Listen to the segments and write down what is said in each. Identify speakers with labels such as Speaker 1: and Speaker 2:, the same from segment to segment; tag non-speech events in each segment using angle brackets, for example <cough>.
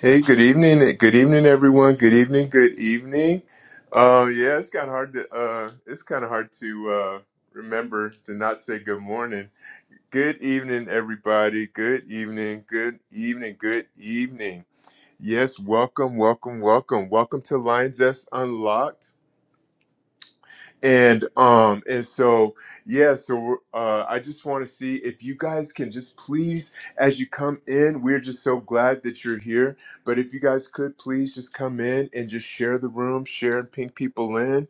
Speaker 1: Hey, good evening. Good evening, everyone. Good evening. Good evening. Um, yeah, it's kind of hard to uh, it's kind of hard to uh, remember to not say good morning. Good evening, everybody. Good evening. Good evening. Good evening. Yes, welcome, welcome, welcome, welcome to Lions S Unlocked and um and so yeah so uh i just want to see if you guys can just please as you come in we're just so glad that you're here but if you guys could please just come in and just share the room share and ping people in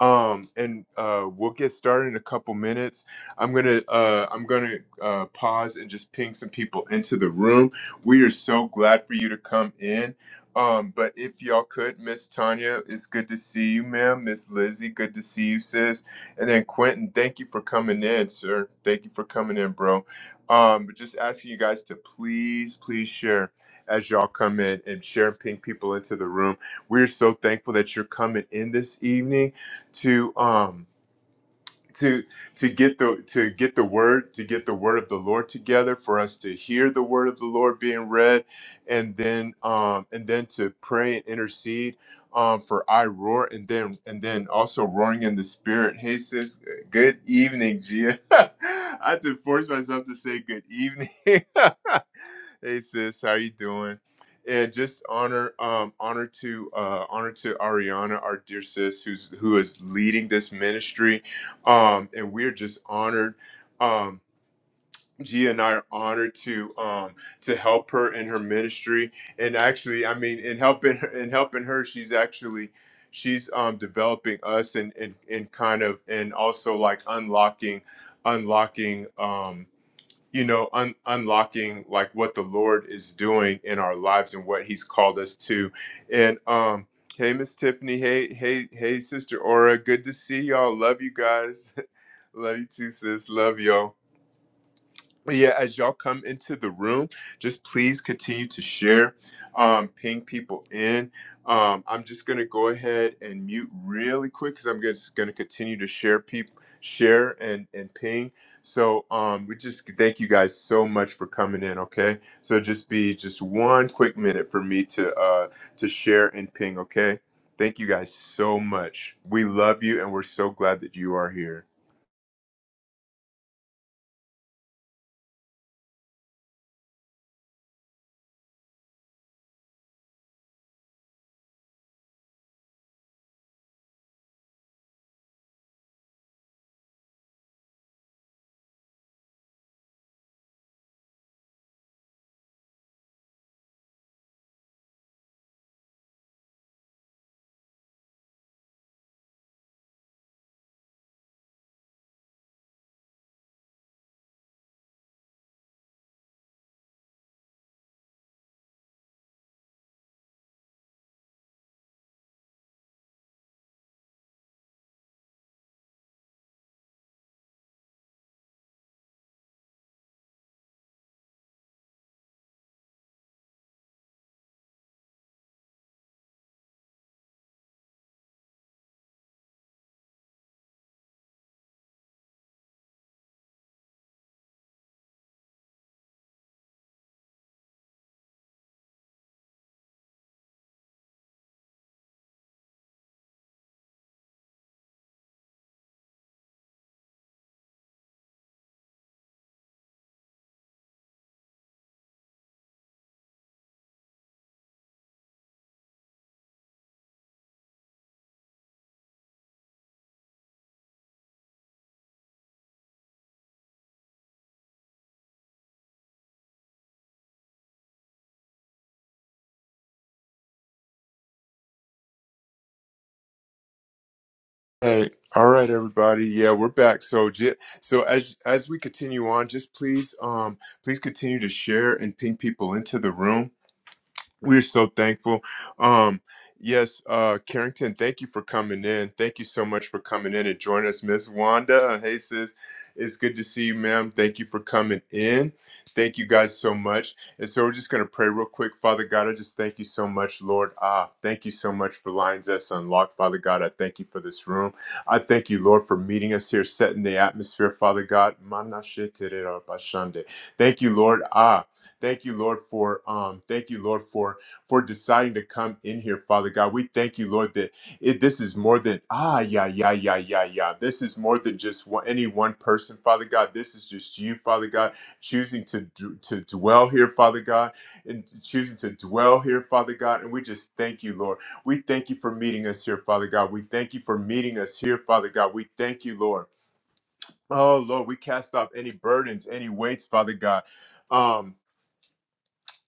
Speaker 1: um and uh we'll get started in a couple minutes i'm gonna uh i'm gonna uh pause and just ping some people into the room we are so glad for you to come in um but if y'all could miss tanya it's good to see you ma'am miss lizzie good to see you sis and then quentin thank you for coming in sir thank you for coming in bro um but just asking you guys to please please share as y'all come in and share and ping people into the room we're so thankful that you're coming in this evening to um to to get the to get the word to get the word of the Lord together for us to hear the word of the Lord being read, and then um and then to pray and intercede um for I roar and then and then also roaring in the spirit. Hey sis, good evening, Gia. <laughs> I had to force myself to say good evening. <laughs> hey sis, how you doing? And just honor, um, honor to uh, honor to Ariana, our dear sis, who's who is leading this ministry um, and we're just honored. Um, Gia and I are honored to um, to help her in her ministry, and actually, I mean, in helping her, in helping her, she's actually she's um, developing us and and and kind of and also like unlocking, unlocking. Um, you know, un- unlocking like what the Lord is doing in our lives and what He's called us to. And um, hey, Miss Tiffany, hey, hey, hey, Sister Aura, good to see y'all. Love you guys. <laughs> Love you too, sis. Love y'all. But yeah, as y'all come into the room, just please continue to share, um, ping people in. Um, I'm just gonna go ahead and mute really quick because I'm just gonna continue to share people, share and and ping. So um, we just thank you guys so much for coming in. Okay, so just be just one quick minute for me to uh to share and ping. Okay, thank you guys so much. We love you, and we're so glad that you are here. Hey, all right, everybody. Yeah, we're back. So, j- so as as we continue on, just please, um, please continue to share and ping people into the room. We're so thankful. Um, yes, uh, Carrington, thank you for coming in. Thank you so much for coming in and joining us, Miss Wanda. Hey, sis, it's good to see you, ma'am. Thank you for coming in. Thank you guys so much. And so we're just going to pray real quick. Father God, I just thank you so much, Lord. Ah, thank you so much for Lines Us Unlocked, Father God. I thank you for this room. I thank you, Lord, for meeting us here, setting the atmosphere, Father God. Thank you, Lord. Ah, Thank you, Lord, for um, thank you, Lord, for for deciding to come in here, Father God. We thank you, Lord, that it, this is more than ah, yeah, yeah, yeah, yeah, yeah. This is more than just one, any one person, Father God. This is just you, Father God, choosing to d- to dwell here, Father God, and choosing to dwell here, Father God. And we just thank you, Lord. We thank you for meeting us here, Father God. We thank you for meeting us here, Father God. We thank you, Lord. Oh Lord, we cast off any burdens, any weights, Father God. um.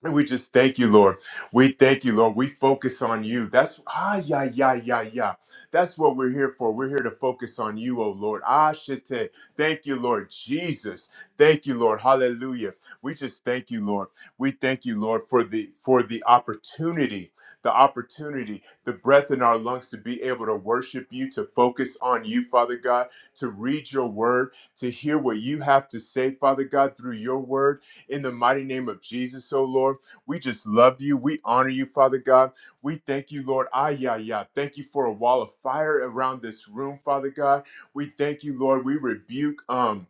Speaker 1: And we just thank you, Lord. We thank you, Lord. We focus on you. That's ah yeah yeah yeah yeah. That's what we're here for. We're here to focus on you, oh Lord. Ah shite. Thank you, Lord Jesus. Thank you, Lord. Hallelujah. We just thank you, Lord. We thank you, Lord, for the for the opportunity, the opportunity, the breath in our lungs to be able to worship you, to focus on you, Father God, to read your word, to hear what you have to say, Father God, through your word in the mighty name of Jesus, oh Lord. We just love you. We honor you, Father God. We thank you, Lord. Ah, yeah, yeah. Thank you for a wall of fire around this room, Father God. We thank you, Lord. We rebuke um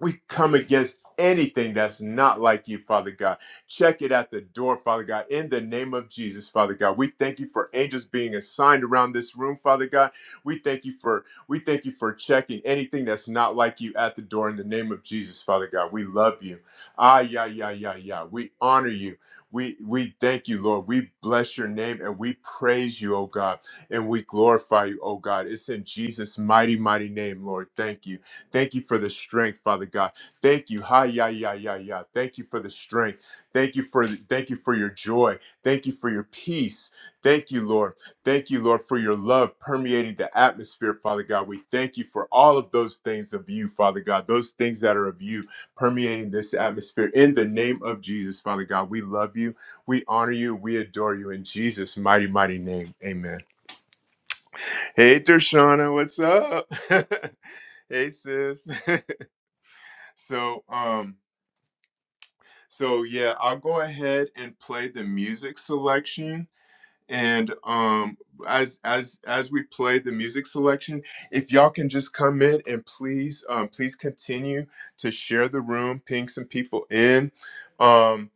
Speaker 1: we come against anything that's not like you, Father God. Check it at the door, Father God, in the name of Jesus, Father God. We thank you for angels being assigned around this room, Father God. We thank you for we thank you for checking anything that's not like you at the door in the name of Jesus, Father God. We love you. Ah yeah, yeah, yeah, yeah. We honor you. We we thank you, Lord. We bless your name and we praise you, oh God, and we glorify you, oh God. It's in Jesus' mighty, mighty name, Lord. Thank you. Thank you for the strength, Father God. Thank you. Hi, yeah, yeah, yeah, yeah. Thank you for the strength. Thank you for thank you for your joy. Thank you for your peace. Thank you, Lord. Thank you, Lord, for your love permeating the atmosphere, Father God. We thank you for all of those things of you, Father God. Those things that are of you permeating this atmosphere. In the name of Jesus, Father God, we love you. We honor you. We adore you in Jesus' mighty, mighty name. Amen. Hey, Dershana, what's up? <laughs> hey, sis. <laughs> So, um, so yeah, I'll go ahead and play the music selection. And um, as as as we play the music selection, if y'all can just come in and please, um, please continue to share the room, ping some people in, um,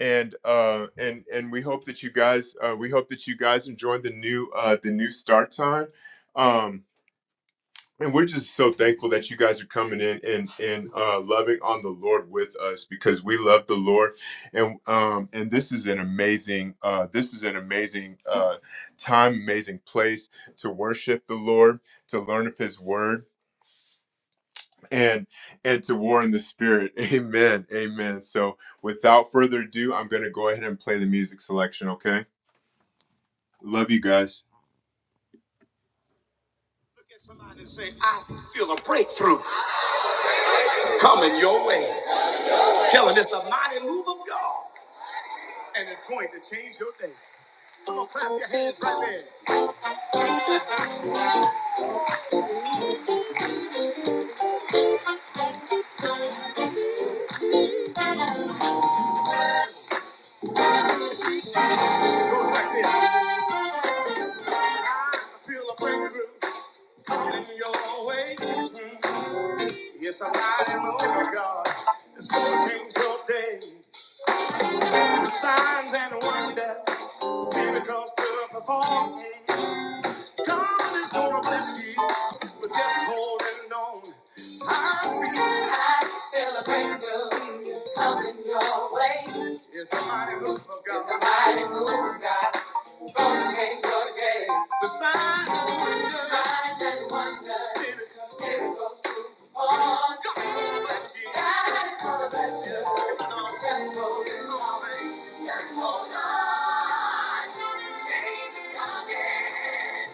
Speaker 1: and uh, and and we hope that you guys, uh, we hope that you guys enjoyed the new uh, the new start time. Um, and we're just so thankful that you guys are coming in and and uh, loving on the Lord with us because we love the Lord, and um and this is an amazing uh this is an amazing uh time, amazing place to worship the Lord, to learn of His Word, and and to war in the Spirit. <laughs> Amen, amen. So without further ado, I'm going to go ahead and play the music selection. Okay, love you guys. Look at somebody and say, I feel a breakthrough coming your way. Tell him it's a mighty move of God, and it's going to change your day. Come on, clap your hands right there. It goes like this. I feel a breakthrough coming your way. Mm. It's a mighty move of God. It's going to change your day. Signs and wonders, miracles to perform. God is gonna bless you, but just holding on. I feel, I feel a breakthrough coming your way. It's a mighty move of God. It's a mighty move of God. It's Gonna change your day. The signs and wonders. The signs and wonders. Miracles. Miracles to perform. God is gonna bless you. God is gonna bless you. Just hold it on. baby. Just hold on. Change is coming.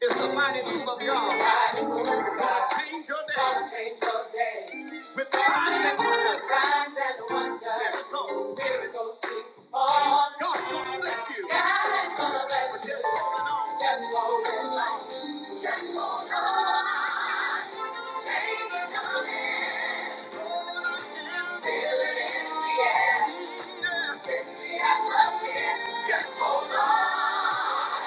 Speaker 1: It's the mighty move of God. Gonna change your day with signs and wonders. Signs and wonders. Yes, Lord. Miracles God's gonna bless you. God's gonna bless But just you. on. Just holding on. Just hold on. Take it on in. in. the air. Yeah. the atmosphere. Just hold on.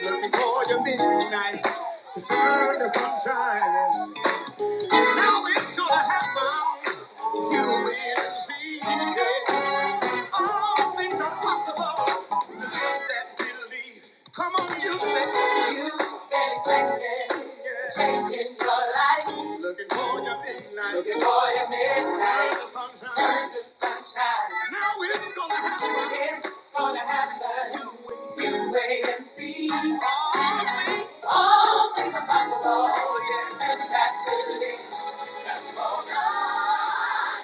Speaker 1: Looking for your midnight to turn to sunshine. Now it's gonna happen. You will see. it. All things are possible to them that believe. Come on, you say you expected, changing your life. Looking for your midnight. Looking for your midnight. Turn to sunshine. Turn to sunshine. Now it's gonna happen. It's gonna happen you wait and see. All things all things are possible. Yes, and that's the thing. Just hold on.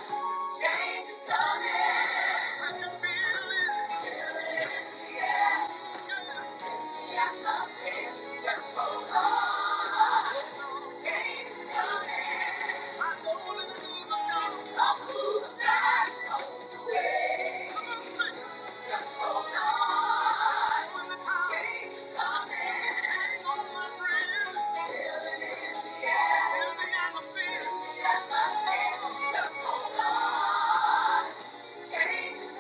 Speaker 1: Change is coming. When you feel it, feel it, in the air just hold on. Great is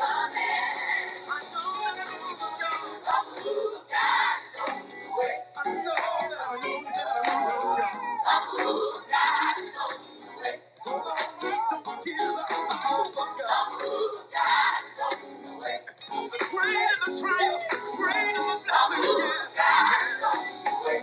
Speaker 1: the triumph, great is the blessing, yeah.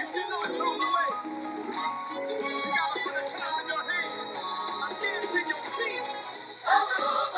Speaker 1: If you know it's on the way, you gotta put a time in your hand. I guarantee you'll see your feet. Oh,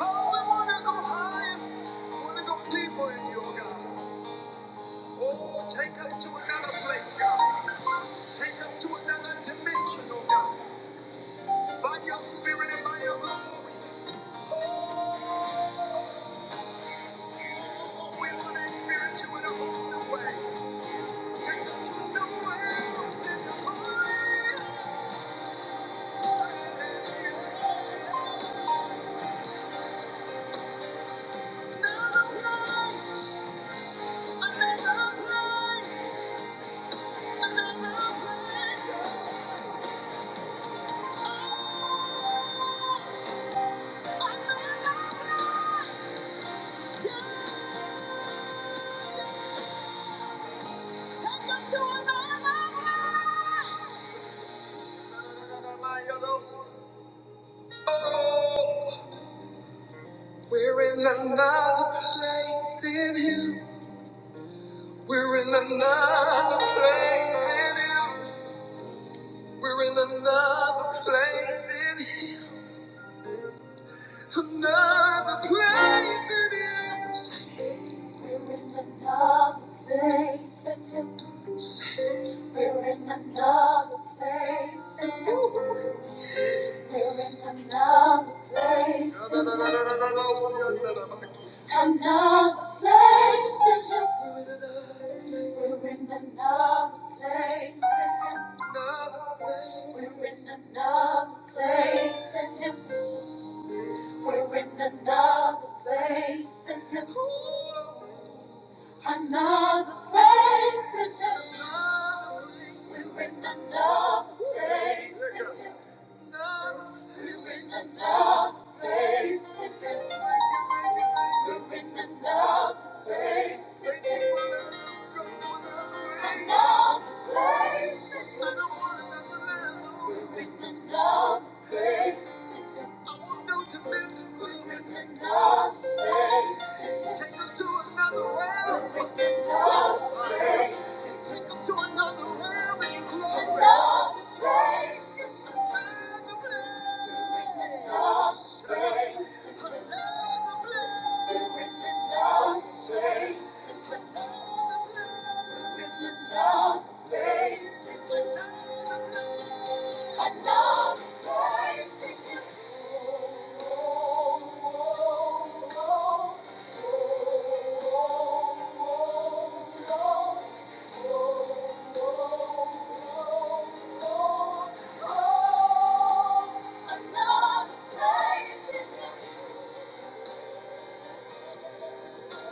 Speaker 1: I wanna go higher. I wanna go deeper in your God. Oh, take us to another place, God. Take us to another dimension, oh God. By your spirit and by your glory. Oh, we want to experience you in a whole new way. Take us to new realms in your glory. Another place, another place, another place, another place. Take us to another place. We're in another place in Him. We're in another place in Him. We're in another place in Him. Another place in Him. We're in another place in Him. We're in another place in Him. Another place in Him. We're in another place in Him. We're in another place in Him. We're in another place in Him. Another place in heaven. We're in another place in heaven. We're in another place in heaven. We're in another place in heaven. Another place in heaven. We're in another place in heaven. We're in another place Take us to another realm. Take us to another realm in your glory. Another place. Another place. Another place. Another place. Oh, another place in the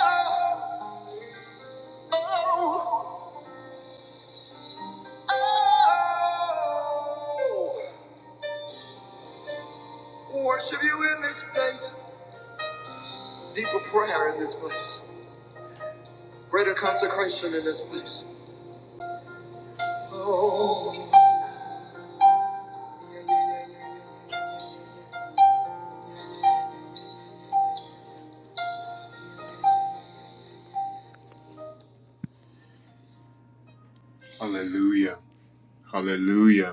Speaker 1: Oh. Worship you in this place. Deeper prayer in this place. Greater consecration in this place. Hallelujah. Hallelujah.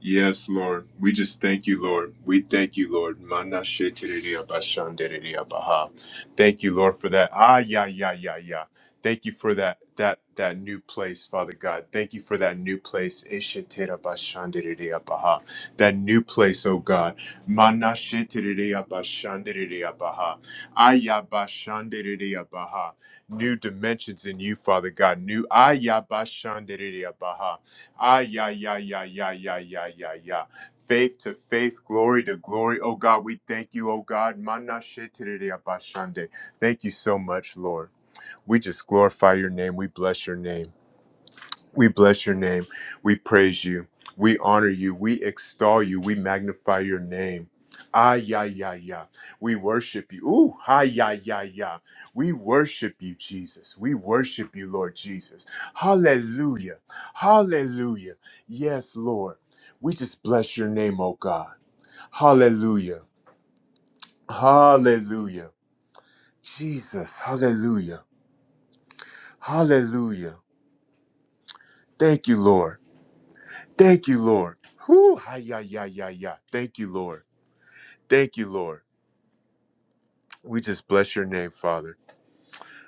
Speaker 1: Yes, Lord. We just thank you, Lord. We thank you, Lord. Mana shetiriya bashandiriya baha. Thank you, Lord, for that. Ah, yeah, yeah, yeah, yeah. Thank you for that that that new place, Father God. Thank you for that new place. Ishitira bashandiriya baha. That new place, oh God. Mana shetiriya bashandiriya baha. Ah, yeah, bashandiriya baha. New dimensions in you, Father God. New ah, yeah, bashandiriya baha Ah, yeah, yeah, yeah, yeah, yeah, yeah, yeah, yeah. Faith to faith, glory to glory. Oh God, we thank you, oh God. Mana shetiriri abashande. Thank you so much, Lord. We just glorify your name. We bless your name. We bless your name. We praise you. We honor you. We extol you. We magnify your name. Ah, yeah, yeah, yeah. We worship you. Ooh, ah, yeah, yeah, yeah. We worship you, Jesus. We worship you, Lord Jesus. Hallelujah. Hallelujah. Yes, Lord. We just bless your name, oh God. Hallelujah. Hallelujah. Jesus. Hallelujah. Hallelujah. Thank you, Lord. Thank you, Lord. Whew, hi, ya, ya, ya, ya. Thank you, Lord. Thank you, Lord. We just bless your name, Father.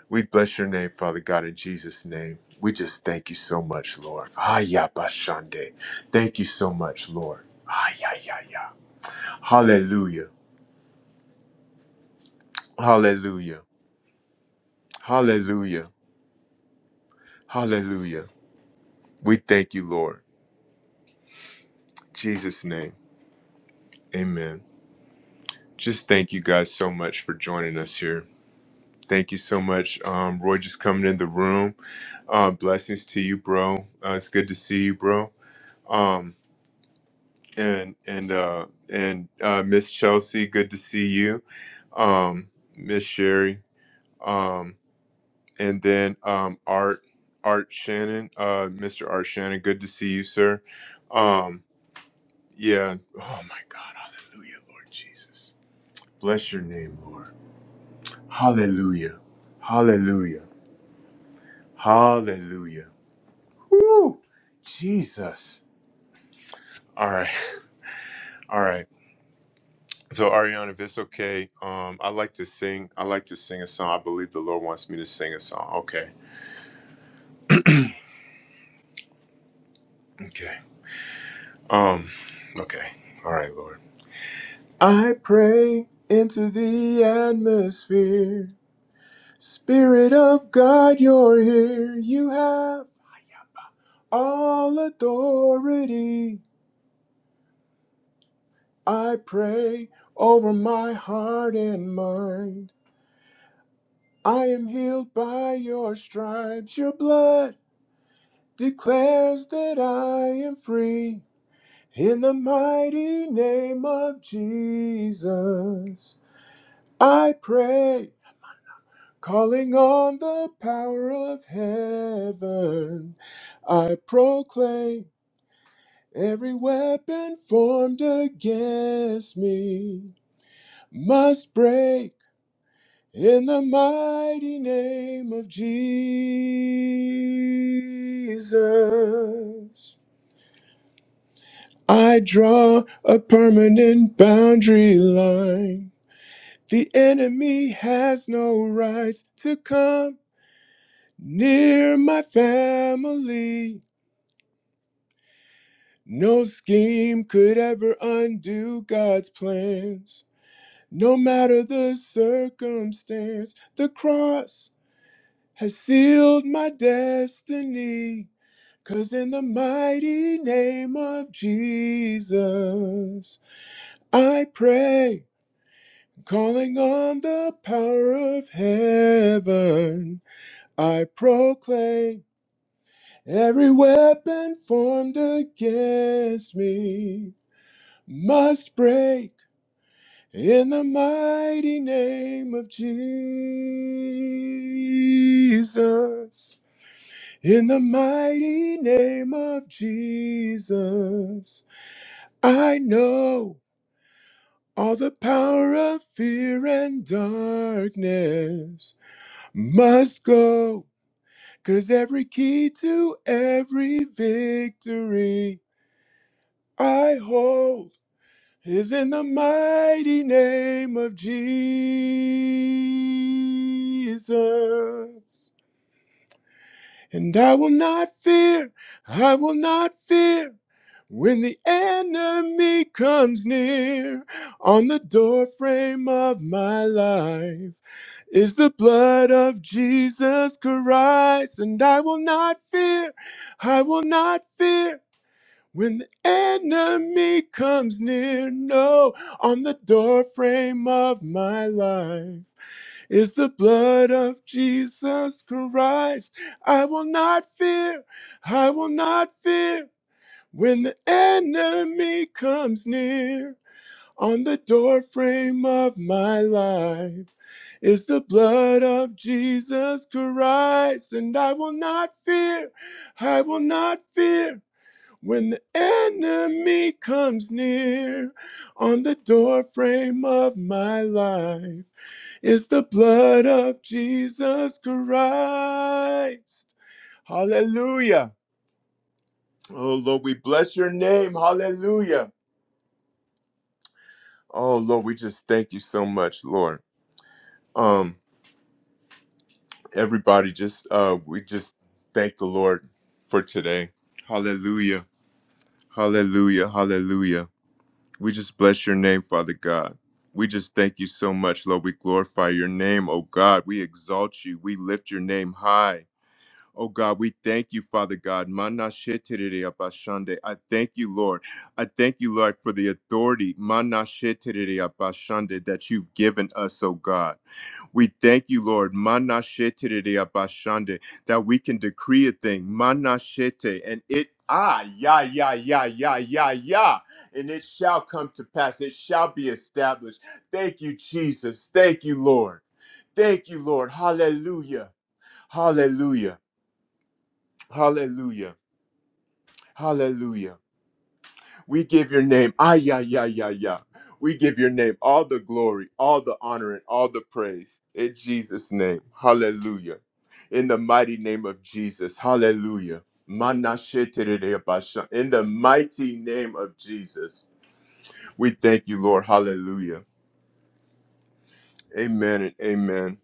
Speaker 1: We bless your name, Father God, in Jesus' name. We just thank you so much, Lord. Hi, ya, bashande. Thank you so much, Lord. Hi, ya, ya, ya. Hallelujah. Hallelujah. Hallelujah. Hallelujah. We thank you, Lord. In Jesus' name. Amen. Just thank you guys so much for joining us here. Thank you so much, um, Roy, just coming in the room. Uh, blessings to you, bro. Uh, it's good to see you, bro. Um, and and uh, and uh, Miss Chelsea, good to see you. Um, Miss Sherry, um, and then um, Art Art Shannon, uh, Mr. Art Shannon, good to see you, sir. Um, yeah. Oh my God, Hallelujah, Lord Jesus, bless your name, Lord. Hallelujah, Hallelujah, Hallelujah. Woo! Jesus. All right. <laughs> All right. So Ariana, if it's okay, um, I like to sing. I like to sing a song. I believe the Lord wants me to sing a song. Okay. Okay. Um, okay. All right, Lord. I pray into the atmosphere. Spirit of God, you're here. You have all authority. I proclaim every weapon formed against me must break in the mighty name of Jesus. I draw a permanent boundary line. The enemy has no rights to come near my family. No scheme could ever undo God's plans. No matter the circumstance, the cross has sealed my destiny. Cause in the mighty name of Jesus, I pray, calling on the power of heaven, I proclaim every weapon formed against me must break in the mighty name of Jesus. In the mighty name of Jesus, I know all the power of fear and darkness must go, 'cause every key to every victory I hold is in the mighty name of Jesus. And I will not fear, I will not fear. When the enemy comes near on the doorframe of my life is the blood of Jesus Christ, and I will not fear, I will not fear. When the enemy comes near, no, on the doorframe of my life is the blood of Jesus Christ. I will not fear, I will not fear. When the enemy comes near on the doorframe of my life is the blood of Jesus Christ, and I will not fear, I will not fear. When the enemy comes near on the doorframe of my life is the blood of Jesus Christ. Hallelujah. Oh Lord, we bless your name. Hallelujah. Oh Lord, we just thank you so much, Lord. Um, everybody, just uh, we just thank the Lord for today. Hallelujah, Hallelujah, Hallelujah. We just bless your name, Father God. We just thank you so much, Lord. We glorify your name, oh God. We exalt you. We lift your name high. Oh God, we thank you, Father God. Mana shetirere abashande. I thank you, Lord. I thank you, Lord, for the authority mana shetirere abashande, that you've given us, oh God. We thank you, Lord, Manashete abashande, that we can decree a thing, Manashete, and it ah ya ya ya ya ya ya, and it shall come to pass. It shall be established. Thank you, Jesus. Thank you, Lord. Thank you, Lord. Hallelujah. Hallelujah. Hallelujah. Hallelujah. We give your name, ah, yeah, yeah, yeah, yeah. We give your name all the glory, all the honor, and all the praise. In Jesus' name, hallelujah. In the mighty name of Jesus, hallelujah. Manasheterebasha. In the mighty name of Jesus, we thank you, Lord, hallelujah. Amen and amen.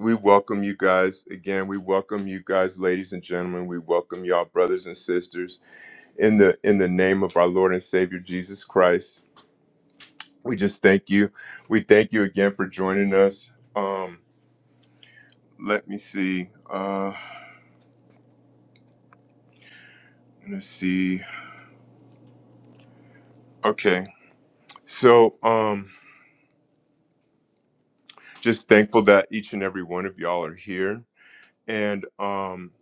Speaker 1: We welcome you guys again. We welcome you guys, ladies and gentlemen. We welcome y'all, brothers and sisters, in the in the name of our Lord and Savior Jesus Christ. we just thank you. We thank you again for joining us. Um, let me see. Uh, let's see. Okay, so um, just thankful that each and every one of y'all are here, and um,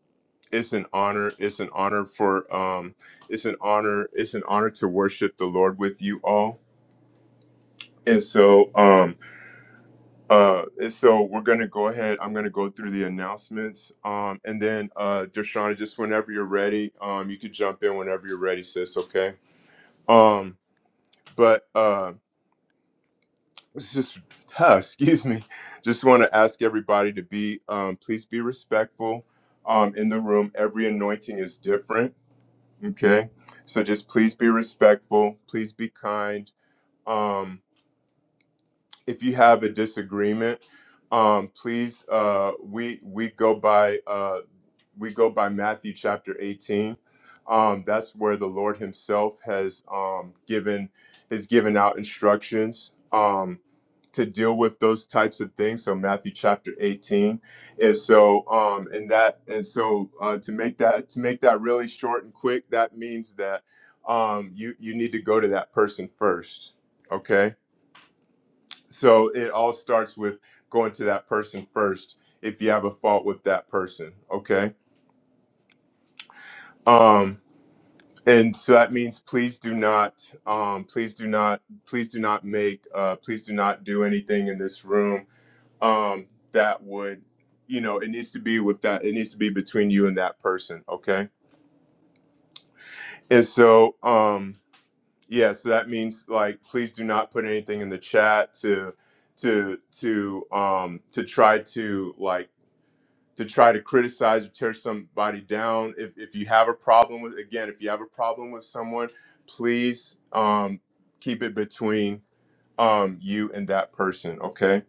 Speaker 1: it's an honor. It's an honor for um, it's an honor. It's an honor to worship the Lord with you all. And so, um, Uh, and so we're going to go ahead. I'm going to go through the announcements. Um, and then, uh, Deshaun, just whenever you're ready, um, you could jump in whenever you're ready, sis. Okay. Um, but uh, it's just, <laughs> huh, excuse me, just want to ask everybody to be, um, please be respectful um, in the room. Every anointing is different. Okay. So just please be respectful. Please be kind. Um, if you have a disagreement, um, please uh, we we go by uh, we go by Matthew chapter 18. Um, that's where the Lord Himself has um, given has given out instructions um, to deal with those types of things. So Matthew chapter 18, and so um, and that and so uh, to make that to make that really short and quick, that means that um, you you need to go to that person first. Okay so it all starts with going to that person first if you have a fault with that person okay um and so that means please do not um please do not please do not make uh please do not do anything in this room um that would you know it needs to be with that it needs to be between you and that person okay and so um yeah so that means like please do not put anything in the chat to to to um to try to like to try to criticize or tear somebody down. If, if you have a problem with, again, if you have a problem with someone, please um, keep it between um, you and that person, okay?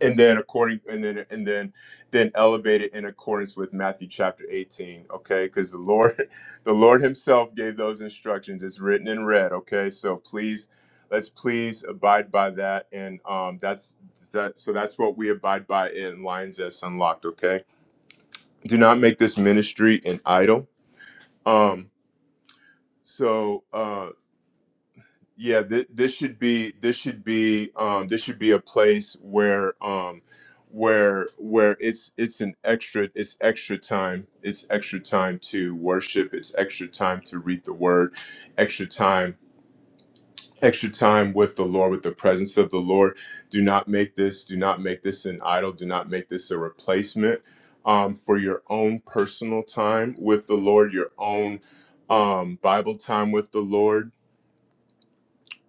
Speaker 1: And then according, and then and then then elevate it in accordance with Matthew chapter eighteen, okay? Because the Lord, <laughs> the Lord Himself gave those instructions. It's written in red, okay? So please. Let's please abide by that, and um, that's that. So that's what we abide by in Lions S Unlocked. Okay, do not make this ministry an idol. Um, so uh, yeah, th- this should be this should be um, this should be a place where um, where where it's it's an extra it's extra time it's extra time to worship it's extra time to read the word extra time extra time with the Lord, with the presence of the Lord. Do not make this, do not make this an idol, do not make this a replacement um, for your own personal time with the Lord, your own um, Bible time with the Lord,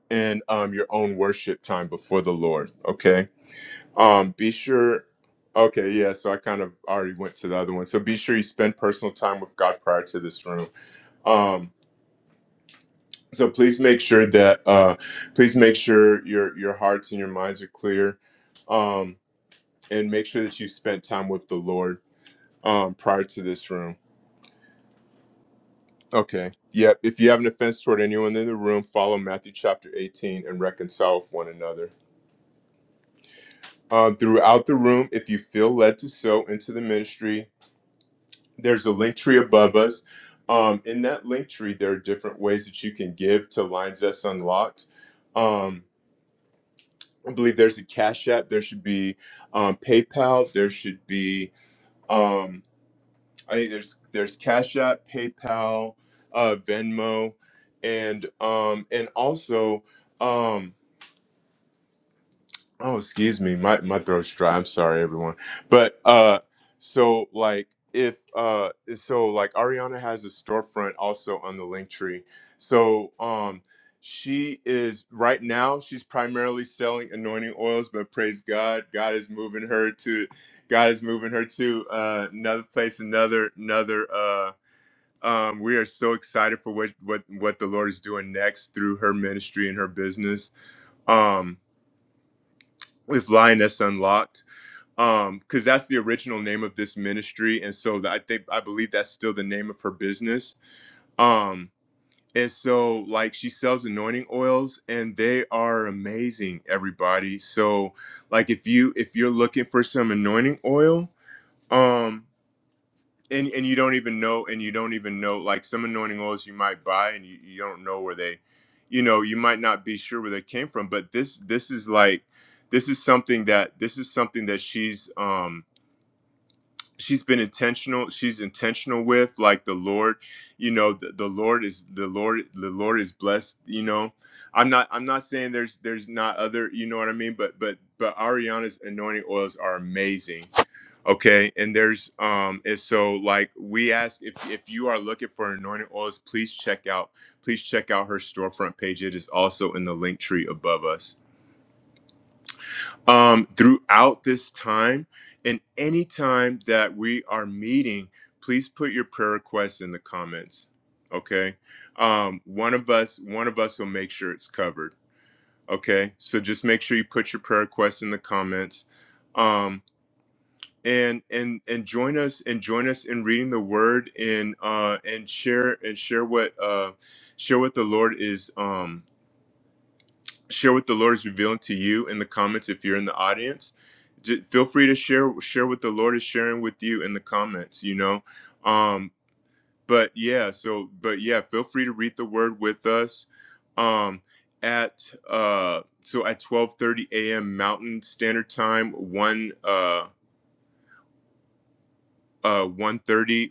Speaker 1: and um, your own worship time before the Lord. Okay. Um, be sure. Okay, yeah, so I kind of already went to the other one. So be sure you spend personal time with God prior to this room. Um, So please make sure that uh, please make sure your your hearts and your minds are clear, um, and make sure that you spent time with the Lord um, prior to this room. Okay. Yep. If you have an offense toward anyone in the room, follow Matthew chapter 18 and reconcile with one another. Um, throughout the room, if you feel led to sow into the ministry, there's a link tree above us. Um, in that link tree, there are different ways that you can give to Lines That's Unlocked. Um, I believe there's a Cash App. There should be um, PayPal. There should be um, I think there's there's Cash App, PayPal, uh, Venmo, and um, and also. Um, Oh, excuse me. My my throat's dry. I'm sorry, everyone. But uh so like if uh so like Ariana has a storefront also on the link tree. So um she is right now she's primarily selling anointing oils, but praise God, God is moving her to God is moving her to uh another place, another another uh um, we are so excited for what, what what the Lord is doing next through her ministry and her business. Um, with Lioness Unlocked um because that's the original name of this ministry and so i think i believe that's still the name of her business um and so like she sells anointing oils and they are amazing everybody so like if you if you're looking for some anointing oil um and and you don't even know and you don't even know like some anointing oils you might buy and you, you don't know where they you know you might not be sure where they came from but this this is like this is something that this is something that she's um she's been intentional she's intentional with like the lord you know the, the lord is the lord the lord is blessed you know i'm not i'm not saying there's there's not other you know what i mean but but but ariana's anointing oils are amazing okay and there's um and so like we ask if if you are looking for anointing oils please check out please check out her storefront page it is also in the link tree above us um, throughout this time. And any time that we are meeting, please put your prayer requests in the comments. Okay, um, one of us, one of us will make sure it's covered. Okay, so just make sure you put your prayer requests in the comments, um, and and and join us and join us in reading the Word and uh, and share and share what uh, share what the Lord is. Um, share what the Lord is revealing to you in the comments if you're in the audience. J- feel free to share share what the Lord is sharing with you in the comments, you know. Um but yeah, so but yeah, feel free to read the word with us um at uh so at 12:30 a.m. Mountain Standard Time, 1 uh, uh 1.30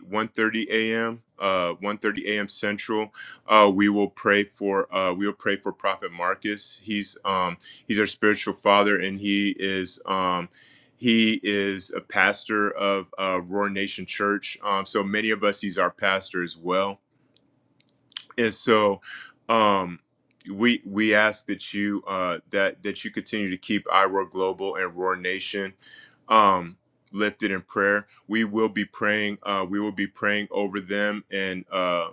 Speaker 1: a.m uh one thirty a.m central uh we will pray for uh we will pray for prophet marcus he's um he's our spiritual father and he is um he is a pastor of uh, Roar Nation Church. Um, so many of us, he's our pastor as well and so um we we ask that you uh that that you continue to keep iroar global and roar nation um lifted in prayer we will be praying uh we will be praying over them and uh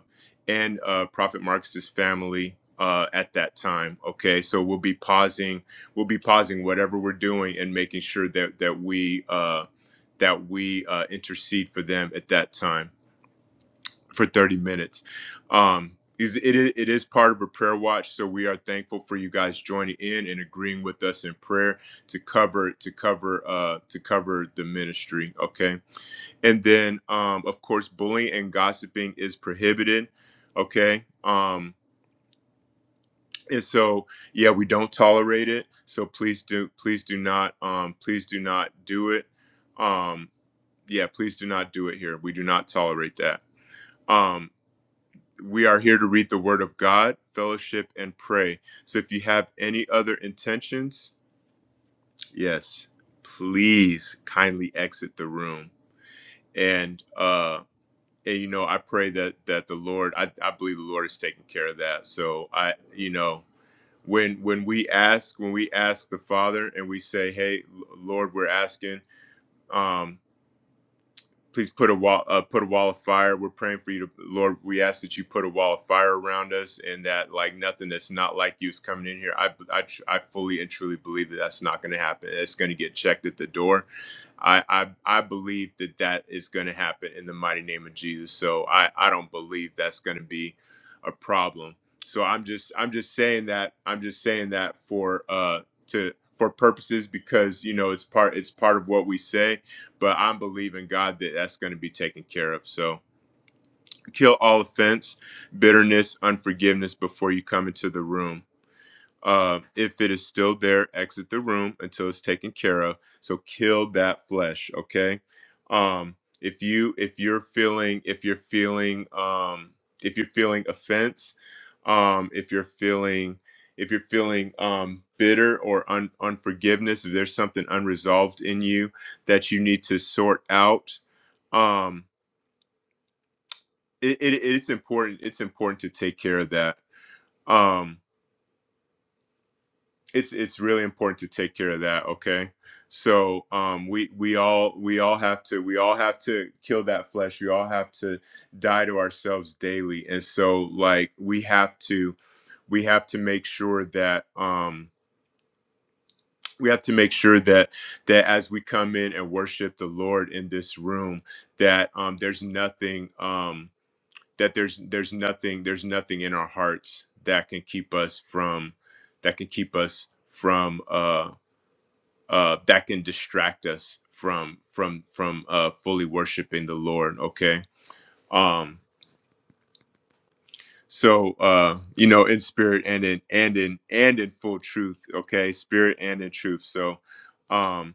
Speaker 1: and uh prophet marcus's family uh at that time okay so we'll be pausing we'll be pausing whatever we're doing and making sure that that we uh that we uh intercede for them at that time for 30 minutes. Um, is it, is- it is part of a prayer watch, so we are thankful for you guys joining in and agreeing with us in prayer to cover to cover uh, to cover the ministry. Okay, and then um, of course bullying and gossiping is prohibited. Okay, um, and so yeah, we don't tolerate it. So please do please do not um, please do not do it. Um, yeah, please do not do it here. We do not tolerate that. Um we are here to read the word of God, fellowship, and pray. So if you have any other intentions, yes, please kindly exit the room. And uh and you know, I pray that that the Lord I, I believe the Lord is taking care of that. So I you know, when when we ask, when we ask the Father and we say, Hey Lord, we're asking, um, please put a wall uh, put a wall of fire we're praying for you to lord we ask that you put a wall of fire around us and that like nothing that's not like you is coming in here i i, I fully and truly believe that that's not going to happen it's going to get checked at the door I, I I believe that that is going to happen in the mighty name of Jesus. So I I don't believe that's going to be a problem. So I'm just I'm just saying that I'm just saying that for uh to for purposes because you know it's part it's part of what we say, but I'm believing God that that's going to be taken care of. So kill all offense, bitterness, unforgiveness before you come into the room. Uh, if it is still there, exit the room until it's taken care of. So kill that flesh, okay? Um, if you if you're feeling if you're feeling um, if you're feeling offense, um, if you're feeling if you're feeling um, bitter or un- unforgiveness, if there's something unresolved in you that you need to sort out, um, it, it, it's important. It's important to take care of that. Um, it's it's really important to take care of that okay so um we we all we all have to we all have to kill that flesh we all have to die to ourselves daily and so like we have to we have to make sure that um we have to make sure that that as we come in and worship the lord in this room that um there's nothing um that there's there's nothing there's nothing in our hearts that can keep us from that can keep us from uh, uh, that can distract us from from from uh, fully worshiping the Lord. Okay. Um, so uh, you know, in spirit and in and in and in full truth, okay, spirit and in truth. So um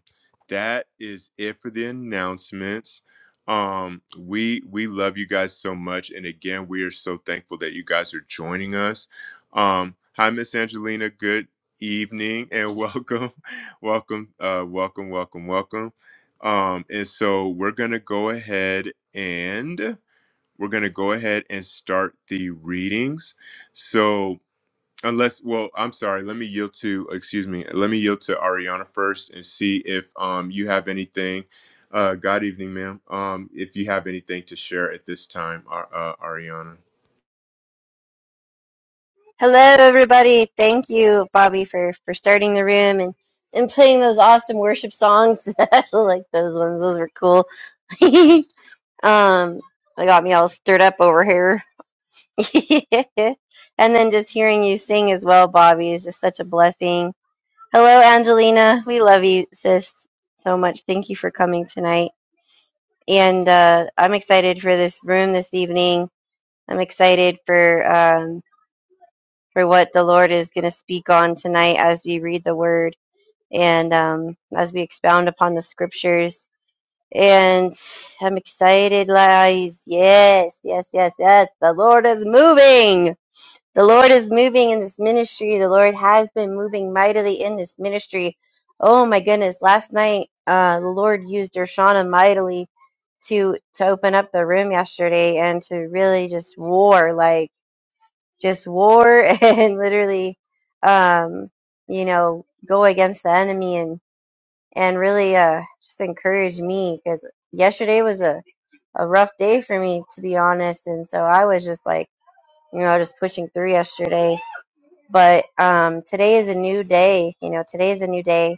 Speaker 1: that is it for the announcements. Um we we love you guys so much and again we are so thankful that you guys are joining us. Um hi Miss Angelina, good evening and <laughs> welcome. welcome uh welcome welcome welcome. Um and so we're going to go ahead we're going to go ahead and start the readings. So, unless, well, I'm sorry, let me yield to, excuse me, let me yield to Ariana first and see if um, you have anything. Uh, God evening, ma'am. Um, if you have anything to share at this time, Ar- uh, Ariana.
Speaker 2: Hello, everybody. Thank you, Bobby, for for starting the room and and playing those awesome worship songs. <laughs> I like those ones; those were cool. <laughs> um, they got me all stirred up over here. <laughs> and then just hearing you sing as well, Bobby, is just such a blessing. Hello, Angelina. We love you, sis, so much. Thank you for coming tonight. And uh, I'm excited for this room this evening. I'm excited for. um. for what the Lord is going to speak on tonight as we read the Word and um, as we expound upon the Scriptures. And I'm excited, guys. Yes, yes, yes, yes. The Lord is moving. The Lord is moving in this ministry. The Lord has been moving mightily in this ministry. Oh my goodness! Last night, uh, the Lord used Dershana mightily to to open up the room yesterday and to really just war like just war <laughs> and literally um you know go against the enemy and and really uh just encourage me because yesterday was a a rough day for me to be honest and so i was just like you know just pushing through yesterday but um today is a new day you know today is a new day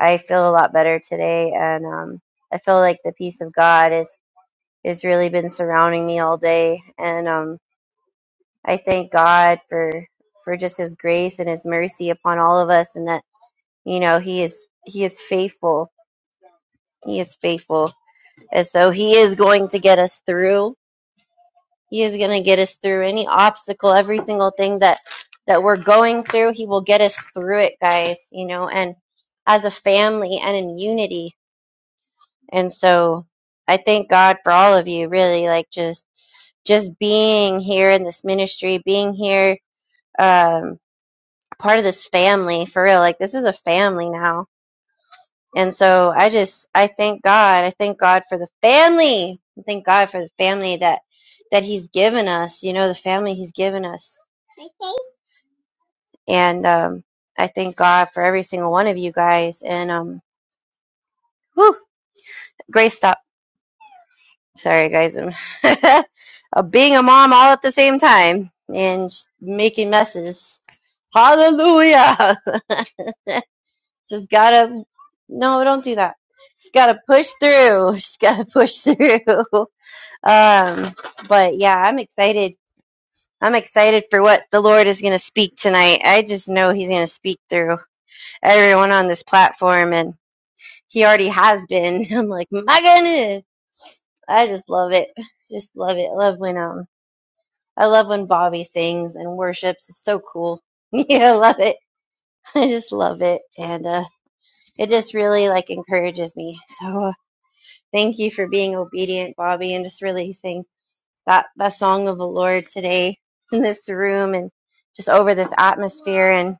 Speaker 2: i feel a lot better today and um i feel like the peace of god is is really been surrounding me all day and um I thank God for for just his grace and his mercy upon all of us and that you know he is he is faithful. He is faithful. And so he is going to get us through. He is going to get us through any obstacle, every single thing that that we're going through, he will get us through it, guys, you know, and as a family and in unity. And so I thank God for all of you really like just just being here in this ministry, being here um part of this family for real. Like this is a family now. And so I just I thank God. I thank God for the family. I thank God for the family that that he's given us, you know, the family he's given us. And um I thank God for every single one of you guys and um whew, grace stop. Sorry guys. I'm <laughs> uh, being a mom all at the same time and just making messes. Hallelujah. <laughs> Just gotta, no, don't do that. Just gotta push through. <laughs> Just gotta push through. <laughs> Um, but yeah, I'm excited. I'm excited for what the Lord is going to speak tonight. I just know He's going to speak through everyone on this platform, and He already has been. <laughs> I'm like, my goodness, I just love it. Just love it. I love when um, I love when Bobby sings and worships. It's so cool. <laughs> yeah, I love it. I just love it, and uh, it just really like encourages me. So Thank you for being obedient, Bobby, and just releasing that, that song of the Lord today <laughs> in this room and just over this atmosphere. And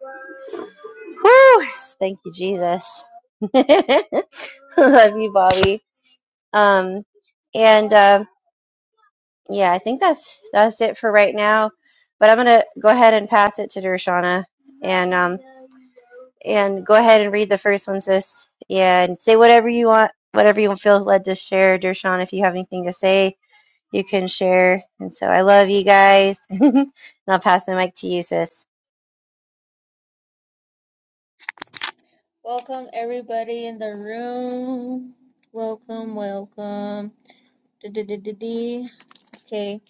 Speaker 2: whoo, thank you, Jesus. <laughs> Love you, Bobby. Um, and uh, yeah, I think that's that's it for right now. But I'm gonna go ahead and pass it to Dershana and um and go ahead and read the first one, sis. Yeah, and say whatever you want, whatever you feel led to share, Dershana, if you have anything to say you can share. And so I love you guys. <laughs> and I'll pass my mic to you, sis.
Speaker 3: Welcome everybody in the room. Welcome, welcome. Du-du-du-du-du. Okay,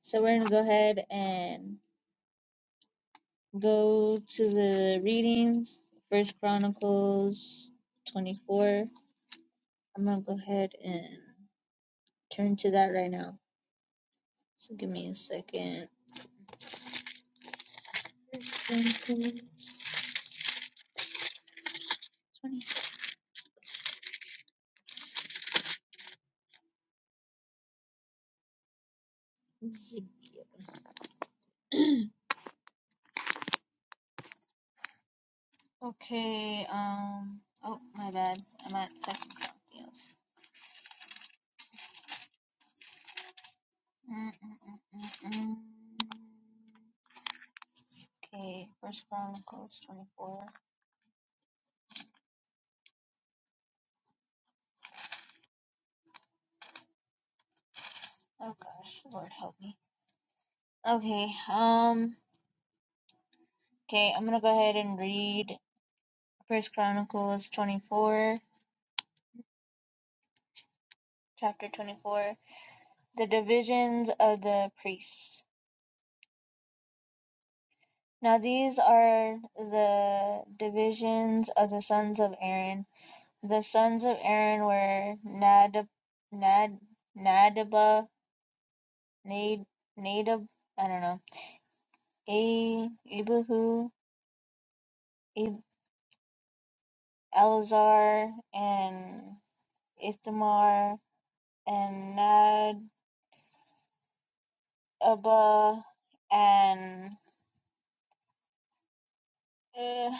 Speaker 3: so we're gonna go ahead and go to the readings. First Chronicles 24. I'm gonna go ahead and turn to that right now. So give me a second. <clears throat> First Chronicles 24. <clears throat> okay, um oh my bad. I'm at second Chronicles. Mm, mm, mm, mm, mm. Okay, First Chronicles 24. Oh gosh, Lord help me. Okay, um, okay, I'm gonna go ahead and read First Chronicles 24, chapter 24, the divisions of the priests. Now these are the divisions of the sons of Aaron. The sons of Aaron were Nadab, Nad, Nadaba, Nad, Nadab. I don't know A Ibuhu, Ib- Elazar, and Ithamar, and Nadabah and uh,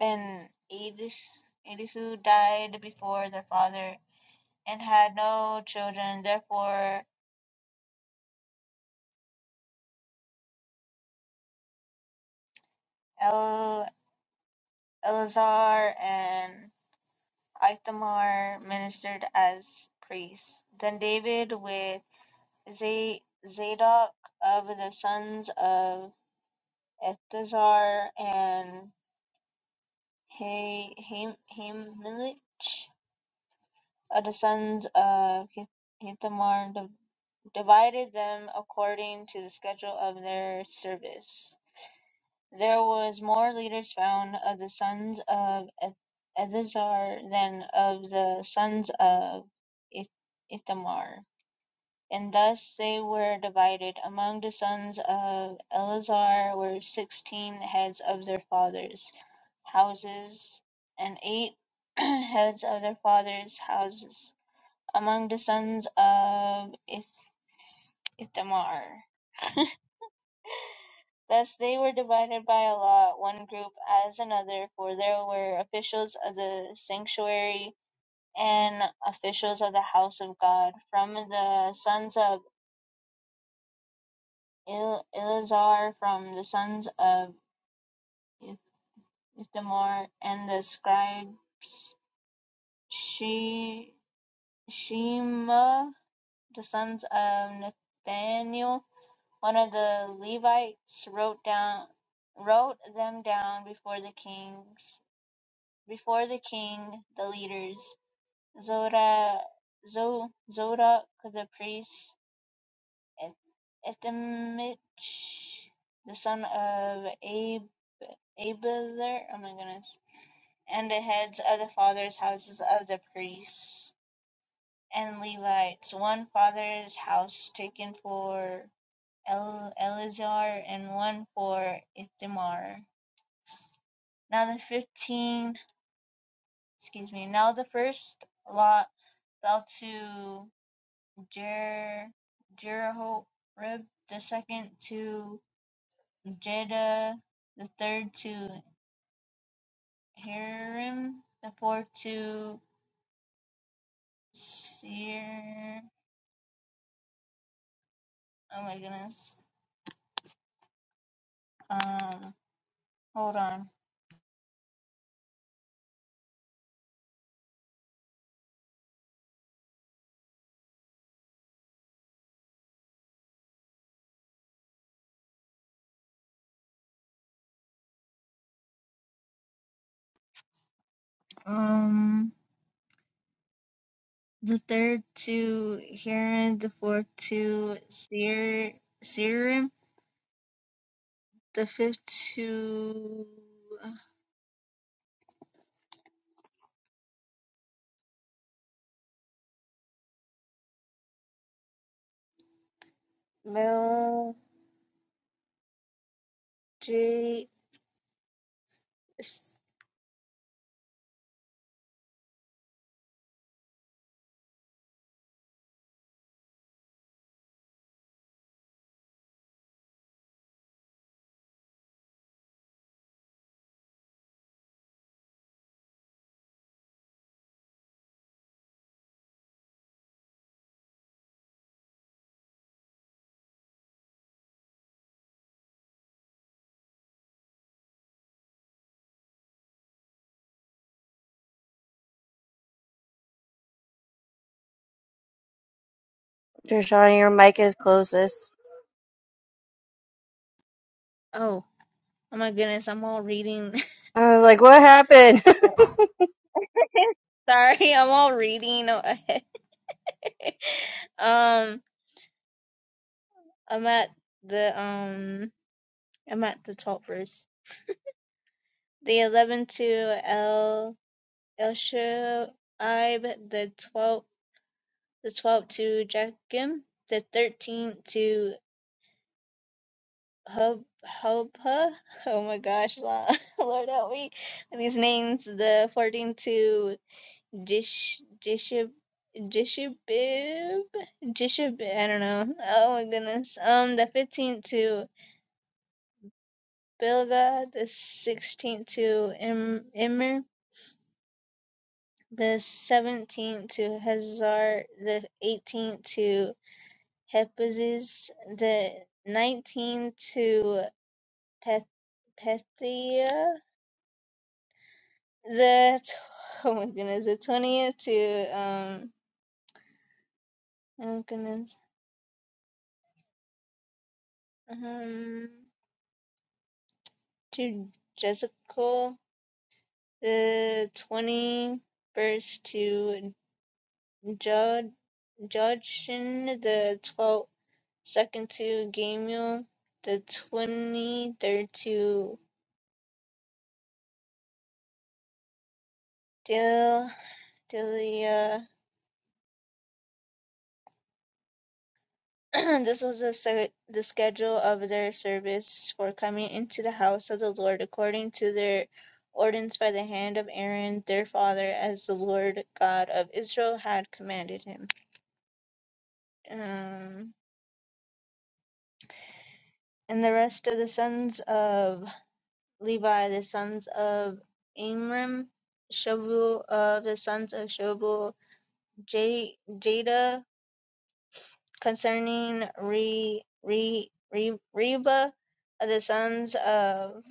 Speaker 3: and Elish, Elihu died before their father and had no children. Therefore, El, Elazar and Ithamar ministered as priests. Then David with Z- Zadok of the sons of Balthazar and Hay- Haim- Haimelich, uh, the sons of Hi- Hithamar, div- divided them according to the schedule of their service. There was more leaders found of the sons of Eleazar than of the sons of Ith- Ithamar. And thus they were divided: among the sons of Eleazar were sixteen heads of their fathers' houses, and eight <clears throat> heads of their fathers' houses among the sons of Ith- Ithamar. Thus they were divided by a lot, one group as another, for there were officials of the sanctuary and officials of the house of God. From the sons of El- Eleazar from the sons of Ithamar, and the scribes She- Shema, the sons of Nathaniel, one of the Levites, wrote down wrote them down before the kings before the king, the leaders, Zora, Zo, Zodok the priest, Ethemich, the son of Ab Abelard, oh my goodness, and the heads of the fathers' houses of the priests and Levites, one father's house taken for El- Eleazar and one for Ithamar. Now the fifteen, excuse me, now the first lot fell to Jer- Jeroham, the second to Jeda, the third to Hiram, the fourth to Sear. Oh my goodness. Um, hold on. Um, the third two Hiram, the fourth two Sear, Searim, the fifth two Mel J. S-
Speaker 2: Trishana, your mic is closed, sis.
Speaker 3: Oh, oh my goodness, I'm all reading. <laughs>
Speaker 2: I was like, what happened? <laughs>
Speaker 3: Sorry, I'm all reading. <laughs> um, I'm at the um, I'm at the top verse. The eleven to L. Elishua the twelve, the twelve to Jachim, the thirteenth to Hobah. <laughs> Oh my gosh, Lo- <laughs> Lord help me. with These names, the fourteenth to Jish Jishib Jishibib Jishib I don't know. Oh my goodness. Um the fifteenth to Bilga, the sixteenth to Im- Immer, the seventeenth to Hazar, the eighteenth to Hephaestus the Nineteenth to Ptah the <laughs> oh my goodness the twentieth to um oh goodness um to Jessica the twenty first to Jud Judson the twelfth second to Gamul the twenty third to Del Delia <clears throat> this was the, se- the schedule of their service for coming into the house of the Lord, according to their ordinance by the hand of Aaron their father, as the Lord God of Israel had commanded him. Um, and the rest of the sons of Levi, the sons of Amram, Shobul of the sons of Shobul, J- Jada concerning Re, Re, Re, Reba, of the sons of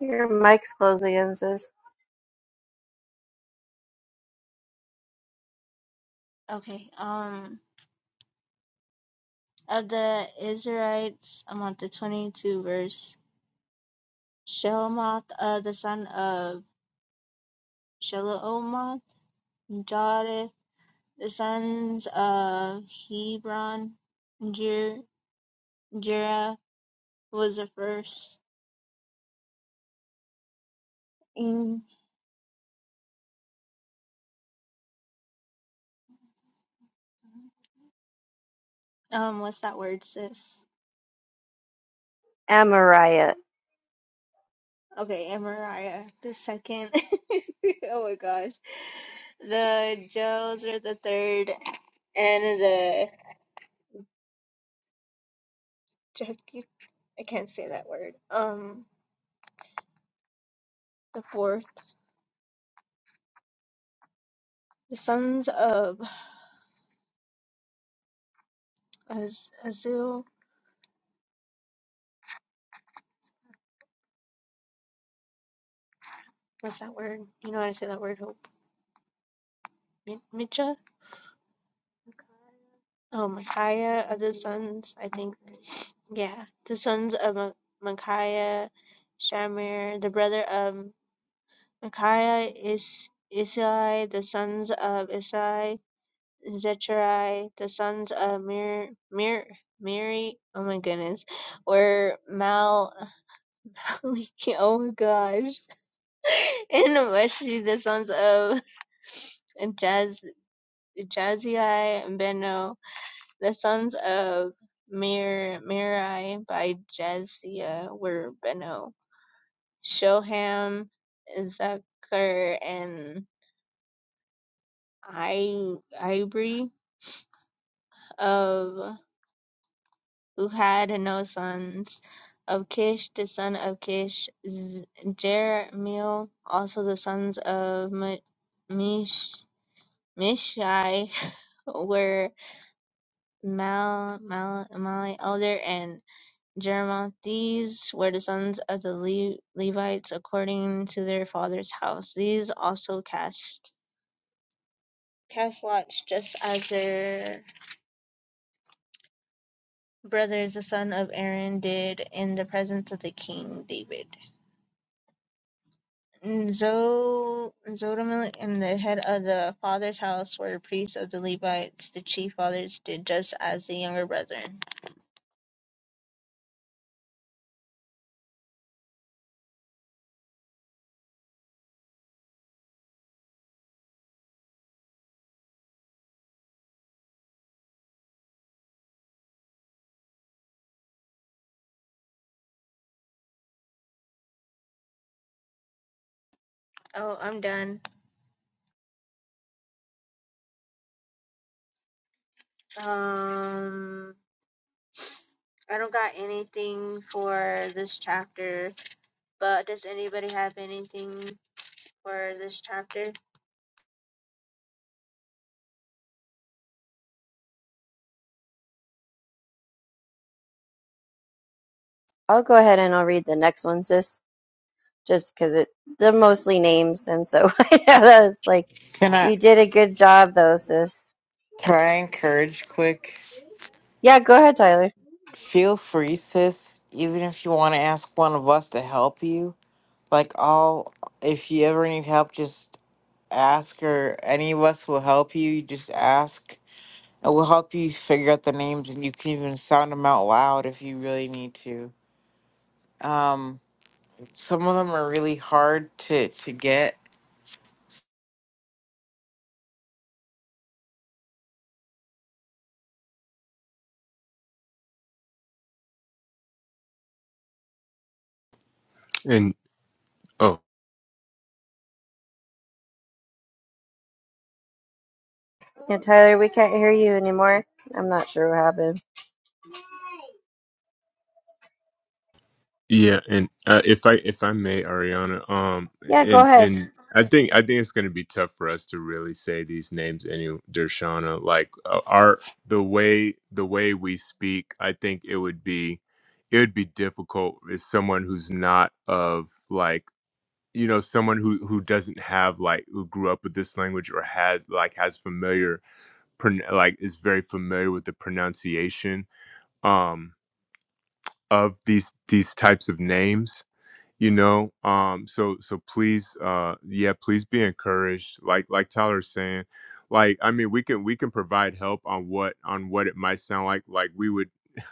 Speaker 2: your mic's closed again, sis.
Speaker 3: Okay. Um, of the Israelites, I'm on the 22 verse, Shelomoth, uh, the son of Shelomoth, Jodith, the sons of Hebron, Jer- Jerah was the first. Mm, Um, what's that word, sis?
Speaker 2: Amariah,
Speaker 3: Okay, Amariah the second. <laughs> oh my gosh. The Joes are the third, and the I can't say that word. Um, the fourth, the sons of Az- Azul. What's that word? You know how to say that word? Hope. Mi- Micha. Oh, Micaiah of the sons. I think. Yeah, the sons of Mi- Micaiah, Shamir, the brother of Micaiah is Isai, the sons of Isai, Zechariah, the sons of Mir Mir Miri. Oh my goodness, were Mal <laughs> oh my gosh. <laughs> And especially the sons of Jaz Jazai and Beno, the sons of Mir Mirai by Jazia were Beno, Shoham, Zachar, and I Ibri of who had no sons. Of Kish, the son of Kish, Z- Jeremiel, also the sons of M- Mish Mishai <laughs> were Mal, Mal, Mali elder and Jerimoth. These were the sons of the Le- Levites according to their father's house. These also cast cast lots, just as their brothers, the son of Aaron, did in the presence of the king David. Zo- Zodomil and the head of the father's house were priests of the Levites. The chief fathers did just as the younger brethren. Oh, I'm done. Um, I don't got anything for this chapter, but does anybody have anything for this chapter?
Speaker 2: I'll go ahead and I'll read the next one, sis, just because it they're mostly names. And so <laughs> I know that's like,
Speaker 4: Can I
Speaker 2: you did a good job, though, sis.
Speaker 4: can I encourage quick?
Speaker 2: Yeah, go ahead, Tyler.
Speaker 4: Feel free, sis, even if you want to ask one of us to help you. Like all if you ever need help, just ask or any of us will help you. You just ask. And we'll help you figure out the names and you can even sound them out loud if you really need to. Um some of them are really hard to to get.
Speaker 1: And oh.
Speaker 2: Yeah, Tyler, we can't hear you anymore. I'm not sure what happened.
Speaker 1: Yeah, and uh, if I if I may, Ariana, um,
Speaker 2: Yeah, go
Speaker 1: and
Speaker 2: ahead.
Speaker 1: and I think I think it's going to be tough for us to really say these names. Any Dershana, like uh, our the way the way we speak, I think it would be it would be difficult as someone who's not of like you know someone who who doesn't have like who grew up with this language or has like has familiar pron- like is very familiar with the pronunciation um of these these types of names you know um so so please uh yeah please be encouraged like like tyler's saying like i mean we can we can provide help on what on what it might sound like like we would <laughs>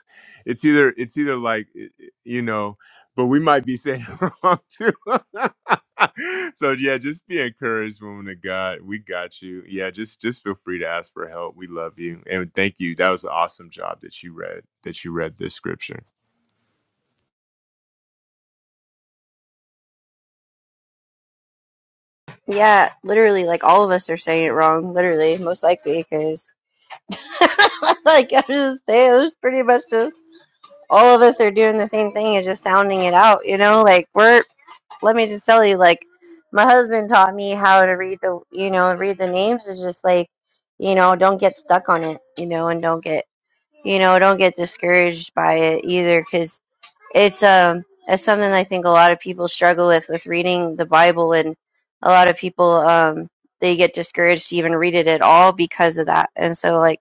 Speaker 1: it's either it's either like i- i- you know but we might be saying <laughs> it wrong too <laughs> so yeah just be encouraged woman of god we got you yeah just just feel free to ask for help we love you and thank you that was an awesome job that you read that you read this scripture
Speaker 2: Yeah, literally, like all of us are saying it wrong. Literally, most likely, because <laughs> like I am just saying, it's pretty much just all of us are doing the same thing and just sounding it out. You know, like we're. Let me just tell you, like my husband taught me how to read the, you know, read the names. Is just like, you know, don't get stuck on it, you know, and don't get, you know, don't get discouraged by it either, cause it's um it's something I think a lot of people struggle with with reading the Bible, and a lot of people um they get discouraged to even read it at all because of that. And so like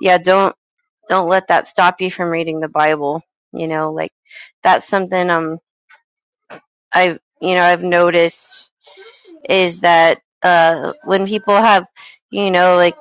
Speaker 2: yeah, don't don't let that stop you from reading the Bible. You know, like that's something um I've you know I've noticed is that uh, when people have you know like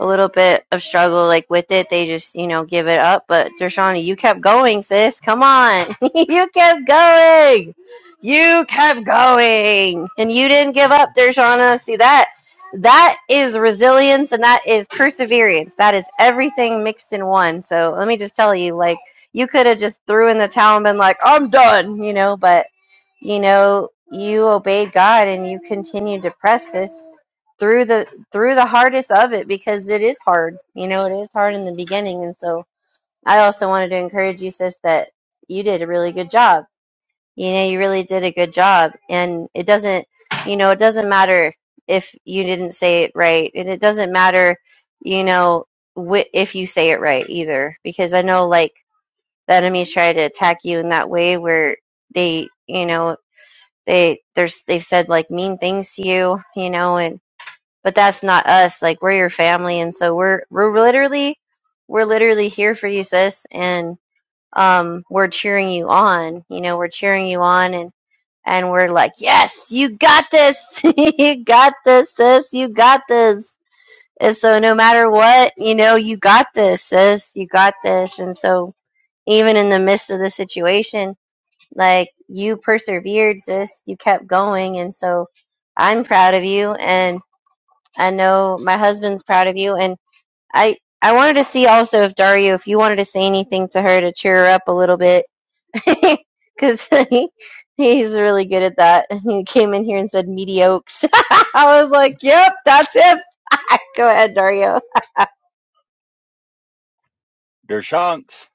Speaker 2: a little bit of struggle like with it, they just you know give it up. But Dershana, you kept going, sis. Come on, <laughs> you kept going. You kept going, and you didn't give up, Dershana. See that. That is resilience and that is perseverance. That is everything mixed in one. So let me just tell you, like, you could have just threw in the towel and been like, I'm done, you know, but you know you obeyed god and you continue to press this through the through the hardest of it because it is hard you know it is hard in the beginning and so i also wanted to encourage you sis that you did a really good job you know you really did a good job and it doesn't you know it doesn't matter if you didn't say it right and it doesn't matter you know wh- if you say it right either because i know like the enemies try to attack you in that way where they you know they there's they've said like mean things to you you know and but that's not us like we're your family and so we're we're literally we're literally here for you sis and um we're cheering you on you know we're cheering you on and and we're like yes you got this <laughs> you got this sis you got this and so no matter what you know you got this sis you got this and so even in the midst of the situation like you persevered, sis. You kept going, and so I'm proud of you, and I know my husband's proud of you, and I I wanted to see also if Dario, if you wanted to say anything to her to cheer her up a little bit, <laughs> because he, he's really good at that. <laughs> And he came in here and said mediocres. <laughs> I was like, yep, that's it. <laughs> Go ahead, Dario.
Speaker 5: Dershanks.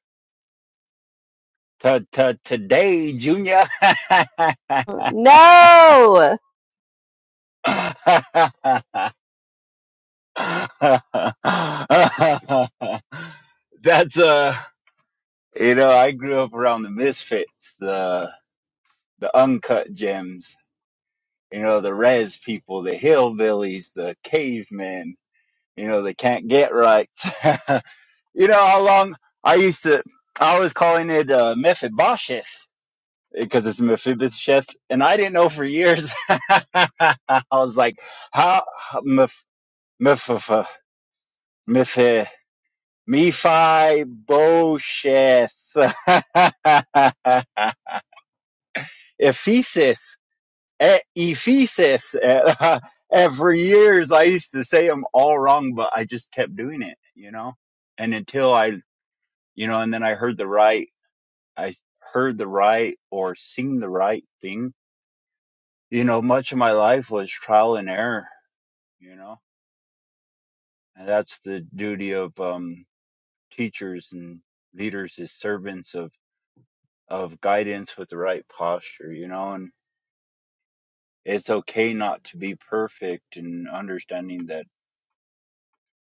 Speaker 5: To, to, today, Junior. <laughs>
Speaker 2: No.
Speaker 5: That's uh you know, I grew up around the misfits, the the uncut gems, you know, the res people, the hillbillies, the cavemen, you know, they can't get right. <laughs> you know how long I used to I was calling it uh Mephibosheth because it's Mephibosheth, and I didn't know for years. <laughs> I was like, how Meph Meph Meph uh, Meph, uh, Mephibosheth, <laughs> Ephesus, E- Ephesus. <laughs> And for years, I used to say them all wrong, but I just kept doing it, you know. And until I, you know, and then I heard the right, I heard the right or seen the right thing you know, much of my life was trial and error, you know, and that's the duty of um, teachers and leaders as servants of, of guidance with the right posture, you know, and it's okay not to be perfect and understanding that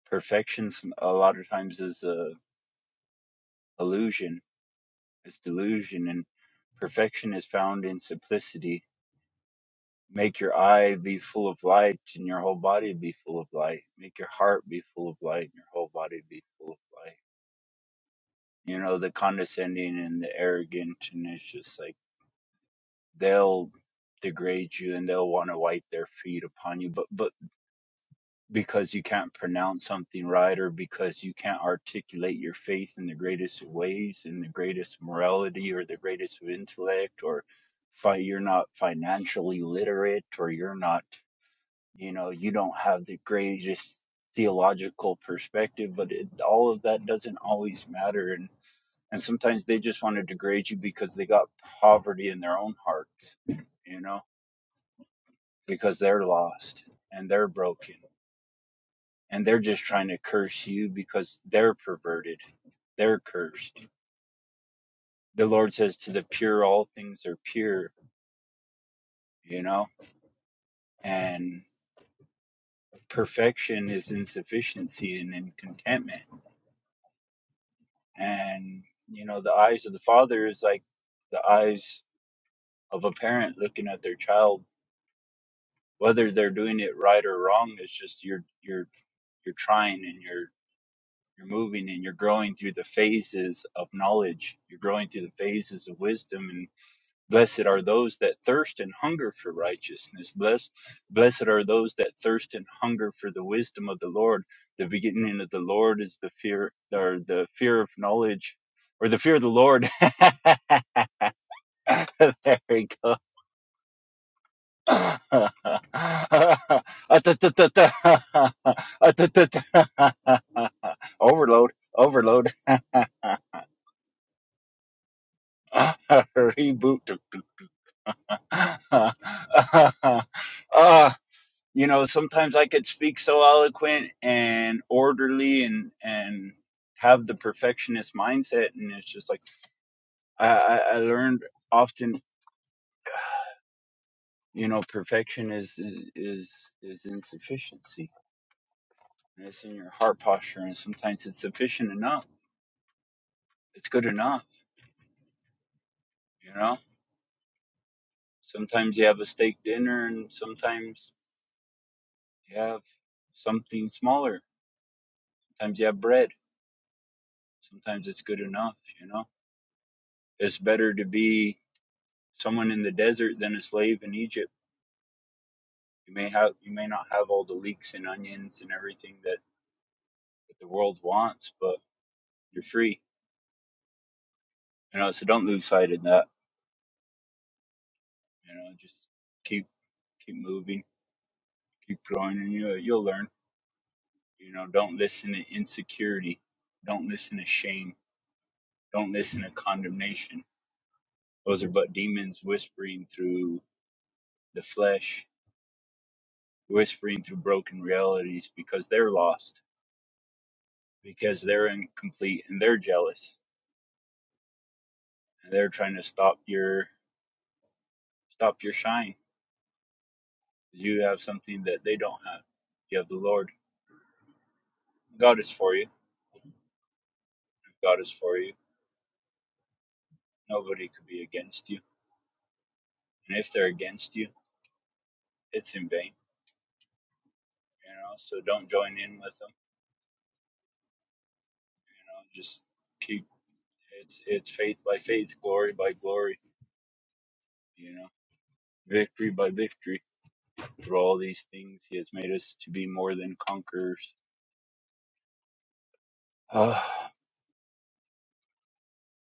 Speaker 5: perfection some- a lot of times is a illusion, it's delusion, and perfection is found in simplicity. Make your eye be full of light and your whole body be full of light. Make your heart be full of light and your whole body be full of light you know the condescending and the arrogant and it's just like they'll degrade you and they'll want to wipe their feet upon you but but because you can't pronounce something right or because you can't articulate your faith in the greatest ways in the greatest morality or the greatest of intellect or fi- you're not financially literate or you're not you know you don't have the greatest theological perspective but it, all of that doesn't always matter And and sometimes they just want to degrade you because they got poverty in their own heart you know because they're lost and they're broken and they're just trying to curse you because they're perverted they're cursed the lord says to the pure all things are pure you know and perfection is insufficiency and in contentment and you know the eyes of the father is like the eyes of a parent looking at their child whether they're doing it right or wrong it's just your your you're trying and you're you're moving and you're growing through the phases of knowledge you're growing through the phases of wisdom and blessed are those that thirst and hunger for righteousness blessed blessed are those that thirst and hunger for the wisdom of the lord the beginning of the lord is the fear or the fear of knowledge or the fear of the lord <laughs> there we go <laughs> overload, overload, <laughs> reboot. <laughs> uh, you know, sometimes I could speak so eloquent and orderly and, and have the perfectionist mindset. And it's just like, I, I, I learned often, you know, perfection is, is, is insufficiency and it's in your heart posture and sometimes it's sufficient enough it's good enough you know sometimes you have a steak dinner and sometimes you have something smaller sometimes you have bread sometimes it's good enough you know it's better to be someone in the desert than a slave in egypt you may have you may not have all the leeks and onions and everything that, that the world wants but you're free you know so don't lose sight of that you know just keep keep moving keep growing and you you'll learn You know, don't listen to insecurity. Don't listen to shame. Don't listen to condemnation. Those are but demons whispering through the flesh, whispering through broken realities because they're lost, because they're incomplete and they're jealous and they're trying to stop your stop your shine. You have something that they don't have. You have the Lord. God is for you. If God is for you, nobody could be against you. And if they're against you, it's in vain. You know, so don't join in with them You know, just keep it's it's faith by faith, glory by glory. You know, victory by victory. Through all these things, He has made us to be more than conquerors. Ah,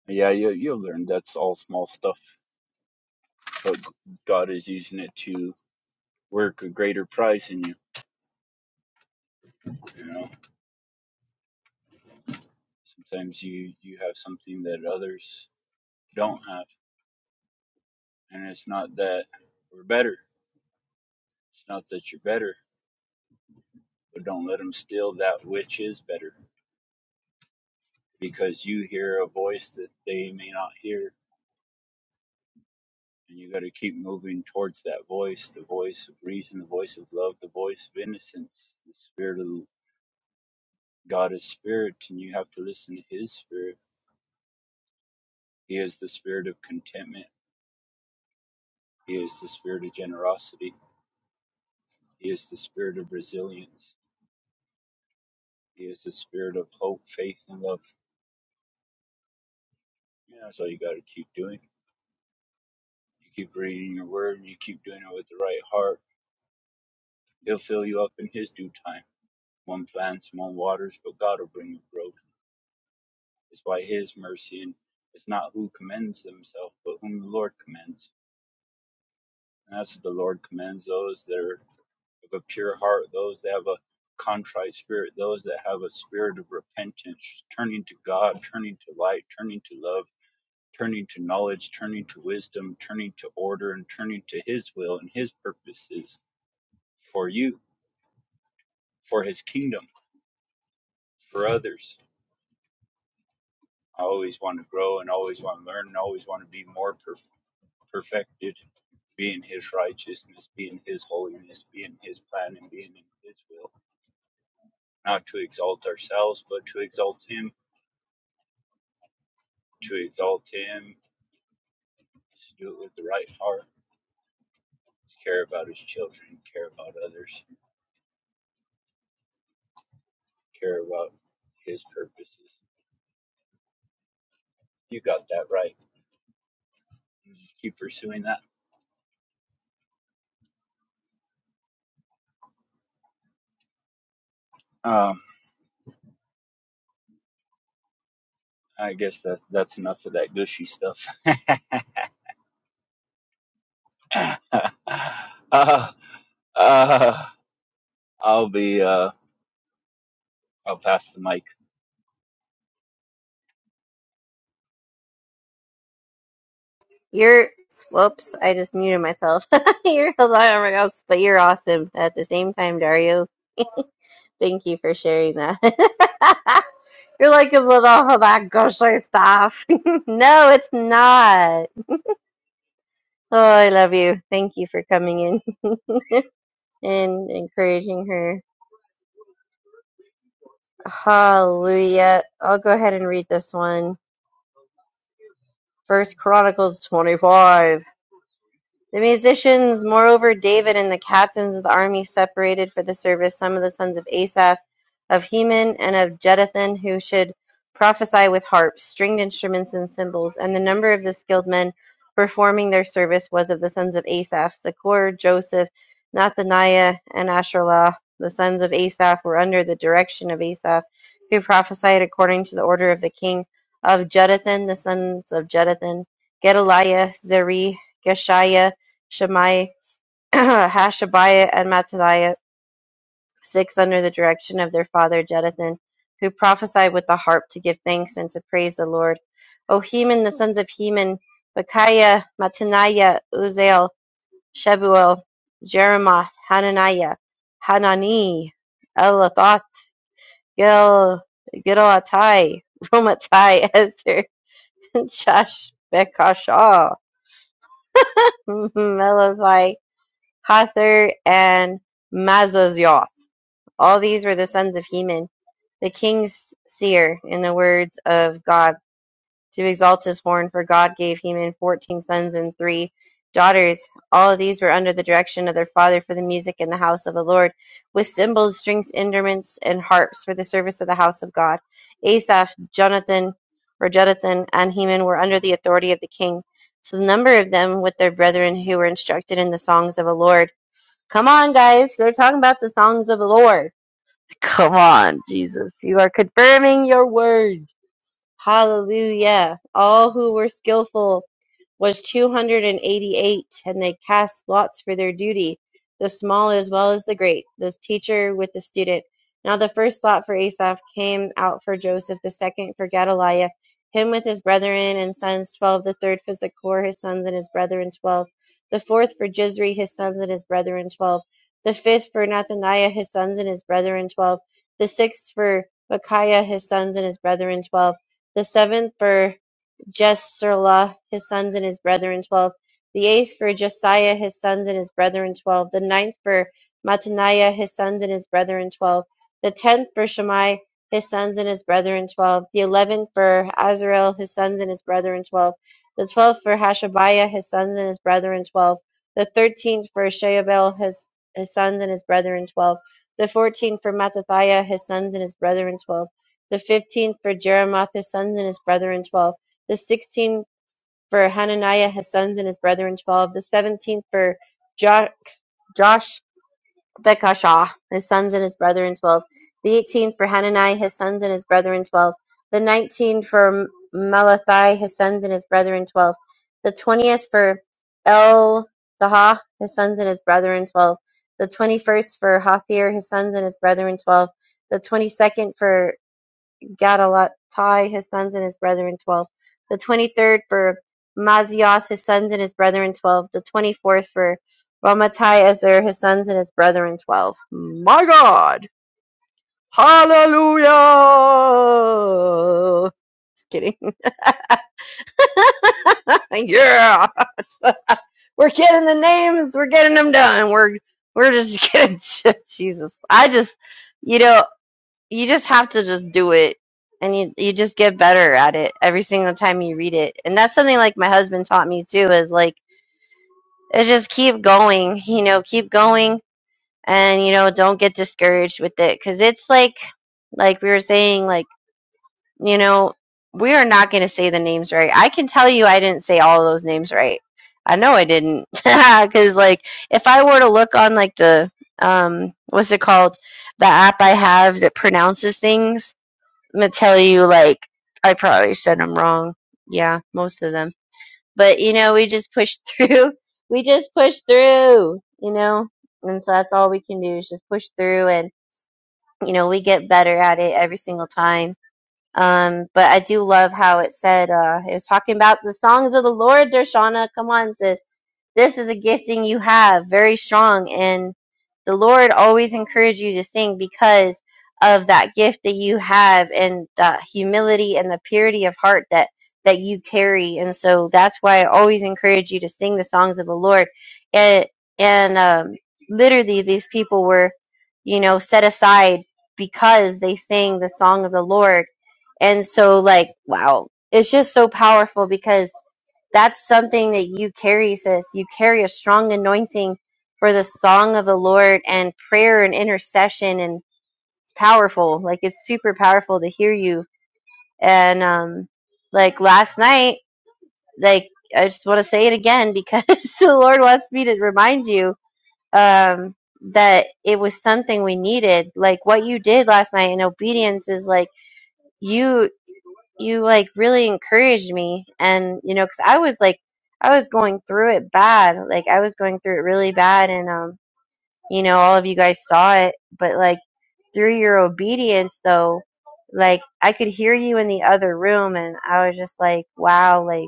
Speaker 5: yeah, you you'll learn. That's all small stuff, but God is using it to work a greater prize in you. You know, sometimes you you have something that others don't have, and it's not that we're better. It's not that you're better, but don't let them steal that which is better because you hear a voice that they may not hear and you got to keep moving towards that voice the voice of reason the voice of love the voice of innocence the spirit of god is spirit and you have to listen to his spirit he is the spirit of contentment he is the spirit of generosity he is the spirit of resilience he is the spirit of hope faith and love yeah, that's all you got to keep doing you keep reading your word and you keep doing it with the right heart he'll fill you up in his due time One plants, one waters, but God will bring the growth. It's by His mercy, and it's not who commends themselves, but whom the Lord commends. And that's what the Lord commends those that are of a pure heart, those that have a contrite spirit, those that have a spirit of repentance, turning to God, turning to light, turning to love, turning to knowledge, turning to wisdom, turning to order, and turning to His will and His purposes for you, for His kingdom, for others. I always want to grow and always want to learn and always want to be more per- perfected, being His righteousness, being His holiness, being His plan, and being in His will. Not to exalt ourselves, but to exalt Him, to exalt Him, to do it with the right heart, to care about His children, care about others, care about His purposes. You got that right. You Just keep pursuing that. Um, I guess that's that's enough of that gushy stuff. <laughs> uh, uh, I'll be uh I'll pass the mic.
Speaker 2: You're whoops, I just muted myself. <laughs> you're a lot of else, but you're awesome at the same time, Dario. Thank you for sharing that. <laughs> you're like a little oh that gaucher stuff. <laughs> no, it's not. Oh, I love you. Thank you for coming in and encouraging her. Hallelujah. I'll go ahead and read this one. First Chronicles 25. The musicians, moreover, David and the captains of the army separated for the service some of the sons of Asaph, of Heman, and of Jeduthun, who should prophesy with harps, stringed instruments, and cymbals. And the number of the skilled men performing their service was of the sons of Asaph, Zaccur, Joseph, Nathaniah, and Asherlah. The sons of Asaph were under the direction of Asaph, who prophesied according to the order of the king of Jeduthun, the sons of Jeduthun, Gedaliah, Zeri, Geshiah, Shammai, <clears throat> Hashabiah, and Mattithiah, six under the direction of their father Jeduthun, who prophesied with the harp to give thanks and to praise the Lord. O Heman, the sons of Heman, Bechiah, Mattaniah, Uziel, Shebuel, Jeremoth, Hananiah, Hanani, Elathoth, Gil, Gidalatai, Romatai, <laughs> Ezer, Shash, Bekashah, <laughs> Melathai, Hather, and Mazazoth. All these were the sons of Heman, the king's seer, in the words of God, to exalt his horn, for God gave Heman fourteen sons and three daughters. All of these were under the direction of their father for the music in the house of the Lord, with cymbals, strings, instruments, and harps for the service of the house of God. Asaph, Jonathan, or Jonathan, and Heman were under the authority of the king. So the number of them with their brethren who were instructed in the songs of the Lord. Come on, guys, they're talking about the songs of the Lord Come on, Jesus. You are confirming your word. Hallelujah. All who were skillful was 288, and eighty-eight, and they cast lots for their duty, the small as well as the great, the teacher with the student. Now the first lot for Asaph came out for Joseph, the second for Gedaliah, him with his brethren and sons twelve, the third for Zachor, his sons and his brethren twelve, the fourth for Jizri, his sons and his brethren twelve, the fifth for Nathaniah, his sons and his brethren twelve, the sixth for Micaiah, his sons and his brethren twelve, the seventh for Jesarela, his sons and his brethren, twelve. The eighth for Jesiah, his sons and his brethren, twelve. The ninth for Mattaniah, his sons and his brethren, twelve. The tenth for Shammai, his sons and his brethren, twelve. The eleventh for Azarel, his sons and his brethren, twelve. The twelfth for Hashabiah, his sons and his brethren, twelve. The thirteenth for Sheabel, his, his sons and his brethren, twelve. The fourteenth for Mattathiah, his sons and his brethren, twelve the fifteenth for Jeremoth his sons and his brethren twelve, the sixteen for Hananiah his sons and his brethren twelve, the seventeenth for jo- Josh Bekashah his sons and his brethren twelve, the eighteenth for Hananiah his sons and his brethren twelve, the nineteenth for Malathi his sons and his brethren twelve, the twentieth for El Zahah his sons and his brethren twelve, the twenty first for Hathir his sons and his brethren twelve, the twenty second for Gadalattai, his sons and his brethren, twelve. The twenty-third for Mazioth, his sons and his brethren, twelve. The twenty-fourth for Ramatai Ezer, his sons and his brethren, twelve. Hallelujah! Just kidding. <laughs> yeah, we're getting the names. We're getting them done. We're we're just getting <laughs> Jesus. I just, you know. you just have to just do it and you you just get better at it every single time you read it and that's something like my husband taught me too is like is just keep going you know keep going and you know don't get discouraged with it because it's like like we were saying like you know we are not going to say the names right i can tell you i didn't say all of those names right i know i didn't <laughs> because like if i were to look on like the um what's it called the app i have that pronounces things I'm gonna tell you, like, I probably said them wrong. Yeah, most of them. But, you know, we just push through. <laughs> We just push through, you know? And so that's all we can do is just push through and, you know, we get better at it every single time. Um, but I do love how it said, uh, it was talking about the songs of the Lord, Dershana. Come on, sis. This is a gifting you have, very strong. And the Lord always encouraged you to sing because of that gift that you have and the humility and the purity of heart that that you carry. And so that's why I always encourage you to sing the songs of the Lord. And and um, literally, these people were, you know, set aside because they sang the song of the Lord. And so, like, wow, it's just so powerful because that's something that you carry, sis. You carry a strong anointing for the song of the Lord and prayer and intercession, and it's powerful. Like it's super powerful to hear you. And um, like last night, like I just want to say it again because <laughs> the Lord wants me to remind you um, that it was something we needed. Like what you did last night in obedience is like you you like really encouraged me and you know cuz I was like I was going through it bad like I was going through it really bad and um you know all of you guys saw it but like through your obedience though like I could hear you in the other room and I was just like wow like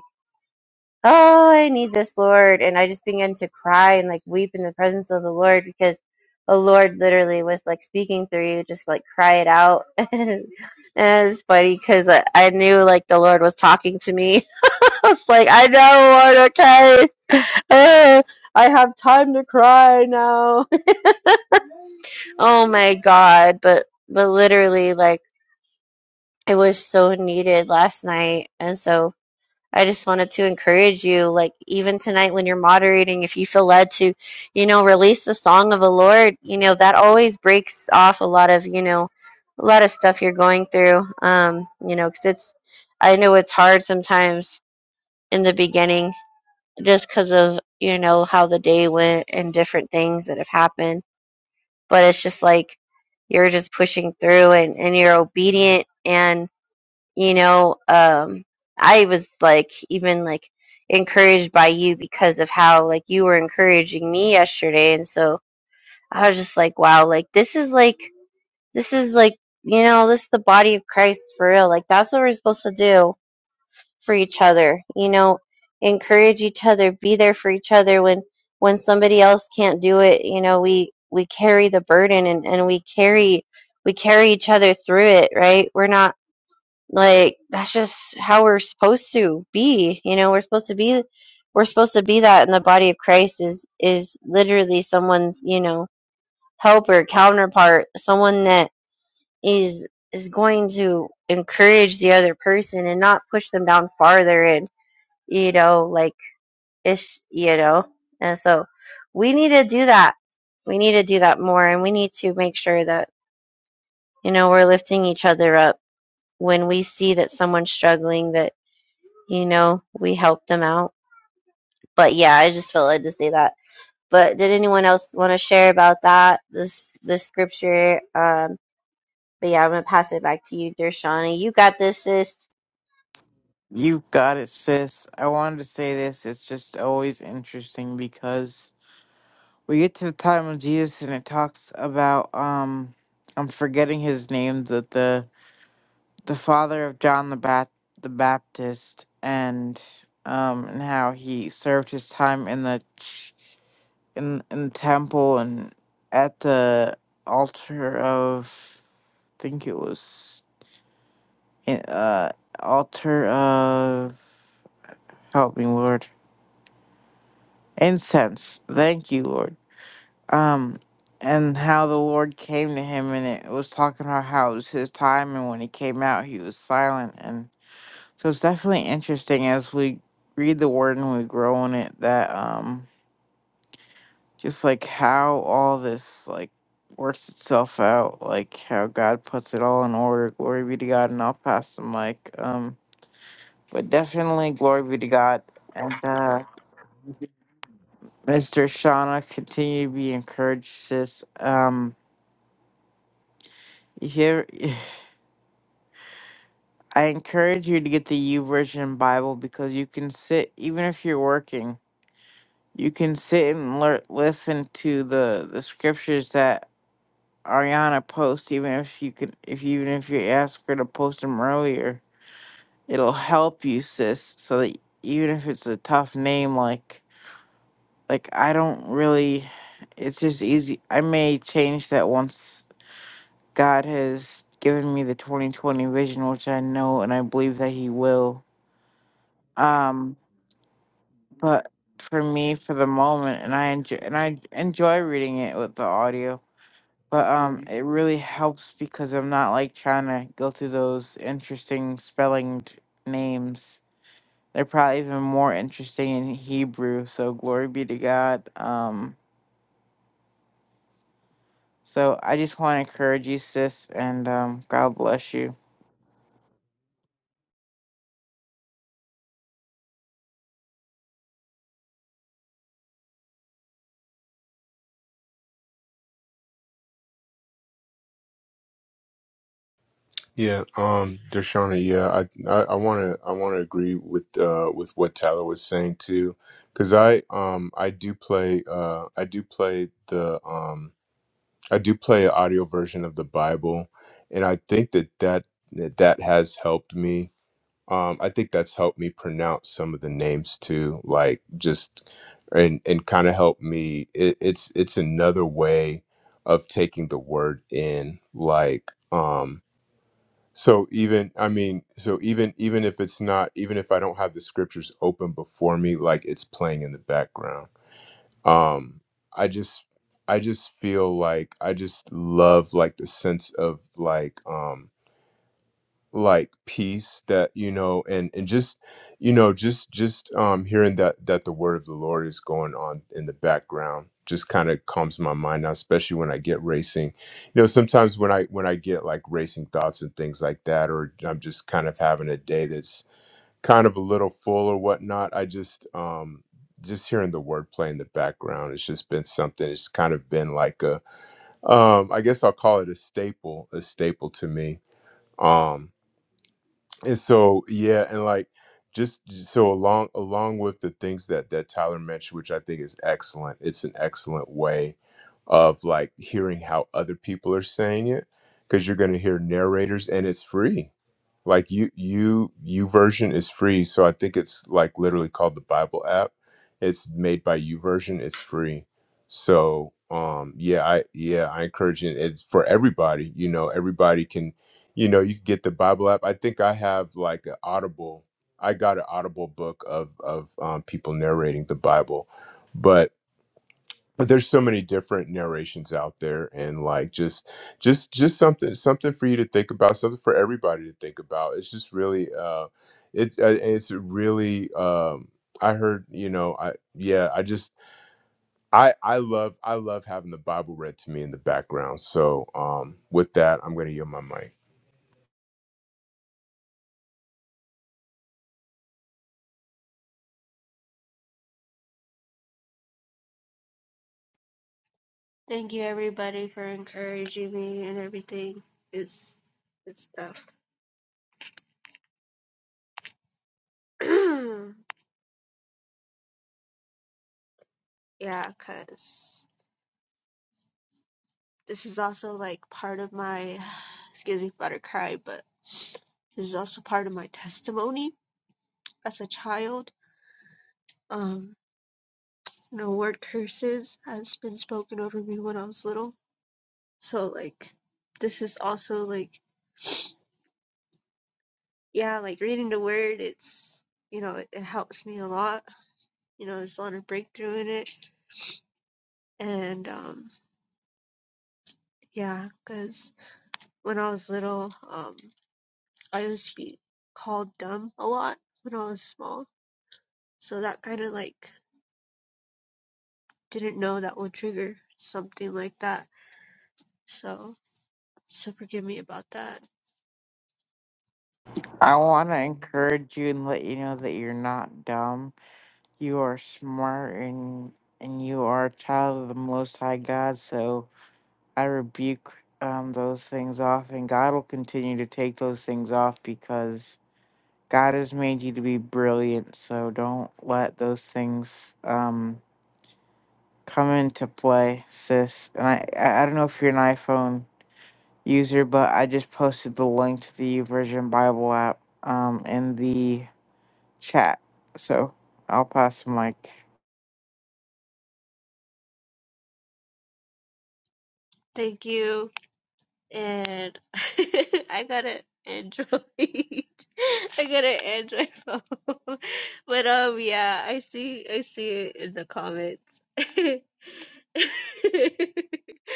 Speaker 2: oh, I need this, Lord. And I just began to cry and like weep in the presence of the Lord because the Lord literally was like speaking through you, just like cry it out. <laughs> and it's funny because I, I knew like the Lord was talking to me. <laughs> I was like, I know, Lord, okay. <laughs> Uh, I have time to cry now. <laughs> oh my God. But, but literally, like, it was so needed last night. And so, I just wanted to encourage you, like, even tonight when you're moderating, if you feel led to, you know, release the song of the Lord, you know, that always breaks off a lot of, you know, a lot of stuff you're going through, um, you know, because it's, I know it's hard sometimes in the beginning just because of, you know, how the day went and different things that have happened. But it's just like you're just pushing through and, and you're obedient and you know um i was like even like encouraged by you because of how like you were encouraging me yesterday and so i was just like wow like this is like this is like you know this is the body of christ for real like that's what we're supposed to do for each other you know encourage each other be there for each other when when somebody else can't do it you know we we carry the burden and and we carry we carry each other through it right we're not like that's just how we're supposed to be. You know, we're supposed to be we're supposed to be that in the body of Christ is is literally someone's, you know, helper, counterpart, someone that is is going to encourage the other person and not push them down farther and you know, like it's you know. And so we need to do that. We need to do that more and we need to make sure that, you know, we're lifting each other up when we see that someone's struggling, that you know, we help them out. But yeah, I just felt like to say that. But did anyone else want to share about that? This this scripture. Um, but yeah, I'm gonna pass it back to you, Dershani. You got this, sis.
Speaker 4: You got it, sis. I wanted to say this. It's just always interesting because we get to the time of Jesus and it talks about um I'm forgetting his name the the, the father of John the Bat the Baptist and um and how he served his time in the ch- in in the temple and at the altar of I think it was in, uh altar of help me Lord incense thank you Lord um, and how the Lord came to him, and it was talking about how it was his time, and when he came out, he was silent, and so it's definitely interesting as we read the Word and we grow in it that um, just like how all this like works itself out, like how God puts it all in order. Glory be to God, and I'll pass the mic. Um, but definitely glory be to God, and uh, Mr. Shauna, continue to be encouraged, sis. Um. You hear? <laughs> I encourage you to get the U Version Bible because you can sit, even if you're working, you can sit and lear listen to the the scriptures that Ariana posts. Even if you could, if even if you ask her to post them earlier, it'll help you, sis. So that even if it's a tough name, like like I don't really, it's just easy. I may change that once God has given me the 2020 vision, which I know and I believe that He will. Um, but for me for the moment and i enjoy and i enjoy reading it with the audio but um it really helps because i'm not like trying to go through those interesting spellinged names they're probably even more interesting in hebrew so glory be to god um so i just want to encourage you sis and um god bless you
Speaker 1: Yeah, um, Dershana, yeah, I, I, I wanna, I wanna agree with, uh, with what Tyler was saying too, because I, um, I do play, uh, I do play the, um, I do play an audio version of the Bible, and I think that that that that has helped me. Um, I think that's helped me pronounce some of the names too, like just, and and kind of helped me. It, it's it's another way of taking the word in, like, um so even I mean, so even even if it's not, even if I don't have the scriptures open before me, like it's playing in the background. Um, I just I just feel like I just love like the sense of like um like peace that you know and and just you know just just um hearing that that the word of the lord is going on in the background just kind of calms my mind now especially when i get racing you know sometimes when i when i get like racing thoughts and things like that or i'm just kind of having a day that's kind of a little full or whatnot i just um just hearing the word play in the background it's just been something it's kind of been like a um i guess i'll call it a staple a staple to me um and so yeah and like just so along along with the things that that tyler mentioned which i think is excellent it's an excellent way of like hearing how other people are saying it because you're going to hear narrators and it's free like you you you version is free so i think it's like literally called the bible app it's made by you version it's free so um yeah i yeah i encourage it it's for everybody you know everybody can you know you can get the bible app i think i have like an audible i got an audible book of of um, people narrating the bible but but there's so many different narrations out there and like just just just something something for you to think about something for everybody to think about it's just really uh it's uh, it's really um i heard you know i yeah i just i i love i love having the bible read to me in the background so um with that i'm gonna yield my mic
Speaker 3: Thank you everybody for encouraging me and everything. It's it's tough. <clears throat> yeah, cause this is also like part of my <sighs> excuse me, about to cry, but this is also part of my testimony as a child. Um, you know, word curses has been spoken over me when I was little So like this is also like yeah, like reading the word it's you know, it, it helps me a lot. You know, there's a lot of breakthrough in it. And um yeah, because when I was little, um I used to be called dumb a lot when I was small. So that kinda like didn't know that would trigger something like that. So so forgive me about that.
Speaker 4: i want to encourage you and let you know that you're not dumb you are smart and and you are a child of the most high god so I rebuke um, those things off, and God will continue to take those things off because God has made you to be brilliant. So don't let those things um, come into play, sis. And I, I I don't know if you're an iPhone user, but I just posted the link to the Version Bible app um, in the chat. So I'll pass the mic.
Speaker 3: Thank you. and <laughs> I got an Android. <laughs> I got an Android phone. <laughs> But um yeah, I see I see it in the comments. <laughs>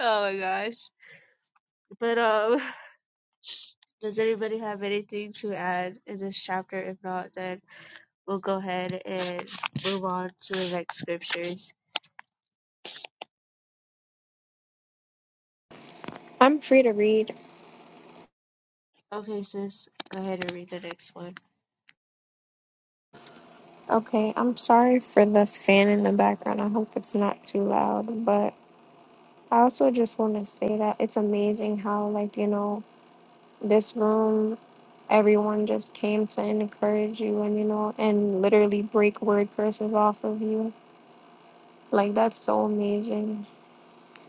Speaker 3: Oh my gosh. But um does anybody have anything to add in this chapter? If not, then we'll go ahead and move on to the next scriptures.
Speaker 6: I'm free to read.
Speaker 3: Okay, sis, go ahead and read the next one.
Speaker 6: Okay, I'm sorry for the fan in the background. I hope it's not too loud, but I also just want to say that it's amazing how, like, you know, this room, everyone just came to encourage you and, you know, and literally break word curses off of you. Like, that's so amazing.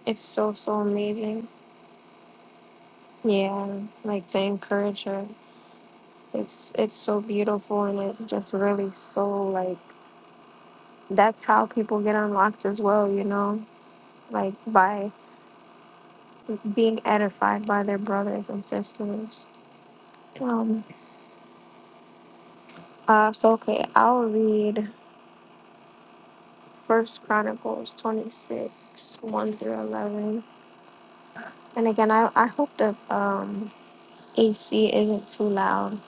Speaker 6: It's so, so amazing. Yeah, like to encourage her. It's it's so beautiful and it's just really so like that's how people get unlocked as well, you know like by being edified by their brothers and sisters. Um, uh, so okay, I'll read First Chronicles twenty six one through eleven. And again, I I hope the um AC isn't too loud.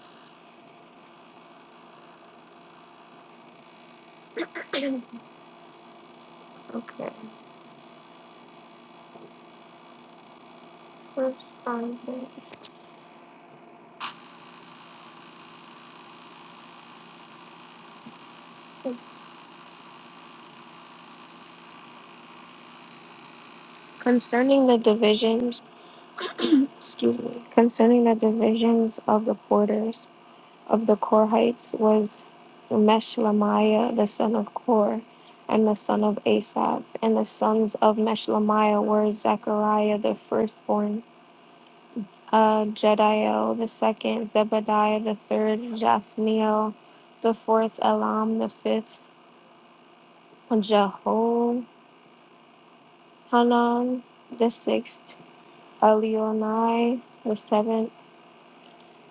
Speaker 6: Okay, First Chronicles concerning the divisions. Excuse me, concerning the divisions of the porters. of the Korhites was Meshlemiah, the son of Kor, and the son of Asaph. And the sons of Meshlemiah were Zechariah the firstborn, uh, Jediel the second, Zebadiah the third, Jathniel the fourth, Elam the fifth, Jehohanan the sixth, Elionai the seventh,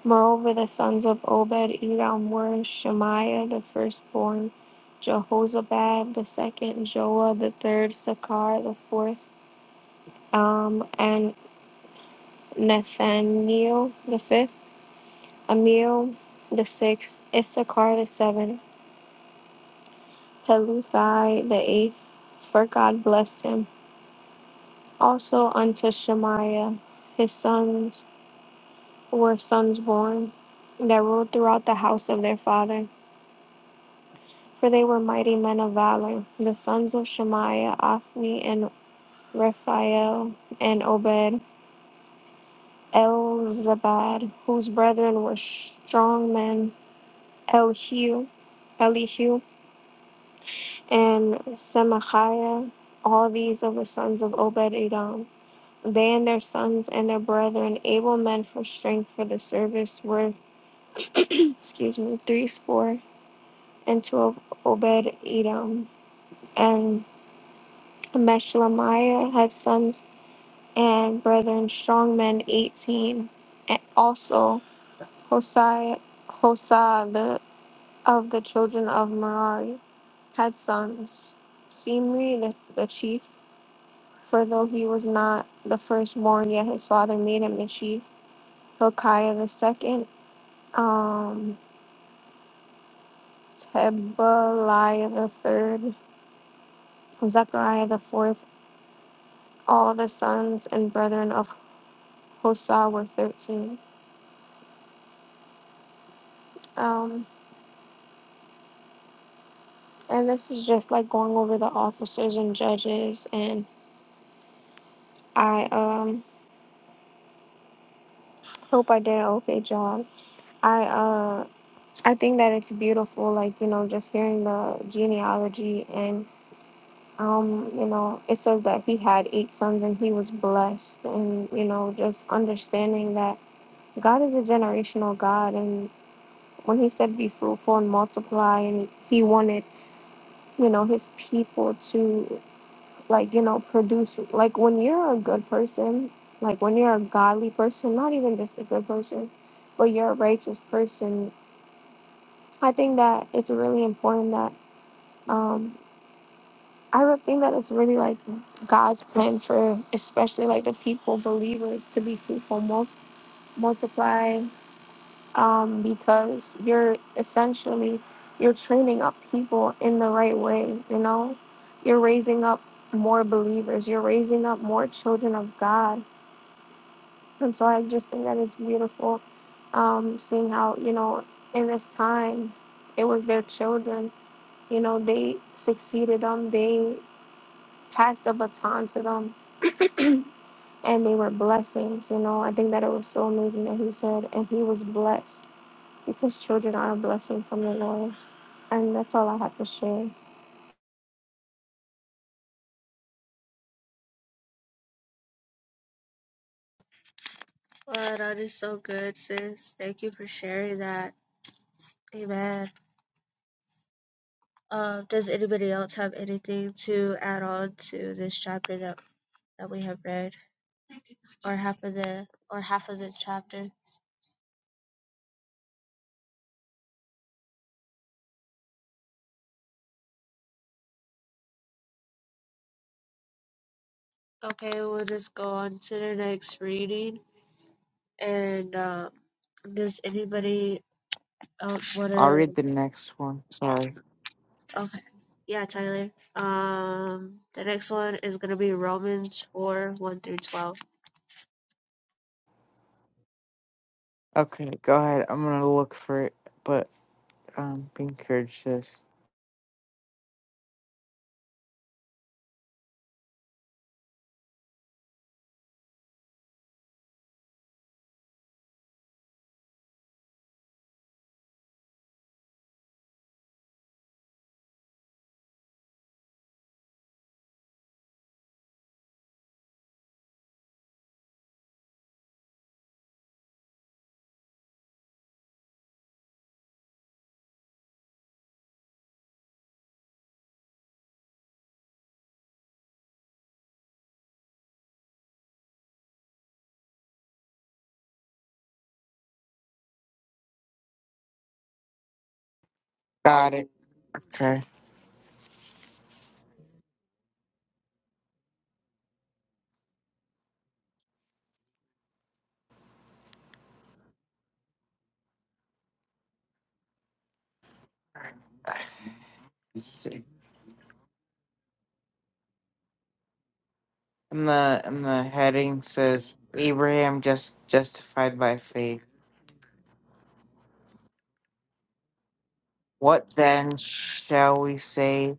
Speaker 6: Moreover, the sons of Obed Edom were Shemaiah the firstborn, Jehozabad the second, Joah the third, Sakar the fourth, um, and Nathaniel the fifth, Amiel the sixth, Issachar the seventh, Peluthai the eighth, for God blessed him. Also unto Shemaiah his sons were sons born that ruled throughout the house of their father. for they were mighty men of valor. The sons of Shemaiah, Ophni and Raphael, and Obed, Elzabad, whose brethren were strong men, Elihu, Elihu, and Semachiah, all these of the sons of Obed Edom. They and their sons and their brethren, able men for strength for the service, were, <clears throat> excuse me, threescore and two of Obed Edom. And Meshlemiah had sons and brethren, strong men 18, and also Hosai, Hosa the, of the children of Merari had sons. Simri the, the chief, for though he was not the firstborn, yet his father made him the chief. Hilkiah the second, um, Tebaliah the third, Zechariah the fourth. All the sons and brethren of Hosa were thirteen. Um. And this is just like going over the officers and judges and I um hope I did an okay job. I uh I think that it's beautiful, like, you know, just hearing the genealogy and um, you know, it says that he had eight sons and he was blessed and, you know, just understanding that God is a generational God and when he said be fruitful and multiply and he wanted, you know, his people to like you know produce like when you're a good person like when you're a godly person not even just a good person but you're a righteous person i think that it's really important that um i would think that it's really like god's plan for especially like the people believers to be fruitful mul- multiply um because you're essentially you're training up people in the right way you know you're raising up more believers you're raising up more children of god And so I just think that it's beautiful um, seeing how, you know, in this time, it was their children. You know, they succeeded them, they passed the baton to them, and they were blessings. You know, I think that it was so amazing that he said, and he was blessed because children are a blessing from the Lord. And that's all I have to share.
Speaker 3: Wow, that is so good, sis. Thank you for sharing that. Amen. Uh, does anybody else have anything to add on to this chapter that, that we have read, or half of the or half of the chapter? Okay, we'll just go on to the next reading. And uh, does anybody else want
Speaker 4: I'll
Speaker 3: to?
Speaker 4: read the next one. Sorry.
Speaker 3: Okay, yeah, Tyler. Um, the next one is gonna be Romans four one through twelve.
Speaker 4: Okay, go ahead. I'm gonna look for it, but um, be encouraged, sis. Got it. Okay. Let's see. And the and the heading says Abraham just justified by faith. What then shall we say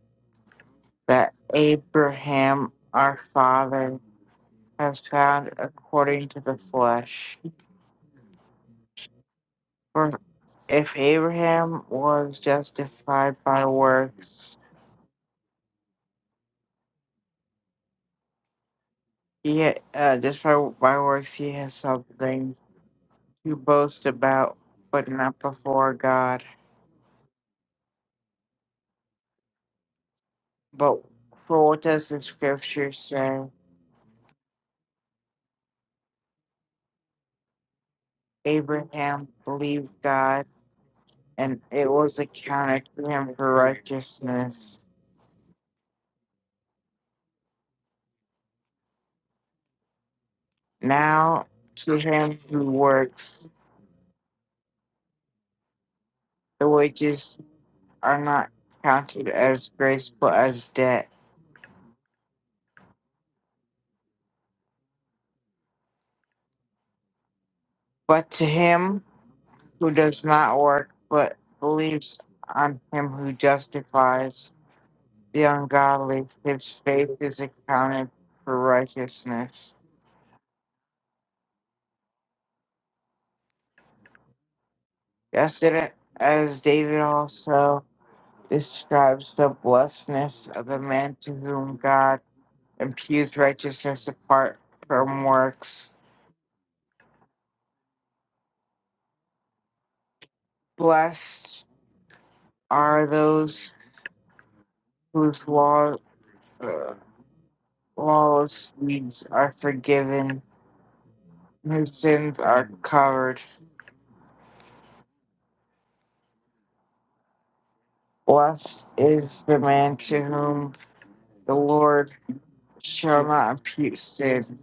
Speaker 4: that Abraham our father has found according to the flesh? For if Abraham was justified by works, he ha- uh, just by, by works he has something to boast about, but not before God. But for what does the scripture say? Abraham believed God, and it was accounted to him for righteousness. Now, to him who works, the wages are not counted as grace but as debt. But to him who does not work but believes on him who justifies the ungodly, his faith is accounted for righteousness. Just it as David also. describes the blessedness of the man to whom God imputes righteousness apart from works. Blessed are those whose law, uh, lawless deeds are forgiven, whose sins are covered. Blessed is the man to whom the Lord shall not impute sin.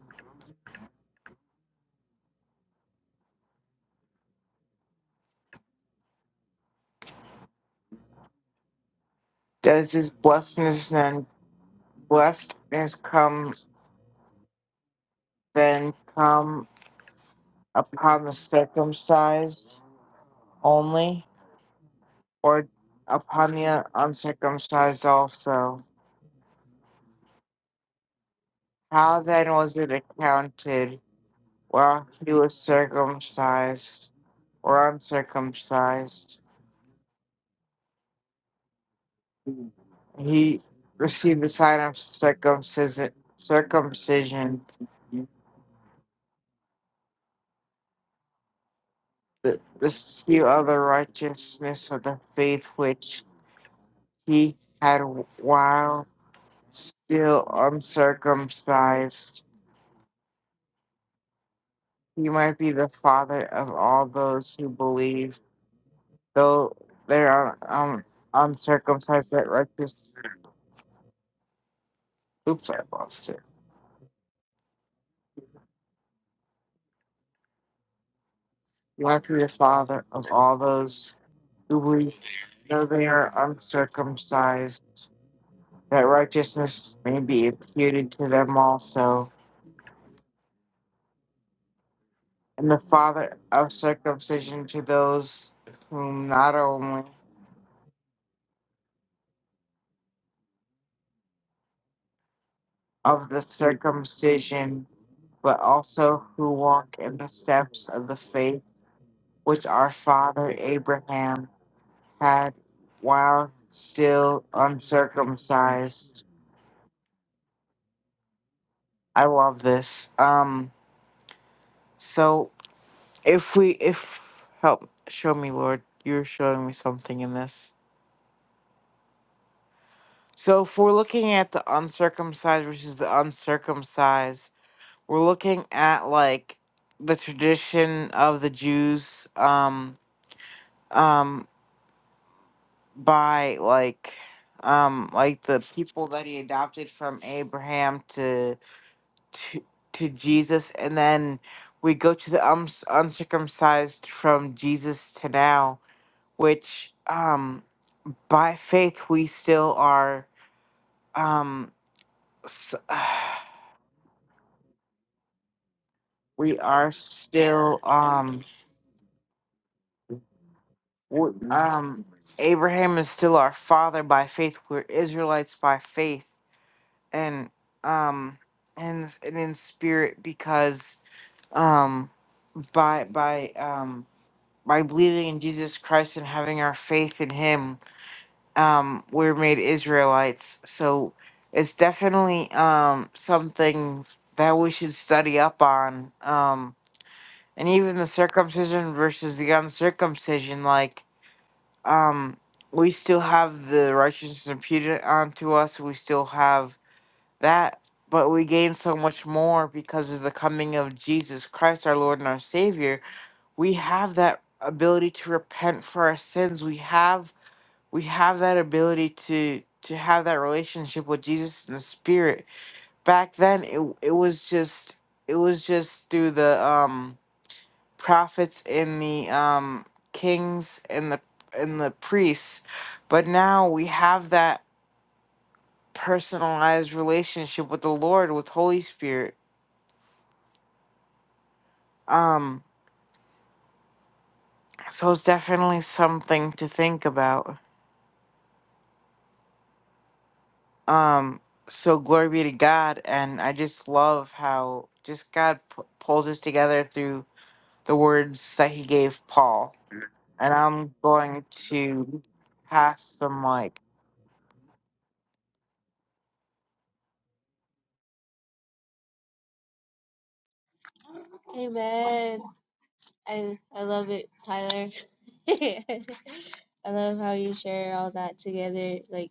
Speaker 4: Does his blessedness then blessedness come then come upon the circumcised? only or upon the uncircumcised also? How then was it accounted while he was circumcised or uncircumcised? He received the sign of circumcision, circumcision the, the seal of the righteousness of the faith which he had while still uncircumcised. He might be the father of all those who believe though they are um, uncircumcised that righteous. Oops, I lost it. You have to be the father of all those who believe, though they are uncircumcised, that righteousness may be imputed to them also, and the father of circumcision to those whom not only of the circumcision, but also who walk in the steps of the faith which our father Abraham had while still uncircumcised. I love this. Um so if we if help show me Lord, you're showing me something in this. So if we're looking at the uncircumcised versus the uncircumcised, we're looking at like the tradition of the Jews um um by like um like the people that he adopted from Abraham to. to to Jesus, and then we go to the um, uncircumcised from Jesus to now, which um by faith we still are um s- <sighs> we are still um um Abraham is still our father by faith. We're Israelites by faith, and um and and in spirit because um by by um by believing in Jesus Christ and having our faith in Him um we're made Israelites. So it's definitely um something that we should study up on. Um and even the circumcision versus the uncircumcision, like um we still have the righteousness imputed onto us, we still have that, but we gain so much more because of the coming of Jesus Christ our Lord and our Savior. We have that ability to repent for our sins. We have we have that ability to to have that relationship with Jesus in the spirit. Back then it it was just it was just through the um prophets and the um kings and the and the priests. But now we have that personalized relationship with the Lord with Holy Spirit. Um so it's definitely something to think about. Um, so glory be to God, and I just love how just God p- pulls us together through the words that He gave Paul. And I'm going to pass the mic.
Speaker 3: Amen. I I love it, Tyler. <laughs> I love how you share all that together. Like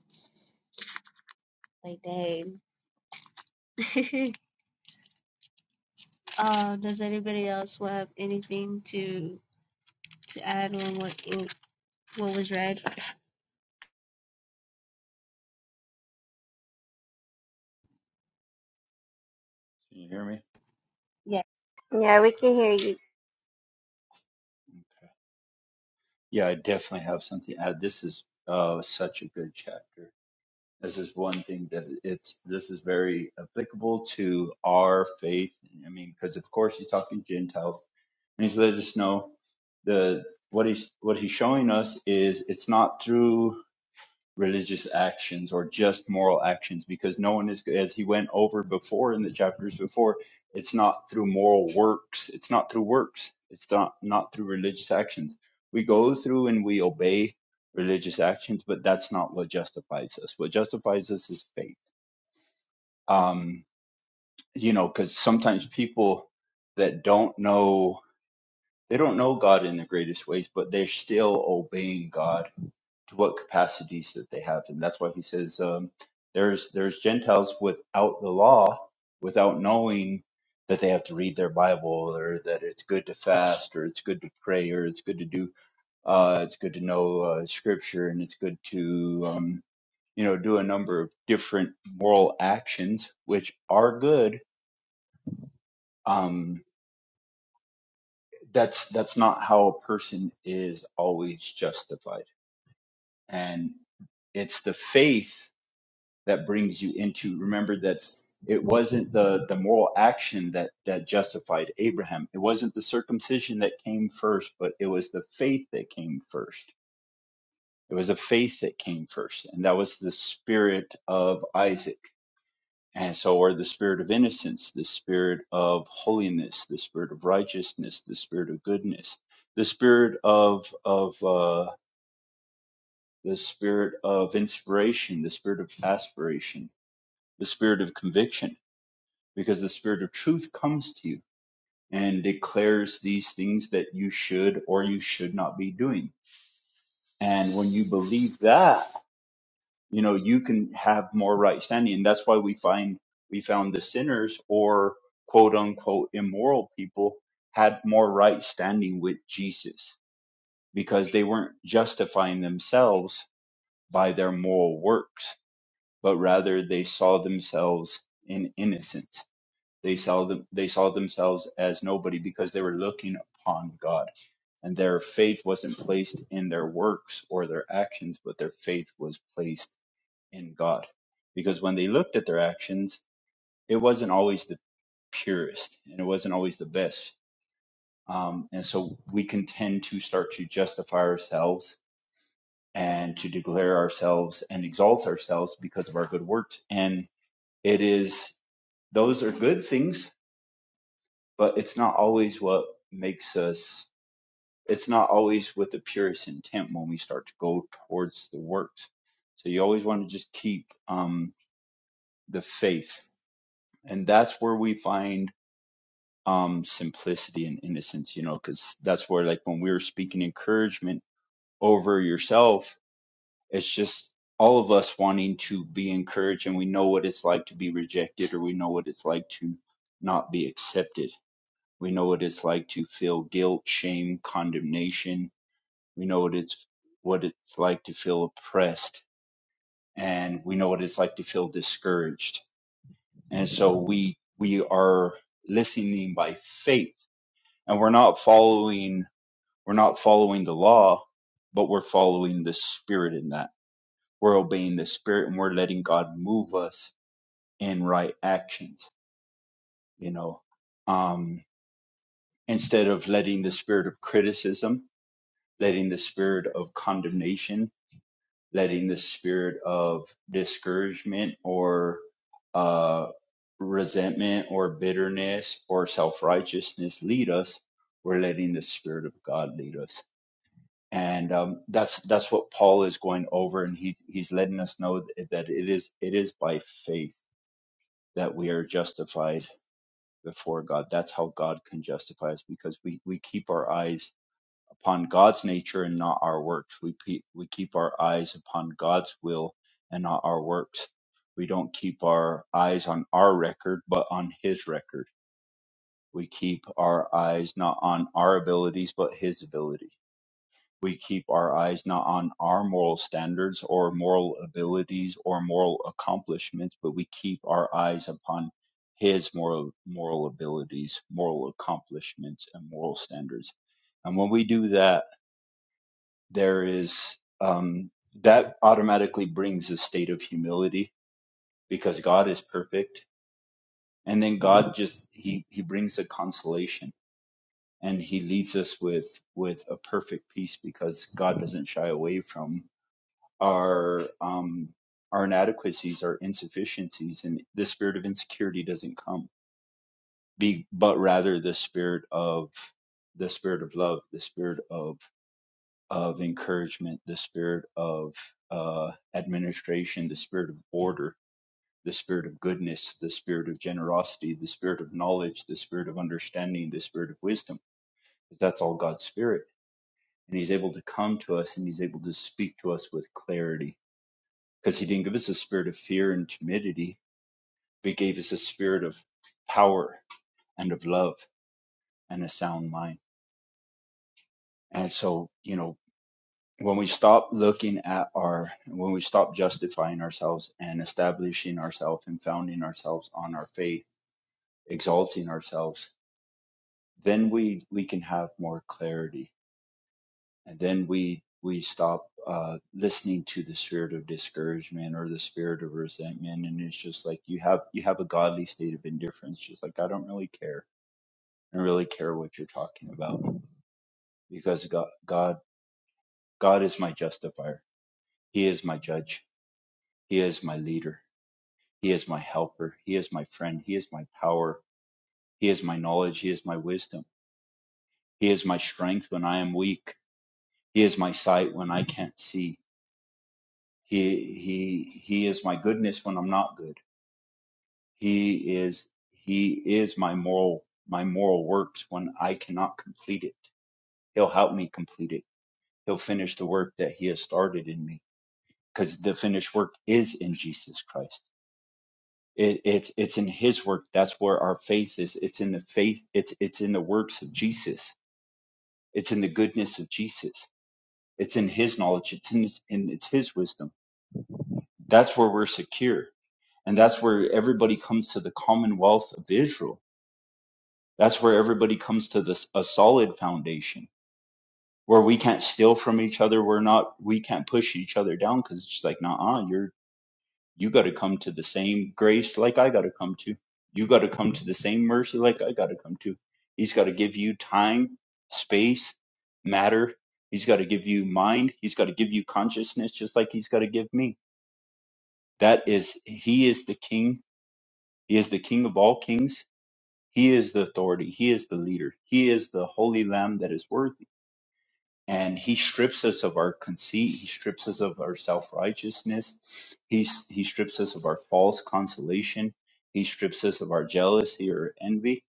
Speaker 3: like dang. <laughs> uh, does anybody else have anything to to add on what you- what was read?
Speaker 5: Can you hear me?
Speaker 3: Yeah.
Speaker 2: Yeah, we can hear you.
Speaker 5: Yeah, I definitely have something. to add. this is uh such a good chapter. This is one thing that it's this is very applicable to our faith. I mean, because of course he's talking Gentiles, and he's letting us know the what he's what he's showing us is it's not through religious actions or just moral actions because no one is as he went over before in the chapters before it's not through moral works it's not through works it's not not through religious actions we go through and we obey religious actions but that's not what justifies us what justifies us is faith um you know cuz sometimes people that don't know they don't know God in the greatest ways but they're still obeying God to what capacities that they have. And that's why he says um, there's there's Gentiles without the law, without knowing that they have to read their Bible or that it's good to fast or it's good to pray or it's good to do uh, it's good to know uh, scripture and it's good to um, you know do a number of different moral actions which are good. Um, that's that's not how a person is always justified. And it's the faith that brings you into remember that it wasn't the the moral action that that justified Abraham it wasn't the circumcision that came first but it was the faith that came first it was the faith that came first and that was the spirit of Isaac and so are the spirit of innocence the spirit of holiness the spirit of righteousness the spirit of goodness the spirit of of uh the spirit of inspiration the spirit of aspiration the spirit of conviction because the spirit of truth comes to you and declares these things that you should or you should not be doing. And when you believe that, you know, you can have more right standing. And that's why we find we found the sinners or quote unquote immoral people had more right standing with Jesus because they weren't justifying themselves by their moral works, but rather they saw themselves in innocence They saw them, they saw themselves as nobody because they were looking upon God. And their faith wasn't placed in their works or their actions, but their faith was placed in God. Because when they looked at their actions, it wasn't always the purest and it wasn't always the best. Um, and so we can tend to start to justify ourselves and to declare ourselves and exalt ourselves because of our good works. And it is, those are good things but it's not always what makes us it's not always with the purest intent when we start to go towards the works so you always want to just keep um, the faith and that's where we find um, simplicity and innocence you know because that's where like when we were speaking encouragement over yourself it's just all of us wanting to be encouraged and we know what it's like to be rejected or we know what it's like to not be accepted We know what it's like to feel guilt, shame, condemnation. We know what it's what it's like to feel oppressed, and we know what it's like to feel discouraged. And so we we are listening by faith, and we're not following we're not following the law, but we're following the Spirit in that. We're obeying the Spirit, and we're letting God move us in right actions. You know, um, instead of letting the spirit of criticism letting the spirit of condemnation, letting the spirit of discouragement or uh, resentment or bitterness or self righteousness lead us, we're letting the spirit of God lead us. And um, that's that's what Paul is going over, and he he's letting us know that that it is it is by faith that we are justified before God. That's how God can justify us because we we keep our eyes upon God's nature and not our works. We pe- we keep our eyes upon God's will and not our works. We don't keep our eyes on our record, but on His record. We keep our eyes not on our abilities, but His ability. We keep our eyes not on our moral standards or moral abilities or moral accomplishments, but we keep our eyes upon His moral moral abilities, moral accomplishments, and moral standards. And when we do that, there is um, that automatically brings a state of humility because God is perfect, and then God just he he brings a consolation and he leads us with with a perfect peace because God doesn't shy away from our um our inadequacies, our insufficiencies, and the spirit of insecurity doesn't come, be but rather the spirit of the spirit of love, the spirit of of encouragement, the spirit of uh, administration, the spirit of order, the spirit of goodness, the spirit of generosity, the spirit of knowledge, the spirit of understanding, the spirit of wisdom, because that's all God's spirit. And He's able to come to us and He's able to speak to us with clarity because He didn't give us a spirit of fear and timidity, but He gave us a spirit of power and of love and a sound mind. And so, you know, when we stop looking at our when we stop justifying ourselves and establishing ourselves and founding ourselves on our faith exalting ourselves then we we can have more clarity and then we we stop uh, listening to the spirit of discouragement or the spirit of resentment and it's just like you have you have a godly state of indifference just like i don't really care i don't really care what you're talking about because god god god is my justifier he is my judge he is my leader He is my helper. He is my friend. He is my power. He is my knowledge. He is my wisdom. He is my strength when I am weak. He is my sight when I can't see. He, he, he is my goodness when I'm not good. He is, he is my moral, my moral works when I cannot complete it. He'll help me complete it. He'll finish the work that he has started in me because the finished work is in Jesus Christ. It, it's it's in His work. That's where our faith is. It's in the faith. It's it's in the works of Jesus. It's in the goodness of Jesus. It's in His knowledge. It's in His, and it's His wisdom. That's where we're secure, and that's where everybody comes to the commonwealth of Israel. That's where everybody comes to this a solid foundation where we can't steal from each other. We're not. We can't push each other down because it's just like, nah, you're you got to come to the same grace like I got to come to. You got to come to the same mercy like I got to come to. He's got to give you time, space, matter. He's got to give you mind. He's got to give you consciousness just like he's got to give me. That is, he is the king. He is the king of all kings. He is the authority. He is the leader. He is the holy lamb that is worthy and he strips us of our conceit he strips us of our self-righteousness he, he strips us of our false consolation he strips us of our jealousy or envy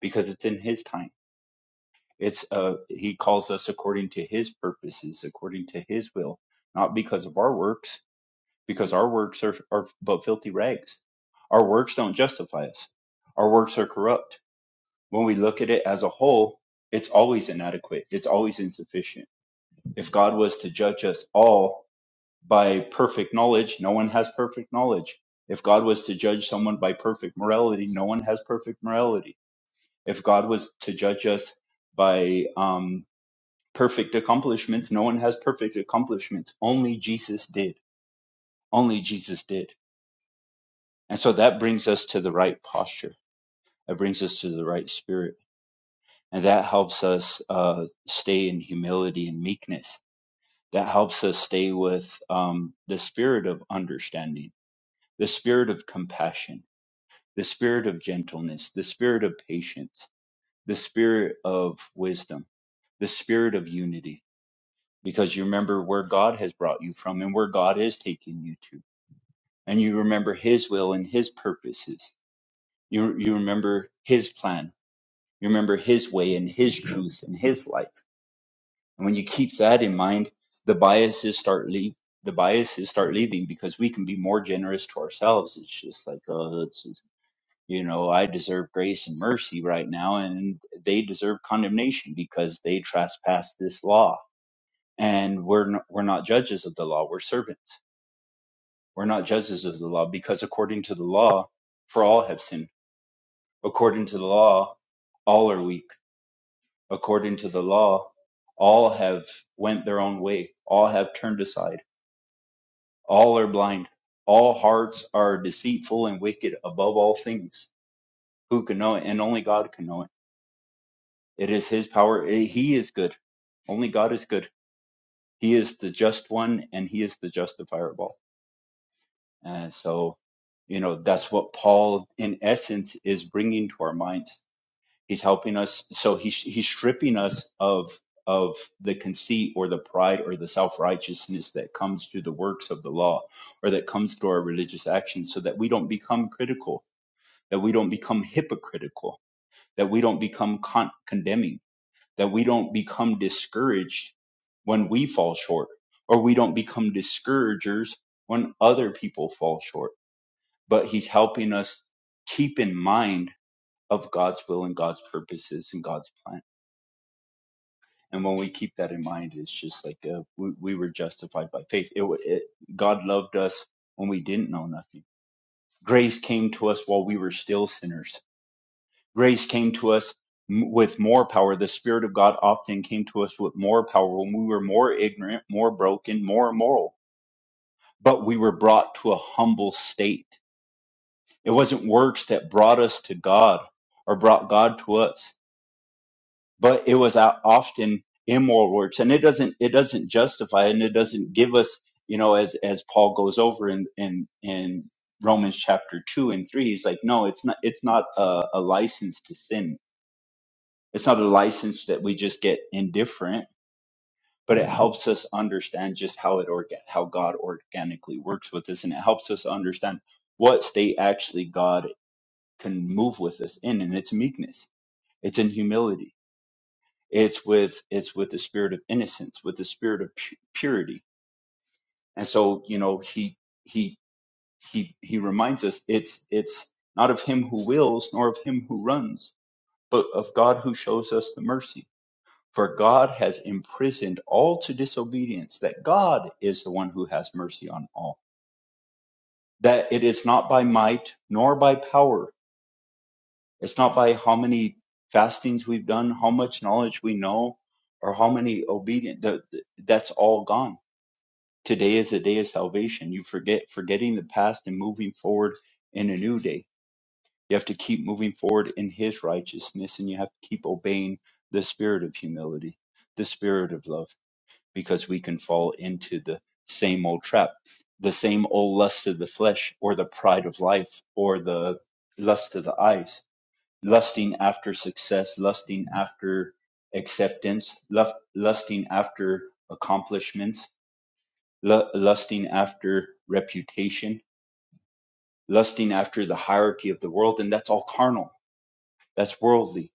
Speaker 5: because it's in his time it's uh he calls us according to his purposes according to his will not because of our works because our works are, are but filthy rags our works don't justify us our works are corrupt when we look at it as a whole it's always inadequate it's always insufficient if God was to judge us all by perfect knowledge, no one has perfect knowledge. If God was to judge someone by perfect morality, no one has perfect morality. If God was to judge us by um, perfect accomplishments, no one has perfect accomplishments. Only Jesus did. Only Jesus did. And so that brings us to the right posture. That brings us to the right spirit. And that helps us uh, stay in humility and meekness that helps us stay with um, the spirit of understanding, the spirit of compassion, the spirit of gentleness, the spirit of patience, the spirit of wisdom, the spirit of unity. Because you remember where God has brought you from and where God is taking you to. And you remember His will and His purposes. You, you remember His plan. You remember His way and His truth and His light And when you keep that in mind, the biases start leave the biases start leaving because we can be more generous to ourselves. It's just like, oh, it's, you know, I deserve grace and mercy right now, and they deserve condemnation because they trespass this law. And we're not, we're not judges of the law; we're servants. We're not judges of the law because according to the law, for all have sinned. According to the law, all are weak. According to the law, all have went their own way. All have turned aside All are blind. All hearts are deceitful and wicked above all things. Who can know it? And only God can know it. It is His power. Eh, He is good. Only God is good. He is the just one and He is the justifier of all. And so, you know, that's what Paul, in essence, is bringing to our minds. He's helping us. So he's he's stripping us of of the conceit or the pride or the self righteousness that comes through the works of the law or that comes through our religious actions, so that we don't become critical, that we don't become hypocritical, that we don't become con- condemning, that we don't become discouraged when we fall short, or we don't become discouragers when other people fall short. But he's helping us keep in mind of God's will and God's purposes and God's plan And when we keep that in mind, it's just like uh, we, we were justified by faith. It, wa- it God loved us when we didn't know nothing. Grace came to us while we were still sinners. Grace came to us m- with more power. The Spirit of God often came to us with more power when we were more ignorant, more broken, more immoral. But we were brought to a humble state. It wasn't works that brought us to God or brought God to us. but it was o- often immoral works and it doesn't it doesn't justify and it doesn't give us you know as as paul goes over in in in romans chapter 2 and 3 he's like no it's not it's not a, a license to sin it's not a license that we just get indifferent but it helps us understand just how it orga- how god organically works with us and it helps us understand what state actually god can move with us in and it's meekness it's in humility it's with it's with the spirit of innocence with the spirit of pu- purity and so you know he he he he reminds us it's it's not of him who wills nor of him who runs but of god who shows us the mercy for god has imprisoned all to disobedience that god is the one who has mercy on all that it is not by might nor by power it's not by how many fastings we've done how much knowledge we know or how many obedient the, the- that's all gone Today is a day of salvation. You forget forgetting the past and moving forward in a new day. You have to keep moving forward in his righteousness and you have to keep obeying the spirit of humility, the spirit of love, because we can fall into the same old trap, the same old lust of the flesh or the pride of life or the lust of the eyes, lusting after success, lusting after acceptance, lust, lusting after accomplishments, lu- lusting after reputation, lusting after the hierarchy of the world, and that's all carnal. That's worldly.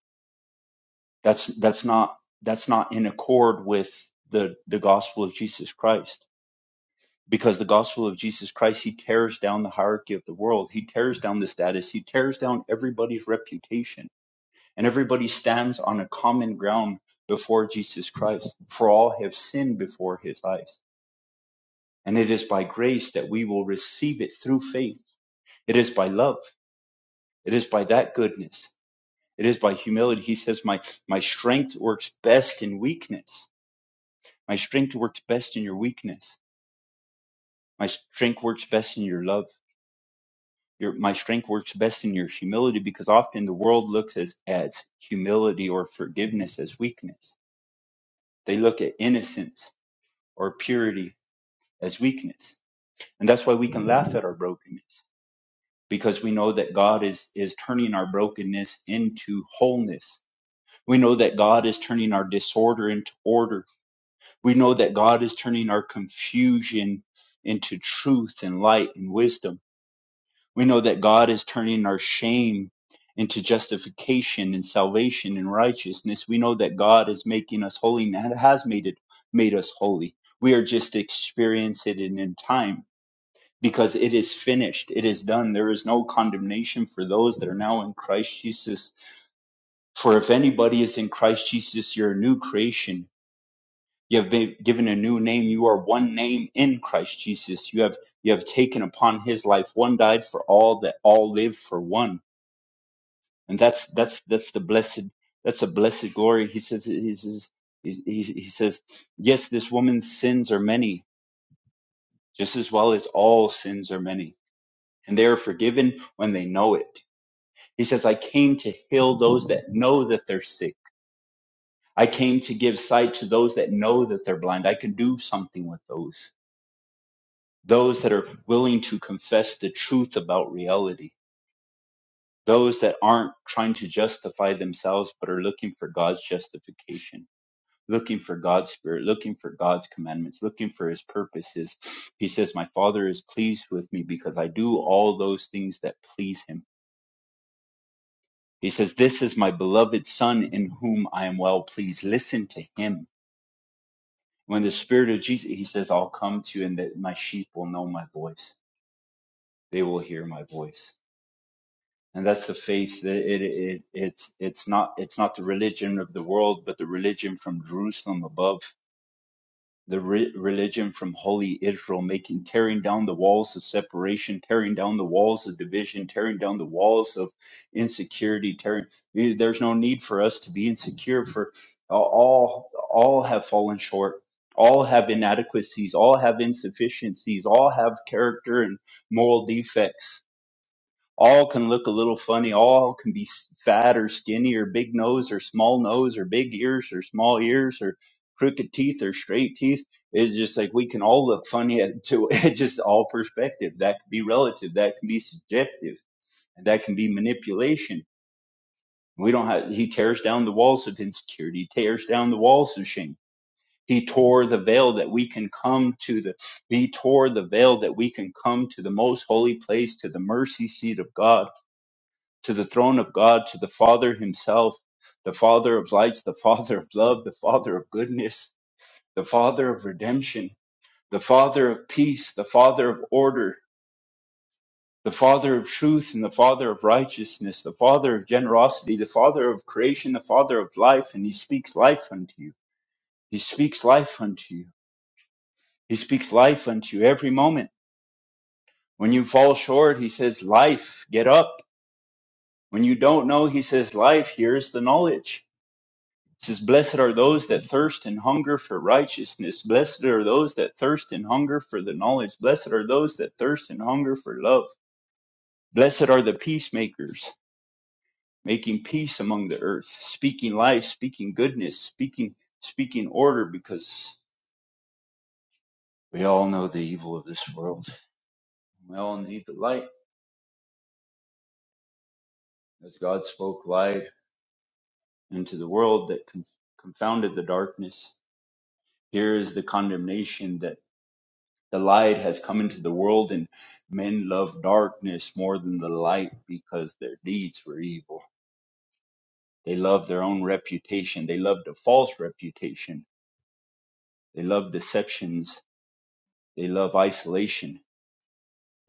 Speaker 5: That's that's not that's not in accord with the the gospel of Jesus Christ. Because the gospel of Jesus Christ, he tears down the hierarchy of the world. He tears down the status. He tears down everybody's reputation. And everybody stands on a common ground before Jesus Christ. For all have sinned before his eyes. And it is by grace that we will receive it through faith. It is by love. It is by that goodness. It is by humility. He says, My my strength works best in weakness. My strength works best in your weakness. My strength works best in your love. Your my strength works best in your humility because often the world looks as, as humility or forgiveness as weakness. They look at innocence or purity as weakness. And that's why we can laugh at our brokenness. Because we know that God is, is turning our brokenness into wholeness We know that God is turning our disorder into order. We know that God is turning our confusion into truth and light and wisdom. We know that God is turning our shame into justification and salvation and righteousness. We know that God is making us holy and that has made it made us holy. We are just experiencing it in time because it is finished. It is done. There is no condemnation for those that are now in Christ Jesus. For if anybody is in Christ Jesus, you're a new creation You have been given a new name. You are one name in Christ Jesus. You have you have taken upon his life. One died for all that all live for one. And that's that's that's the blessed that's a blessed glory. He says he says he, he, he says, Yes, this woman's sins are many, just as well as all sins are many, and they are forgiven when they know it. He says, I came to heal those that know that they're sick. I came to give sight to those that know that they're blind. I can do something with those. those that are willing to confess the truth about reality, those that aren't trying to justify themselves but are looking for God's justification, looking for God's spirit, looking for God's commandments, looking for his purposes. He says, My Father is pleased with me because I do all those things that please him. He says, This is my beloved Son in whom I am well pleased. Listen to him. When the Spirit of Jesus, he says, I'll come to you and that my sheep will know my voice. They will hear my voice and that's the faith that it, it it's it's not it's not the religion of the world but the religion from jerusalem above the re- religion from holy israel making tearing down the walls of separation tearing down the walls of division tearing down the walls of insecurity tearing eh, there's no need for us to be insecure for all all have fallen short all have inadequacies all have insufficiencies all have character and moral defects all can look a little funny all can be s- fat or skinny or big nose or small nose or big ears or small ears or crooked teeth or straight teeth it's just like we can all look funny at to <laughs> it's just all perspective that can be relative that can be subjective and that can be manipulation we don't have he tears down the walls of insecurity he tears down the walls of shame he tore the veil that we can come to the he tore the veil that we can come to the most holy place to the mercy seat of god to the throne of God, to the Father Himself, the Father of lights, the Father of love, the Father of goodness, the Father of redemption, the Father of peace, the Father of order, the Father of truth, and the Father of righteousness, the Father of generosity, the Father of creation, the Father of life, and He speaks life unto you. He speaks life unto you. He speaks life unto you every moment. When you fall short, He says, Life, get up. When you don't know, He says, Life, here's the knowledge. It says, Blessed are those that thirst and hunger for righteousness. Blessed are those that thirst and hunger for the knowledge. Blessed are those that thirst and hunger for love. Blessed are the peacemakers, making peace among the earth, speaking life, speaking goodness, speaking speaking order, because we all know the evil of this world. We all need the light, as God spoke light into the world that con- confounded the darkness. Here is the condemnation The light has come into the world, and men love darkness more than the light because their deeds were evil. They love their own reputation. They love a false reputation. They love deceptions. They love isolation.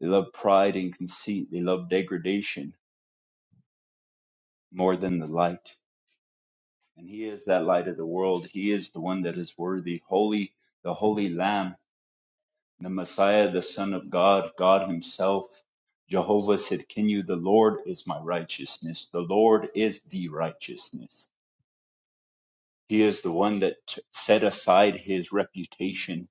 Speaker 5: They love pride and conceit. They love degradation more than the light. And He is that light of the world. He is the one that is worthy, holy, the holy Lamb the Messiah, the Son of God, God Himself. Jehovah said, Can you? The Lord is my righteousness. The Lord is the righteousness. He is the one that t- set aside His reputation.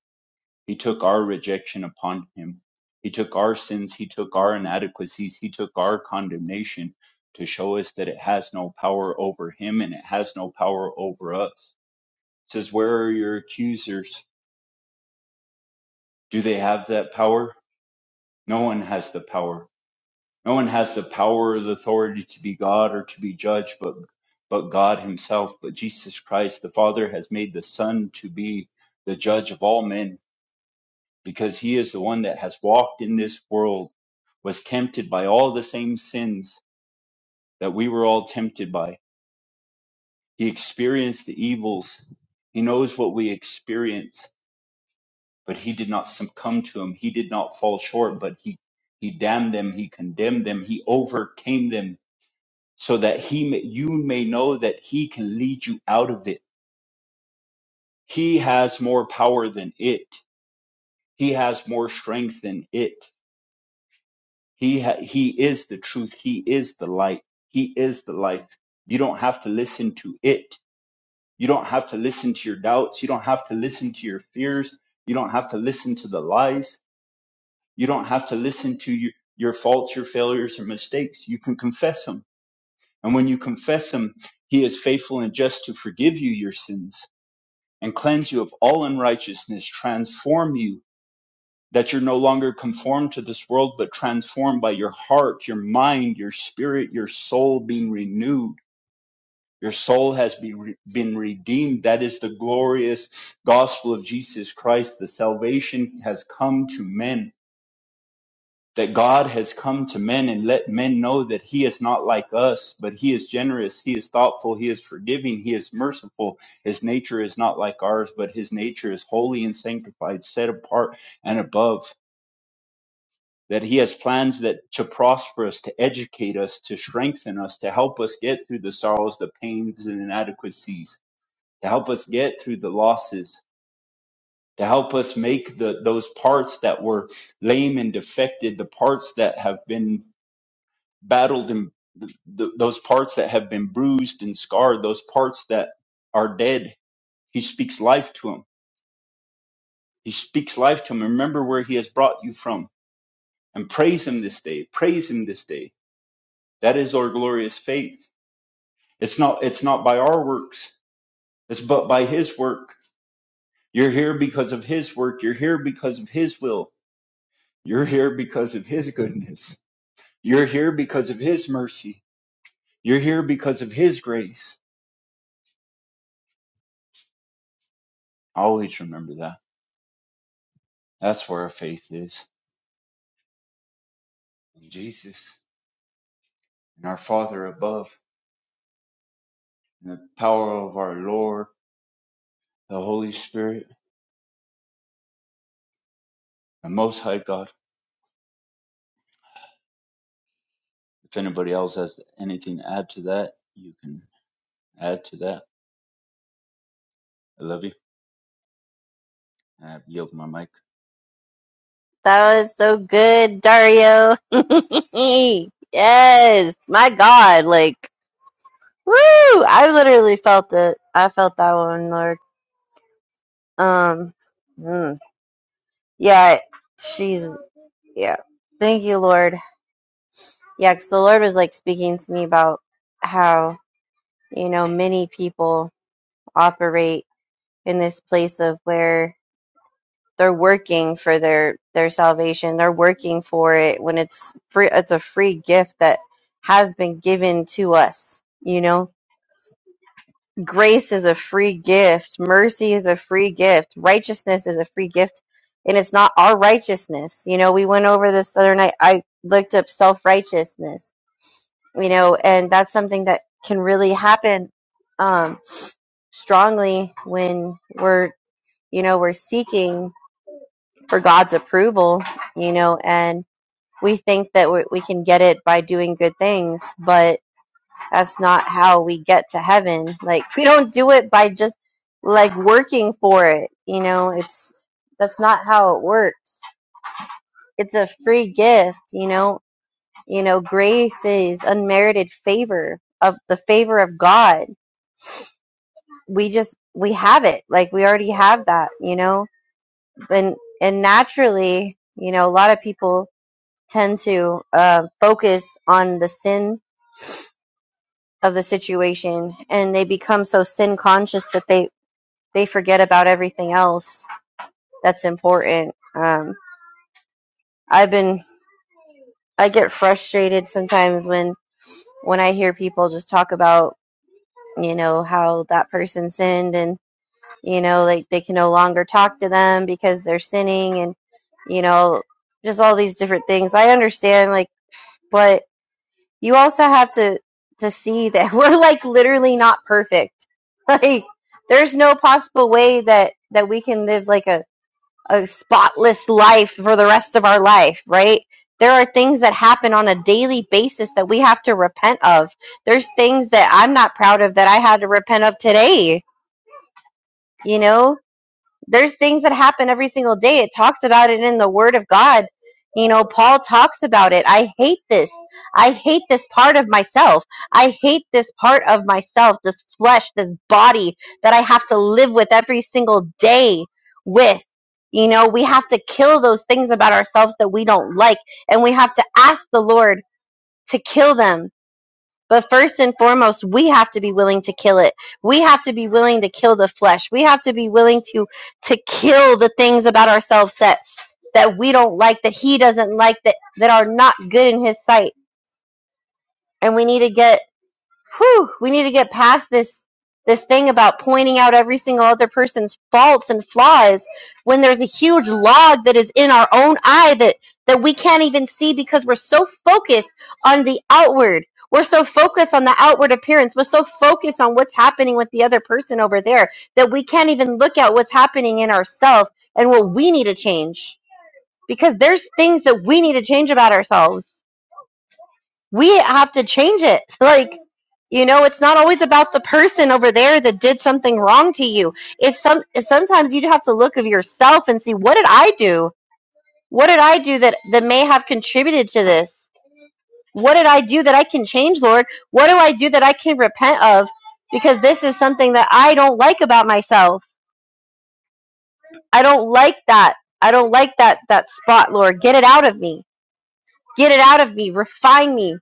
Speaker 5: He took our rejection upon Him. He took our sins. He took our inadequacies. He took our condemnation to show us that it has no power over Him and it has no power over us. It says, Where are your accusers? Do they have that power? No one has the power No one has the power or the authority to be God or to be judged but but God himself, but Jesus Christ, the Father has made the Son to be the judge of all men, because he is the one that has walked in this world, was tempted by all the same sins that we were all tempted by. He experienced the evils. He knows what we experience, but he did not succumb to them. He did not fall short, but he he damned them, he condemned them, he overcame them so that he may, you may know that he can lead you out of it. He has more power than it. He has more strength than it. He ha- he is the truth. He is the light. He is the life. You don't have to listen to it. You don't have to listen to your doubts. You don't have to listen to your fears. You don't have to listen to the lies. You don't have to listen to your, your faults, your failures, or mistakes. You can confess them. And when you confess them, he is faithful and just to forgive you your sins and cleanse you of all unrighteousness, transform you that you're no longer conformed to this world, but transformed by your heart, your mind, your spirit, your soul being renewed. Your soul has be re- been redeemed. That is the glorious gospel of Jesus Christ. The salvation has come to men that God has come to men and let men know that He is not like us, but He is generous, He is thoughtful, He is forgiving, He is merciful. His nature is not like ours, but His nature is holy and sanctified, set apart and above. That He has plans that to prosper us, to educate us, to strengthen us, to help us get through the sorrows, the pains, and inadequacies, to help us get through the losses, to help us make the those parts that were lame and defected, the parts that have been battled and th- th- those parts that have been bruised and scarred, those parts that are dead. He speaks life to them. He speaks life to them. Remember where he has brought you from and praise him this day. Praise him this day. That is our glorious faith. It's not, it's not by our works. It's but by his work. You're here because of his work. You're here because of his will. You're here because of his goodness. You're here because of his mercy. You're here because of his grace. Always remember that. That's where our faith is in Jesus and our Father above, and the power of our Lord, the Holy Spirit, the Most High God. If anybody else has anything to add to that, you can add to that. I love you. I yield my mic.
Speaker 2: That was so good, Dario. <laughs> yes, my God, like woo! I literally felt it. I felt that one, Lord. Um, mm. yeah, she's yeah. Thank you, Lord. Yeah, because the Lord was like speaking to me about how, you know, many people operate in this place of where they're working for their their salvation. They're working for it when it's free it's a free gift that has been given to us, you know. Grace is a free gift, mercy is a free gift, righteousness is a free gift, and it's not our righteousness. You know, we went over this the other night. I looked up self-righteousness you know, and that's something that can really happen um, strongly when we're, you know, we're seeking for God's approval, you know, and we think that we, we can get it by doing good things, but that's not how we get to heaven. Like, we don't do it by just like working for it, you know, it's that's not how it works. It's a free gift, you know, you know, grace is unmerited favor of the favor of God we just we have it like we already have that you know and and naturally you know a lot of people tend to uh, focus on the sin of the situation and they become so sin conscious that they they forget about everything else that's important um, i've been i get frustrated sometimes when when i hear people just talk about you know how that person sinned and. you know like they can no longer talk to them because they're sinning and you know just all these different things i understand like but you also have to to see that <laughs> we're like literally not perfect <laughs> like there's no possible way that that we can live like a a spotless life for the rest of our life right there are things that happen on a daily basis that we have to repent of there's things that i'm not proud of that i had to repent of today you know there's things that happen every single day. It talks about it in the Word of God. You know, Paul talks about it. I hate this. I hate this part of myself. I hate this part of myself, this flesh, this body that I have to live with every single day with. You know, we have to kill those things about ourselves that we don't like, and we have to ask the Lord to kill them but first and foremost, we have to be willing to kill it. We have to be willing to kill the flesh. We have to be willing to to kill the things about ourselves that that we don't like, that he doesn't like, that that are not good in his sight. And we need to get whew, we need to get past this this thing about pointing out every single other person's faults and flaws when there's a huge log that is in our own eye that that we can't even see because we're so focused on the outward we're so focused on the outward appearance we're so focused on what's happening with the other person over there that we can't even look at what's happening in ourselves and what we need to change because there's things that we need to change about ourselves we have to change it. <laughs> Like, you know, it's not always about the person over there that did something wrong to you. It's some sometimes you have to look of yourself and see what did I do? What did I do that that may have contributed to this? What did I do that I can change, Lord? What do I do that I can repent of? Because this is something that I don't like about myself. I don't like that. I don't like that that spot, Lord. Get it out of me. Get it out of me. Refine me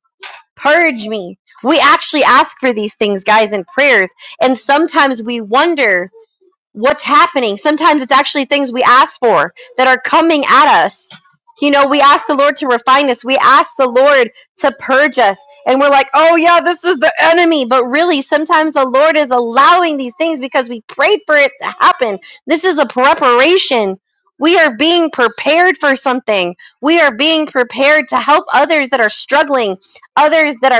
Speaker 2: Purge me. We actually ask for these things, guys, in prayers. And sometimes we wonder what's happening. Sometimes it's actually things we ask for that are coming at us. You know, we ask the Lord to refine us. We ask the Lord to purge us. And we're like, oh, yeah, this is the enemy. But really, sometimes the Lord is allowing these things because we prayed for it to happen. This is a preparation. We are being prepared for something. We are being prepared to help others that are struggling, others that are,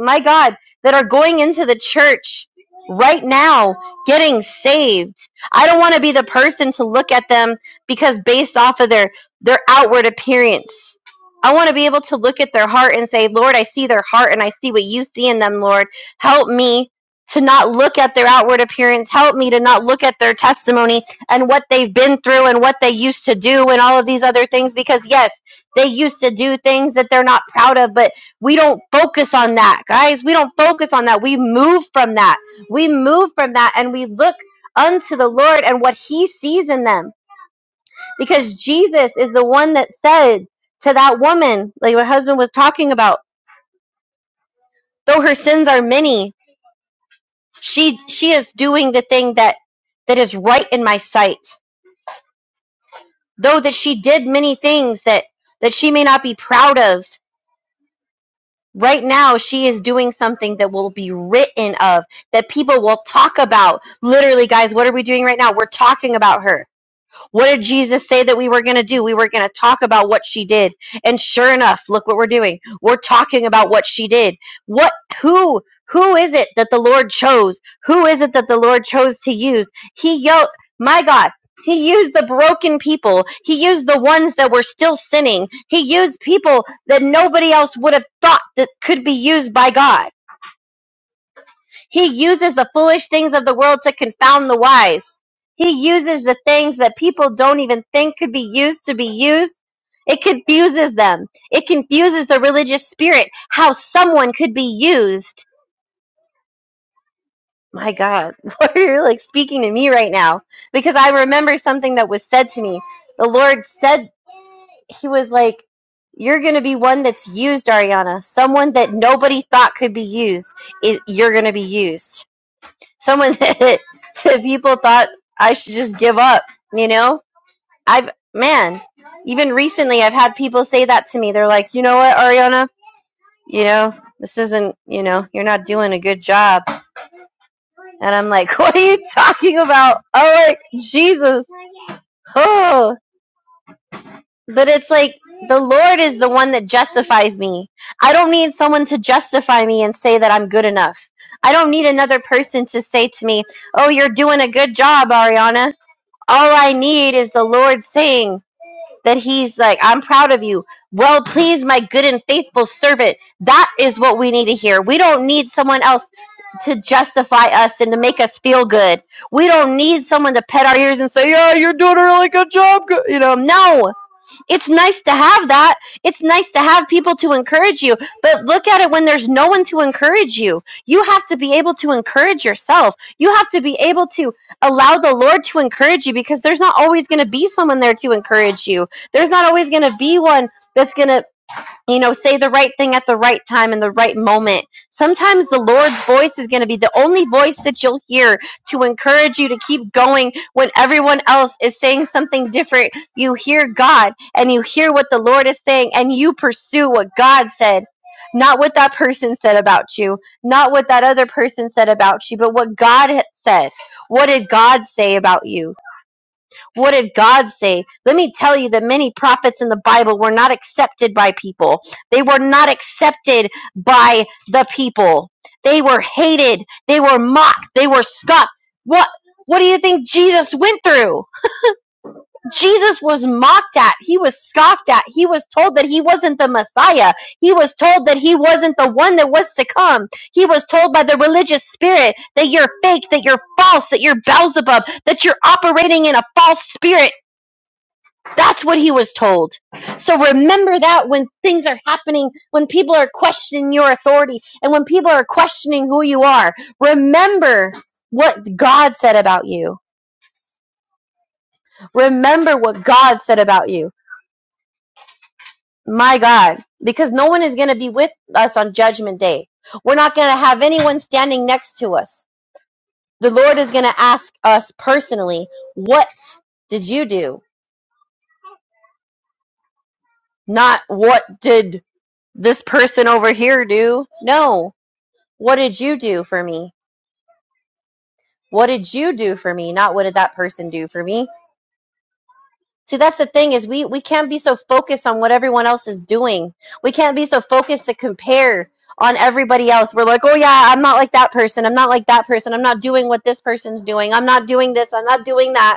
Speaker 2: my God, that are going into the church right now getting saved. I don't want to be the person to look at them because based off of their their outward appearance. I want to be able to look at their heart and say, "Lord, I see their heart and I see what you see in them, Lord. Help me to not look at their outward appearance. Help me to not look at their testimony and what they've been through and what they used to do and all of these other things because yes, they used to do things that they're not proud of, but we don't focus on that, guys. We don't focus on that. We move from that we move from that and we look unto the Lord and what he sees in them. Because Jesus is the one that said to that woman, like my husband was talking about, though her sins are many, she she is doing the thing that that is right in my sight. Though that she did many things that that she may not be proud of, right now she is doing something that will be written of, that people will talk about. Literally, guys, what are we doing right now? We're talking about her What did Jesus say that we were going to do? We were going to talk about what she did. And sure enough, look what we're doing. We're talking about what she did. What who who is it that the Lord chose? Who is it that the Lord chose to use? He yelled, my God, he used the broken people. He used the ones that were still sinning. He used people that nobody else would have thought that could be used by God he uses the foolish things of the world to confound the wise. He uses the things that people don't even think could be used to be used. It confuses them. It confuses the religious spirit how someone could be used. My God, <laughs> Lord, you're like speaking to me right now because I remember something that was said to me. The Lord said, He was like, You're going to be one that's used, Ariana. Someone that nobody thought could be used, is, you're going to be used Someone <laughs> said people thought I should just give up, you know? I've, man, even recently I've had people say that to me. They're like, you know what, Ariana? You know, this isn't, you know, you're not doing a good job. And I'm like, <laughs> what are you talking about? Oh, like, Jesus. Oh, but it's like, the Lord is the one that justifies me. I don't need someone to justify me and say that I'm good enough. I don't need another person to say to me, Oh, you're doing a good job, Ariana All I need is the Lord saying that He's like, I'm proud of you. Well, please, my good and faithful servant. That is what we need to hear. We don't need someone else to justify us and to make us feel good. We don't need someone to pet our ears and say, Yeah, you're doing a really good job. g-" You know, no it's nice to have that. It's nice to have people to encourage you. But look at it when there's no one to encourage you. You have to be able to encourage yourself. You have to be able to allow the Lord to encourage you because there's not always going to be someone there to encourage you. There's not always going to be one that's going to you know, say the right thing at the right time in the right moment. Sometimes the Lord's voice is going to be the only voice that you'll hear to encourage you to keep going when everyone else is saying something different. You hear God and you hear what the Lord is saying and you pursue what God said. Not what that person said about you, not what that other person said about you, but what God had said. What did God say about you? What did God say? Let me tell you that many prophets in the Bible were not accepted by people. They were not accepted by the people. They were hated. They were mocked. They were scoffed. What? What do you think Jesus went through? Jesus was mocked at. He was scoffed at. He was told that he wasn't the Messiah. He was told that he wasn't the one that was to come. He was told by the religious spirit that you're fake, that you're false, that you're Beelzebub, that you're operating in a false spirit. That's what he was told. So remember that when things are happening, when people are questioning your authority, and when people are questioning who you are, remember what God said about you. Remember what God said about you. My God, because no one is going to be with us on judgment day. We're not going to have anyone standing next to us. The Lord is going to ask us personally, what did you do? Not what did this person over here do? No What did you do for me? What did you do for me? Not what did that person do for me? See, that's the thing is we we can't be so focused on what everyone else is doing. We can't be so focused to compare on everybody else. We're like, "Oh yeah, I'm not like that person. I'm not like that person. I'm not doing what this person's doing. I'm not doing this. I'm not doing that."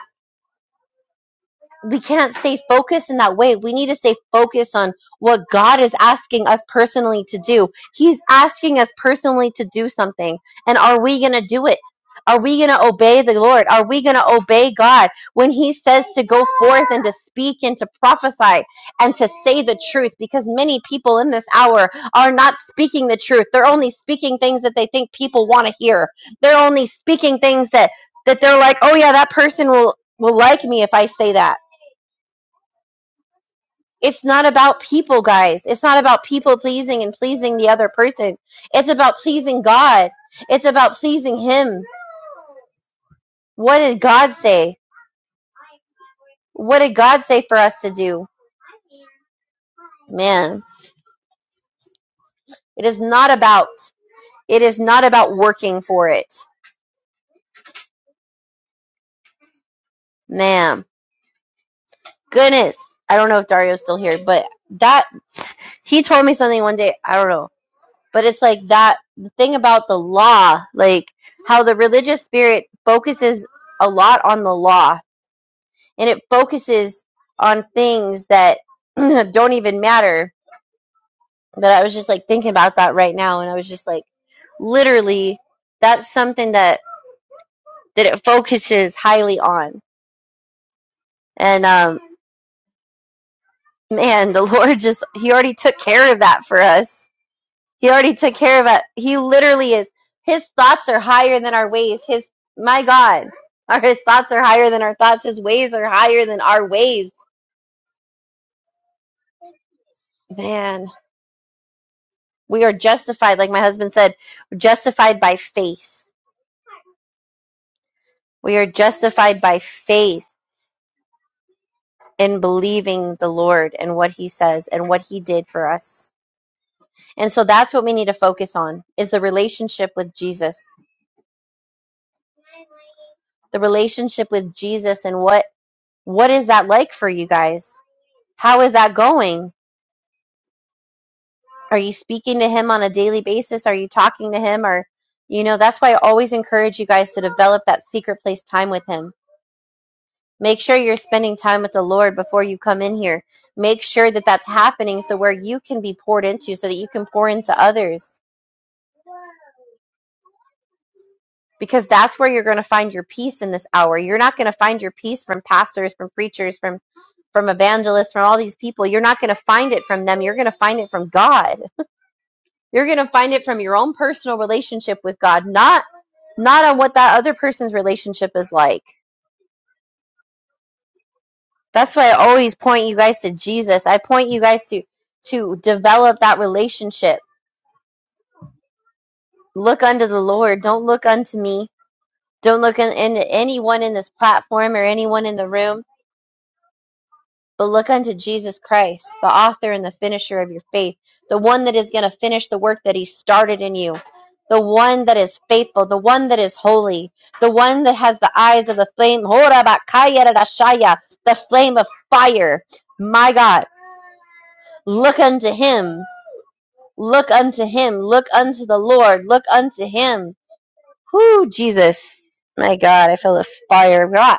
Speaker 2: we can't stay focused in that way. We need to stay focused on what God is asking us personally to do. He's asking us personally to do something. And are we going to do it? Are we going to obey the Lord? Are we going to obey God when He says to go forth and to speak and to prophesy and to say the truth? Because many people in this hour are not speaking the truth. They're only speaking things that they think people want to hear. They're only speaking things that that they're like, oh yeah, that person will will like me if I say that it's not about people, guys. It's not about people pleasing and pleasing the other person. It's about pleasing God. It's about pleasing Him. What did God say? What did God say for us to do? Man, it is not about, it is not about working for it. Man, goodness. I don't know if Dario's still here, but that, he told me something one day. I don't know. But it's like that, the thing about the law, like how the religious spirit focuses a lot on the law and it focuses on things that <clears throat> don't even matter. But I was just like thinking about that right now, and I was just like, literally, that's something that that it focuses highly on. And um, man, the <laughs> Lord just He already took care of that for us. He already took care of it. He literally is. His thoughts are higher than our ways. His my God, <laughs> our His thoughts are higher than our thoughts. His ways are higher than our ways. Man, We are justified, like my husband said, justified by faith. We are justified by faith in believing the Lord and what he says and what he did for us. And so that's what we need to focus on is the relationship with Jesus. The relationship with Jesus and what what is that like for you guys? How is that going? Are you speaking to him on a daily basis? Are you talking to him or you know, that's why I always encourage you guys to develop that secret place time with him Make sure you're spending time with the Lord before you come in here. Make sure that that's happening so where you can be poured into, so that you can pour into others. Because that's where you're going to find your peace in this hour. You're not going to find your peace from pastors, from preachers, from from evangelists, from all these people. You're not going to find it from them. You're going to find it from God. <laughs> You're going to find it from your own personal relationship with God, not not on what that other person's relationship is like. That's why I always point you guys to Jesus. I point you guys to to develop that relationship look unto the Lord. Don't look unto me. Don't look un- into anyone in this platform or anyone in the room, but look unto Jesus Christ, the author and the finisher of your faith, the one that is going to finish the work that he started in you, the one that is faithful, the one that is holy, the one that has the eyes of the flame, Hora bakaya rarashaya, the flame of fire. My God, look unto him. Look unto him. Look unto the Lord. Look unto him Whoo, Jesus. My God, I feel the fire of God.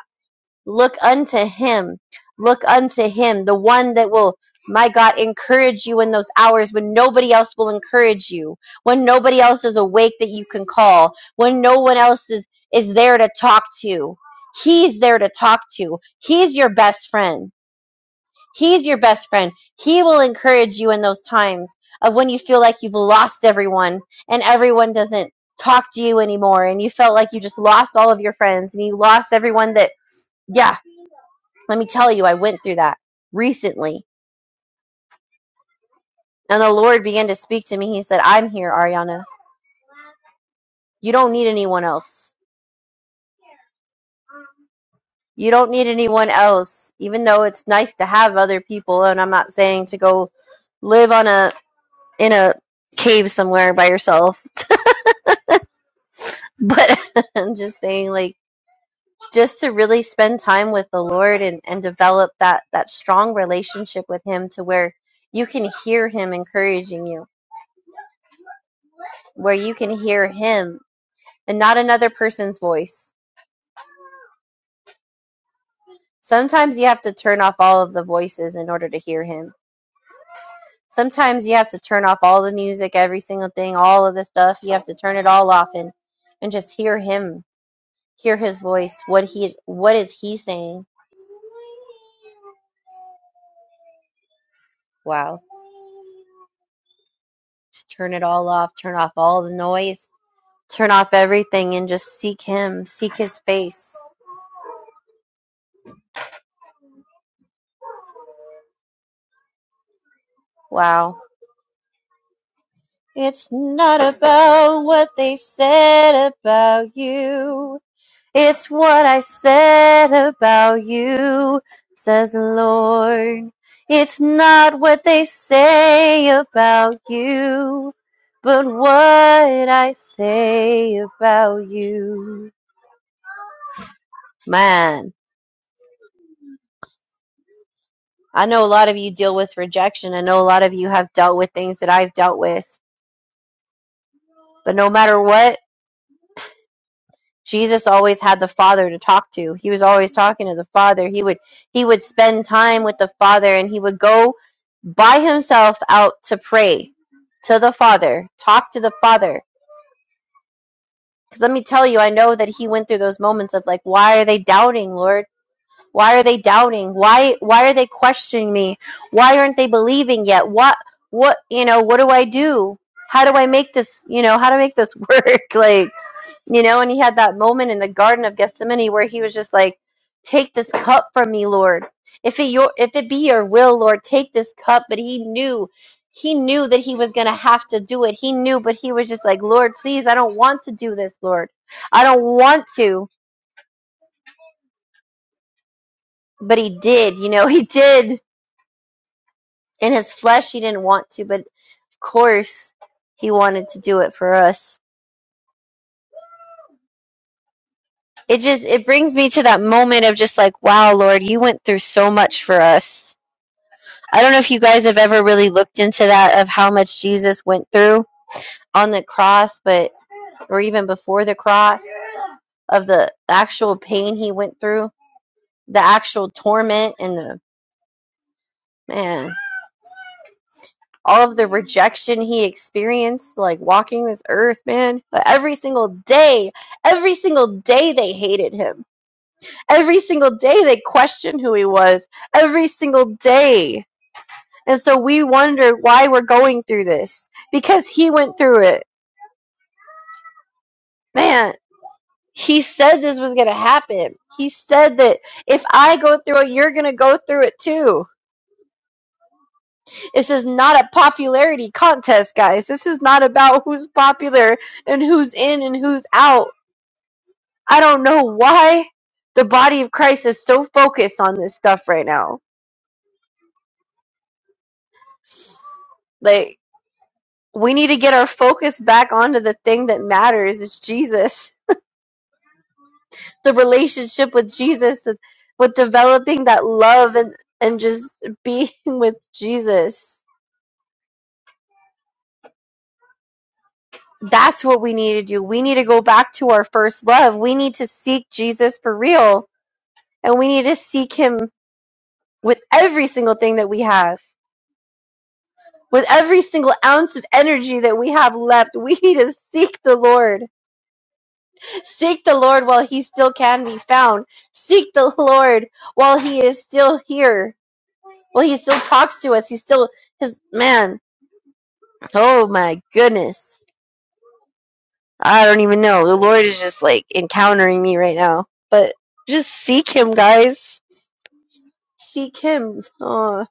Speaker 2: Look unto him. Look unto him, the one that will, my God, encourage you in those hours when nobody else will encourage you, when nobody else is awake that you can call, when no one else is, is there to talk to. He's there to talk to. He's your best friend. He's your best friend. He will encourage you in those times of when you feel like you've lost everyone and everyone doesn't talk to you anymore and you felt like you just lost all of your friends and you lost everyone that, yeah, let me tell you, I went through that recently. And the Lord began to speak to me. He said, I'm here, Ariana. You don't need anyone else. You don't need anyone else, even though it's nice to have other people. And I'm not saying to go live on a, in a cave somewhere by yourself but <laughs> i'm just saying like just to really spend time with the lord and and develop that that strong relationship with him to where you can hear him encouraging you where you can hear him and not another person's voice sometimes you have to turn off all of the voices in order to hear him sometimes you have to turn off all the music every single thing all of the stuff you have to turn it all off and and just hear him hear his voice what he what is he saying wow Just turn it all off, turn off all the noise, turn off everything and just seek him, seek his face. Wow. It's not about what they said about you. It's what I said about you, says the Lord. It's not what they say about you, but what I say about you. Man. I know a lot of you deal with rejection. I know a lot of you have dealt with things that I've dealt with. But no matter what, Jesus always had the Father to talk to. He was always talking to the Father. He would he would spend time with the Father and he would go by himself out to pray to the Father, talk to the Father. Cuz let me tell you, I know that he went through those moments of like why are they doubting, Lord? Why are they doubting? Why why are they questioning me? Why aren't they believing yet? What what you know, what do I do? How do I make this, you know, how to make this work? <laughs> Like, you know, and he had that moment in the Garden of Gethsemane where he was just like, Take this cup from me, Lord. If it your if it be your will, Lord, take this cup. But he knew he knew that he was gonna have to do it. He knew, but he was just like, Lord, please, I don't want to do this, Lord. I don't want to. But he did, you know, <laughs> he did in his flesh he didn't want to but of course he wanted to do it for us it just it brings me to that moment of just like wow lord you went through so much for us i don't know if you guys have ever really looked into that of how much jesus went through on the cross but or even before the cross of the actual pain he went through the actual torment and the man all of the rejection he experienced, like walking this earth, man. Like, every single day, every single day they hated him. Every single day they questioned who he was. Every single day. And so we wonder why we're going through this because he went through it. Man, he said this was going to happen. He said that if I go through it, you're going to go through it too This is not a popularity contest, guys. This is not about who's popular and who's in and who's out. I don't know why the body of Christ is so focused on this stuff right now. Like, we need to get our focus back onto the thing that matters. It's Jesus, the relationship with Jesus, with developing that love and, and just being with Jesus. That's what we need to do. We need to go back to our first love. We need to seek Jesus for real And we need to seek Him with every single thing that we have, with every single ounce of energy that we have left. We need to seek the Lord. Seek the Lord while He still can be found. Seek the Lord while He is still here. While He still talks to us. He's still His man. Oh my goodness. I don't even know. The Lord is just like encountering me right now. But just seek Him, guys. Seek Him. Oh,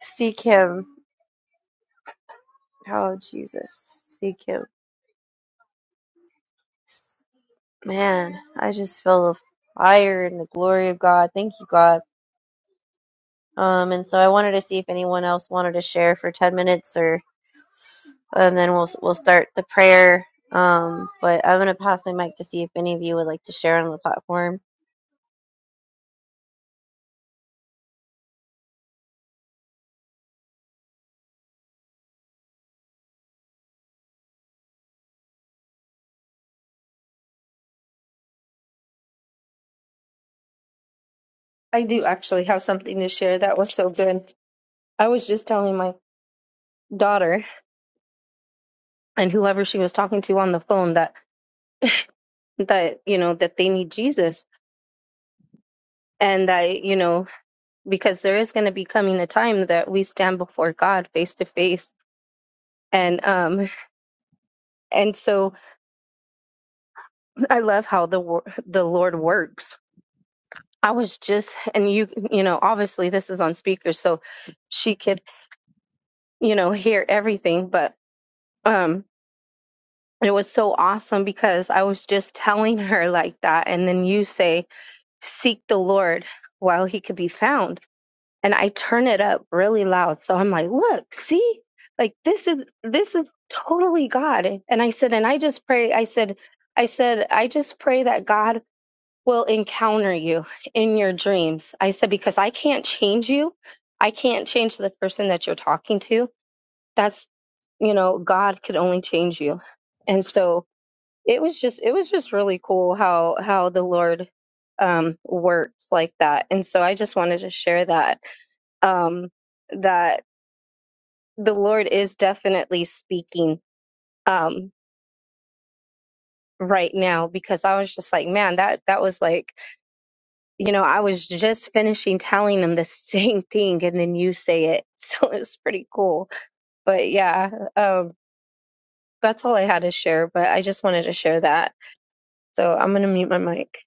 Speaker 2: seek Him. Oh, Jesus. Seek Him man, I just feel the fire and the glory of God. Thank you, God. Um, and so I wanted to see if anyone else wanted to share for ten minutes, or and then we'll we'll start the prayer. Um, but I'm gonna pass my mic to see if any of you would like to share on the platform.
Speaker 7: I do actually have something to share. That was so good. I was just telling my daughter and whoever she was talking to on the phone that that you know that they need Jesus and that you know because there is going to be coming a time that we stand before God face to face and um and so I love how the wor- the Lord works. I was just and you you know obviously this is on speaker so she could you know hear everything but um. it was so awesome because I was just telling <laughs> her like that. And then you say, Seek the Lord while he could be found. And I turn it up really loud. So I'm like, Look, see, like this is, this is totally God. And I said, And I just pray, I said, I said, I just pray that God will encounter you in your dreams. I said, Because I can't change you. I can't change the person that you're talking to. That's, you know, God could only change you. And so, it was just it was just really cool how how the lord um works like that and so i just wanted to share that um that the lord is definitely speaking um right now because i was just like man that that was like you know i was just finishing telling them the <laughs> same thing and then you say it <laughs> so it was pretty cool but yeah um that's all i had to share but i just wanted to share that so i'm gonna mute my mic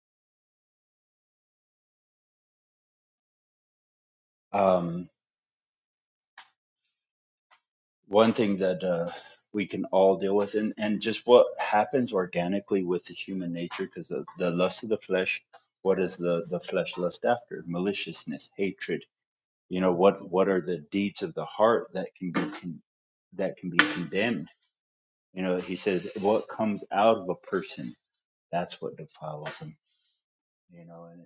Speaker 5: Um, one thing that uh, we can all deal with, and, and just what happens organically with the human nature, because the, the lust of the flesh, what is the, the flesh lust after? Maliciousness, hatred You know what what are the deeds of the heart that can be con- that can be condemned? You know, he says what comes out of a person that's what defiles him. You know, and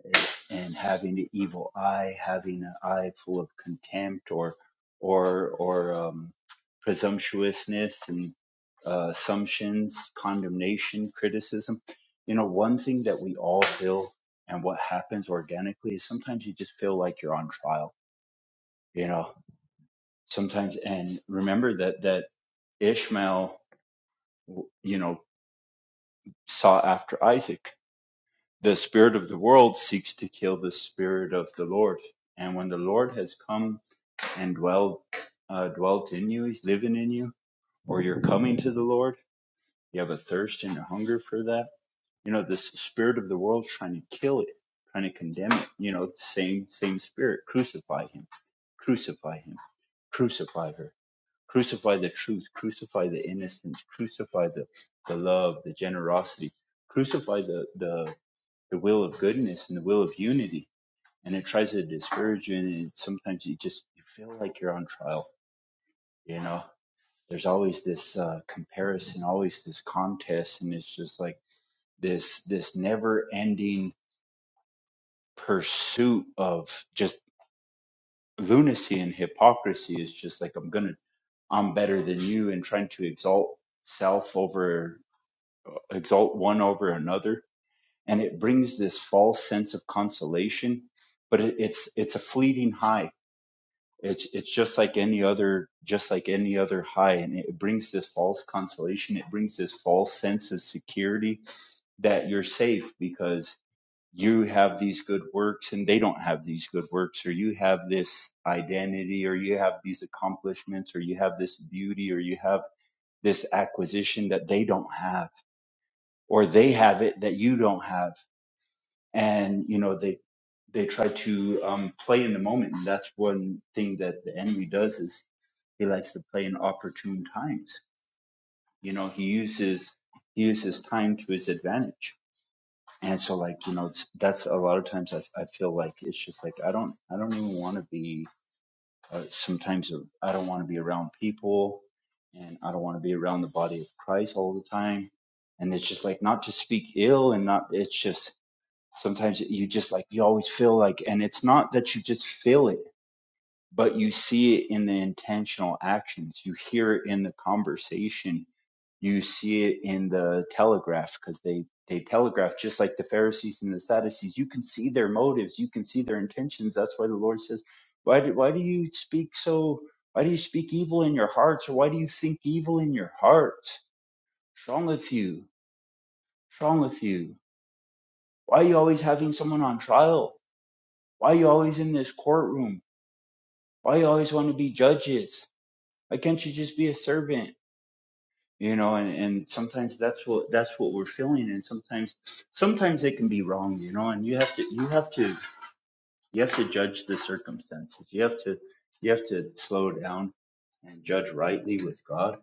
Speaker 5: and having the evil eye, having an eye full of contempt or or or um, presumptuousness and uh, assumptions, condemnation, criticism. You know, one thing that we all feel and what happens organically is sometimes you just feel like you're on trial. You know, sometimes and remember that that ishmael you know sought after isaac the spirit of the world seeks to kill the spirit of the lord and when the lord has come and dwelled uh, dwelt in you he's living in you or you're coming to the lord you have a thirst and a hunger for that you know this spirit of the world trying to kill it trying to condemn it you know same same spirit crucify him crucify him crucify her Crucify the truth. Crucify the innocence. Crucify the, the love, the generosity. Crucify the, the, the will of goodness and the will of unity. And it tries to discourage you. And it, sometimes you just you feel like you're on trial. You know, there's always this uh, comparison, always this contest. And it's just like this, this never ending pursuit of just lunacy and hypocrisy is just like, I'm going to I'm better than you and trying to exalt self over exalt one over another and it brings this false sense of consolation but it, it's it's a fleeting high it's it's just like any other just like any other high and it brings this false consolation it brings this false sense of security that you're safe because you have these good works and they don't have these good works or you have this identity or you have these accomplishments or you have this beauty or you have this acquisition that they don't have or they have it that you don't have and you know they they try to um, play in the moment and that's one thing that the enemy does is he likes to play in opportune times you know he uses he uses time to his advantage and so like you know it's, that's a lot of times I, I feel like it's just like i don't i don't even want to be uh, sometimes i don't want to be around people and i don't want to be around the body of christ all the time and it's just like not to speak ill and not it's just sometimes you just like you always feel like and it's not that you just feel it but you see it in the intentional actions you hear it in the conversation you see it in the telegraph because they they telegraph just like the pharisees and the sadducees you can see their motives you can see their intentions that's why the lord says why do, why do you speak so why do you speak evil in your hearts or why do you think evil in your hearts what's wrong with you what's wrong with you why are you always having someone on trial Why are you always in this courtroom? Why you always want to be judges? Why can't you just be a servant? You know, and, and sometimes that's what that's what we're feeling and sometimes sometimes it can be wrong, you know, and you have to you have to you have to judge the circumstances. You have to you have to slow down and judge rightly with God,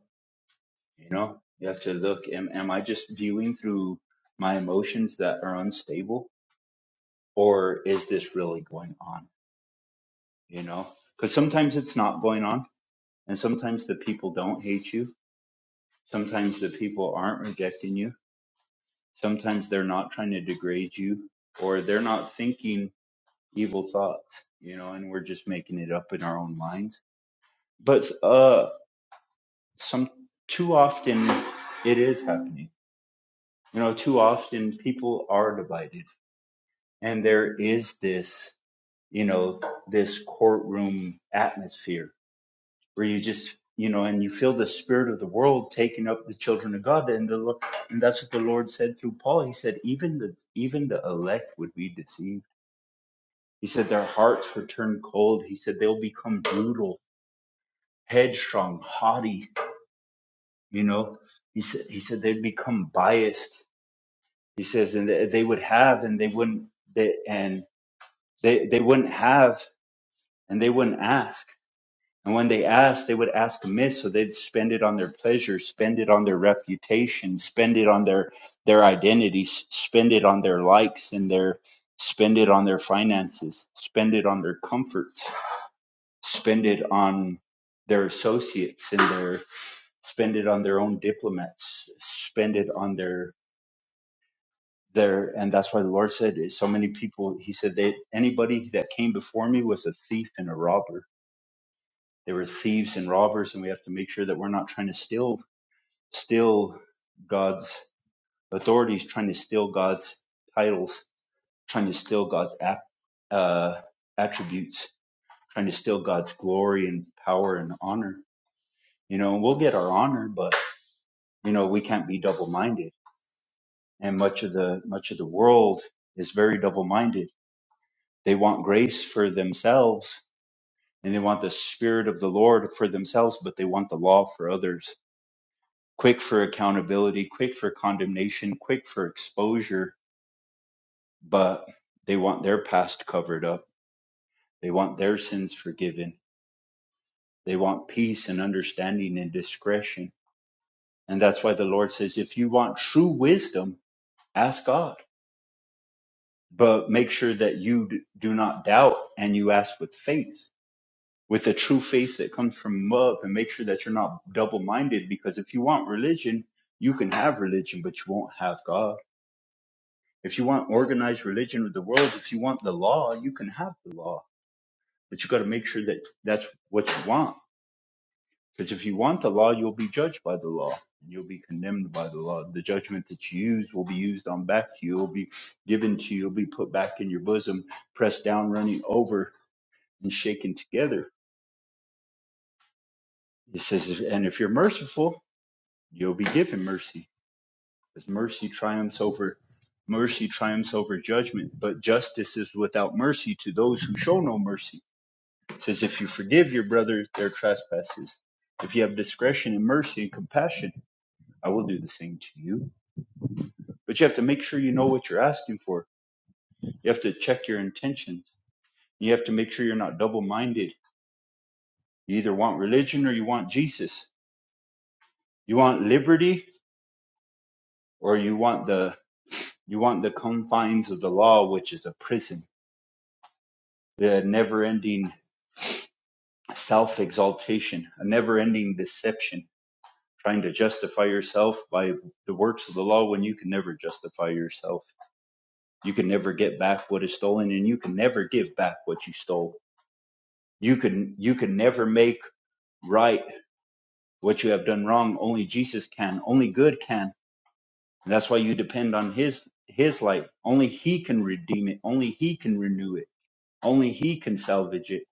Speaker 5: you know? You have to look am, am I just viewing through my emotions that are unstable or is this really going on, you know? Cuz sometimes it's not going on And sometimes the people don't hate you. Sometimes the people aren't rejecting you. Sometimes they're not trying to degrade you or they're not thinking evil thoughts, you know, and we're just making it up in our own minds. But uh some too often it is happening. You know, too often people are divided and there is this, you know, this courtroom atmosphere where you just you know and you feel the spirit of the world taking up the children of god and the Lo- and that's what the lord said through paul he said even the even the elect would be deceived he said their hearts would turn cold he said they'll become brutal headstrong haughty you know he said he said they'd become biased he says and they they would have and they wouldn't they and they they wouldn't have and they wouldn't ask And when they asked, they would ask amiss, so they'd spend it on their pleasure, spend it on their reputation, spend it on their their identities, spend it on their likes and their spend it on their finances, spend it on their comforts, spend it on their associates and their spend it on their own diplomats, spend it on their their and that's why the Lord said so many people he said that anybody that came before me was a thief and a robber There were thieves and robbers, and we have to make sure that we're not trying to steal steal God's authorities, trying to steal God's titles, trying to steal God's ap- uh, attributes, trying to steal God's glory and power and honor. You know, and we'll get our honor, but you know we can't be double-minded. And much of the much of the world is very double-minded. They want grace for themselves, and they want the spirit of the Lord for themselves, but they want the law for others quick for accountability, quick for condemnation, quick for exposure, but they want their past covered up. They want their sins forgiven. They want peace and understanding and discretion. And that's why the Lord says, if you want true wisdom, ask God, but make sure that you do not doubt and you ask with faith, with a true faith that comes from love and make sure that you're not double minded. Because if you want religion, you can have religion, but you won't have God If you want organized religion of the world, if you want the law, you can have the law, but you got to make sure that that's what you want. Because if you want the law, you'll be judged by the law. and You'll be condemned by the law. The judgment that you use will be used on back to you. It Will be given to you. It Will be put back in your bosom, pressed down, running over, and shaken together. It says, if- and if you're merciful, you'll be given mercy, because mercy triumphs over mercy triumphs over judgment. But justice is without mercy to those who show no mercy It says, If you forgive your brother their trespasses, if you have discretion and mercy and compassion, I will do the same to you. But you have to make sure you know what you're asking for. You have to check your intentions. You have to make sure you're not double minded. You either want religion or you want Jesus. You want liberty or you want the you want the confines of the law, which is a prison, the never ending self exaltation, a never ending deception trying to justify yourself by the works of the law when you can never justify yourself. You can never get back what is stolen and you can never give back what you stole. You can you can never make right what you have done wrong. Only Jesus can. Only good can. And that's why you depend on his his light. Only he can redeem it. Only he can renew it. Only he can salvage it.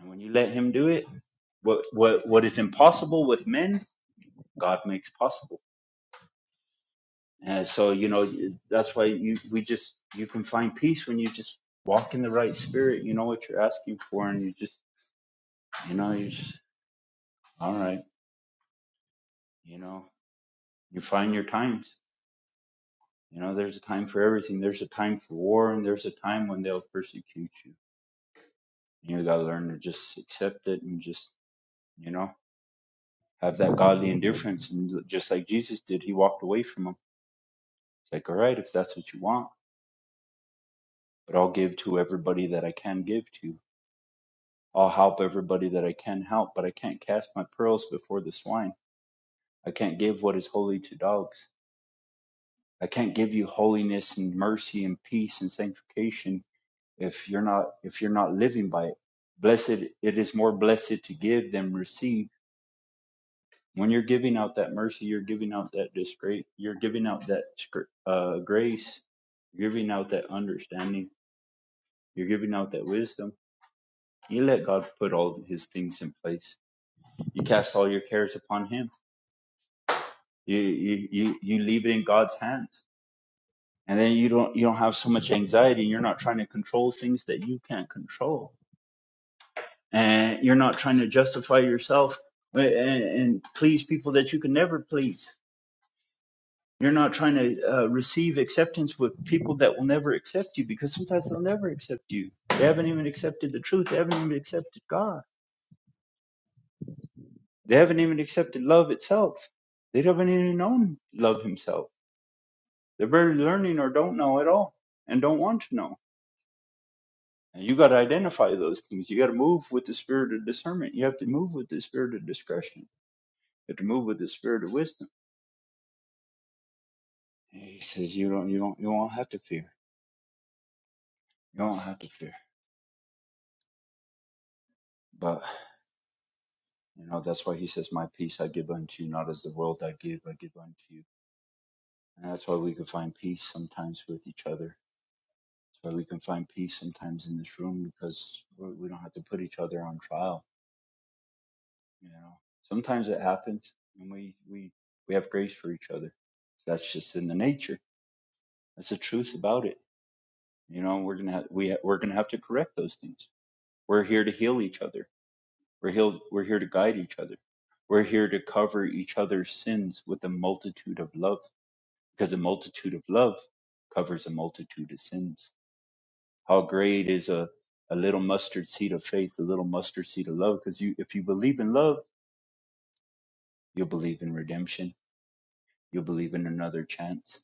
Speaker 5: And when you let him do it, what what what is impossible with men, God makes possible And so, you know, that's why you, we just, you can find peace when you just walk in the right spirit. You know what you're asking for, and you just, you know, you just, all right, you know, you find your times. You know, there's a time for everything. There's a time for war, and there's a time when they'll persecute you. You got to learn to just accept it and just, you know, have that godly indifference. And just like Jesus did, he walked away from them. It's like, all right, if that's what you want, but I'll give to everybody that I can give to I'll help everybody that I can help, but I can't cast my pearls before the swine. I can't give what is holy to dogs. I can't give you holiness and mercy and peace and sanctification if you're not if you're not living by it. Blessed it is more blessed to give than receive. When you're giving out that mercy, you're giving out that disgrace, you're giving out that uh, grace, you're giving out that understanding, you're giving out that wisdom. You let God put all his things in place. You cast all your cares upon him you you you you leave it in God's hands, and then you don't you don't have so much anxiety, and you're not trying to control things that you can't control, and you're not trying to justify yourself and, and please people that you can never please. You're not trying to uh, receive acceptance with people that will never accept you because sometimes they'll never accept you. They haven't even accepted the truth. They haven't even accepted God. They haven't even accepted love itself. They haven't even known love Himself. They're barely learning or don't know at all and don't want to know And you got to identify those things. You got to move with the spirit of discernment. You have to move with the spirit of discretion. You have to move with the spirit of wisdom. And he says you don't, you don't, you won't have to fear. You won't have to fear. But you know that's why he says, "My peace I give unto you, not as the world I give, I give unto you." And that's why we can find peace sometimes with each other. That's why we can find peace sometimes in this room because we we don't have to put each other on trial. You know, sometimes it happens, and we we we have grace for each other. That's just in the nature That's the truth about it. You know, we're gonna have, we we're gonna have to correct those things. We're here to heal each other. We're healed, We're here to guide each other. We're here to cover each other's sins with a multitude of love, because a multitude of love covers a multitude of sins. How great is a a little mustard seed of faith, a little mustard seed of love? Because you, if you believe in love, you'll believe in redemption. You'll believe in another chance.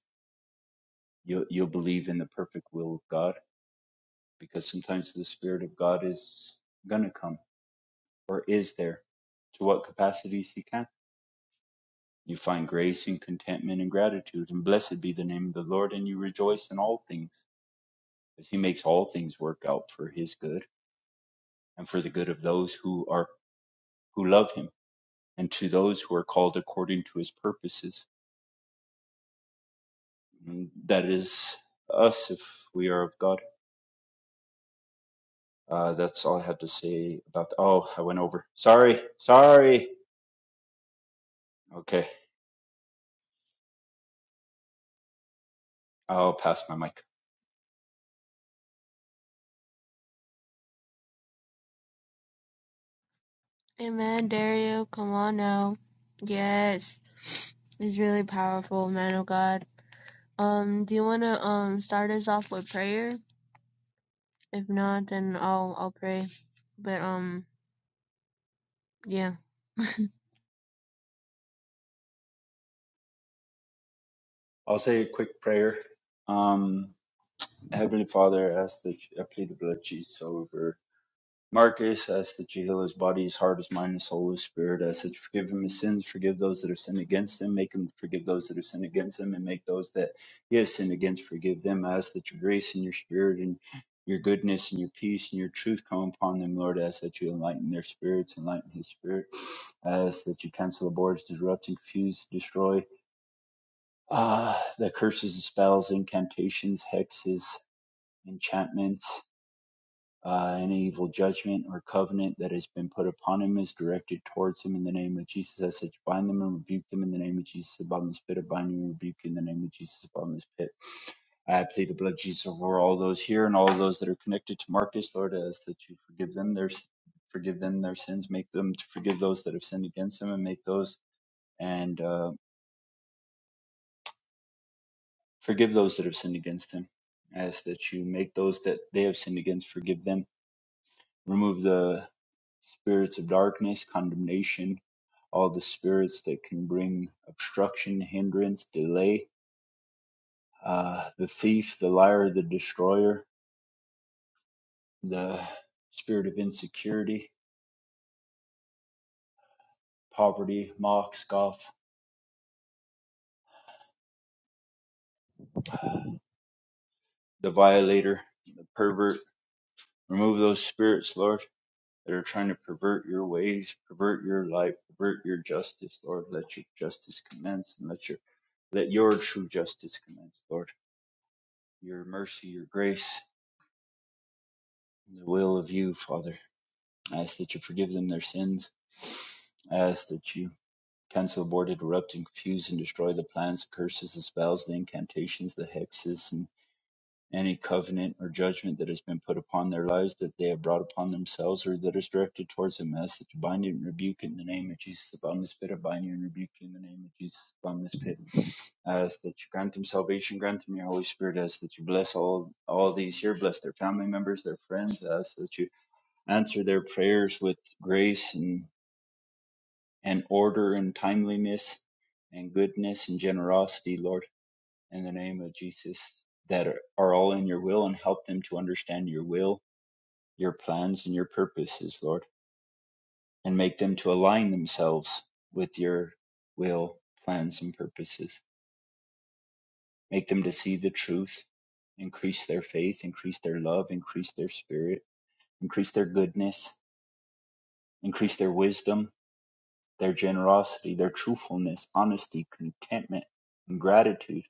Speaker 5: You'll you'll believe in the perfect will of God, because sometimes the Spirit of God is gonna come or is there? To what capacities he can. You find grace and contentment and gratitude, and blessed be the name of the Lord, and you rejoice in all things, as he makes all things work out for his good and for the good of those who are who love him, and to those who are called according to his purposes. And That is us if we are of God. Uh, that's all I had to say about. The, oh, I went over. Sorry, sorry. Okay, I'll pass my mic.
Speaker 3: Amen, Dario. Come on now. Yes, it's really powerful, man of God. Um, do you want to um start us off with prayer? If not, then I'll I'll pray. But um, yeah.
Speaker 5: I'll say a quick prayer. Um, Heavenly Father, ask that I plead the blood of Jesus over Marcus. ask that you heal his body, his heart, his mind, his soul, his spirit. ask that you forgive him his sins, forgive those that have sinned against him, make him forgive those that have sinned against him, and make those that he has sinned against forgive them. I ask that your grace and your spirit and your goodness and your peace and your truth come upon them, Lord. I ask that you enlighten their spirits, enlighten his spirit. I ask that you cancel the boards, disrupt, and confuse, destroy uh, the curses, the spells, incantations, hexes, enchantments uh, any evil judgment or covenant that has been put upon him is directed towards him in the name of Jesus. As such, bind them and rebuke them in the name of Jesus above his pit. I bind you and rebuke you in the name of Jesus above his pit. I plead the blood of Jesus over all those here and all those that are connected to Marcus, Lord, as that you forgive them their forgive them their sins, make them to forgive those that have sinned against them, and make those and uh, forgive those that have sinned against them, as that you make those that they have sinned against forgive them, remove the spirits of darkness, condemnation, all the spirits that can bring obstruction, hindrance, delay, uh, the thief, the liar, the destroyer, the spirit of insecurity, poverty, mock, scoff, the violator, the pervert. Remove those spirits, Lord, that are trying to pervert your ways, pervert your life, pervert your justice, Lord. Let your justice commence and let your let your true justice commence, Lord. Your mercy, your grace. in the will of you, Father. I ask that you forgive them their sins. I ask that you cancel, abort, interrupt, and confuse and destroy the plans, the curses, the spells, the incantations, the hexes, and any covenant or judgment that has been put upon their lives that they have brought upon themselves or that is directed towards them. I ask that you bind it and rebuke in the name of Jesus upon this pit. I bind you and rebuke you in the name of Jesus upon this pit. I ask that you grant them salvation, grant them your Holy Spirit. I ask that you bless all all these here, bless their family members, their friends. I ask that you answer their prayers with grace and, and order and timeliness and goodness and generosity, Lord, in the name of Jesus, that are, are all in your will and help them to understand your will, your plans, and your purposes, Lord, and make them to align themselves with your will, plans, and purposes. Make them to see the truth, increase their faith, increase their love, increase their spirit, increase their goodness, increase their wisdom, Their generosity, their truthfulness, honesty, contentment, and gratitude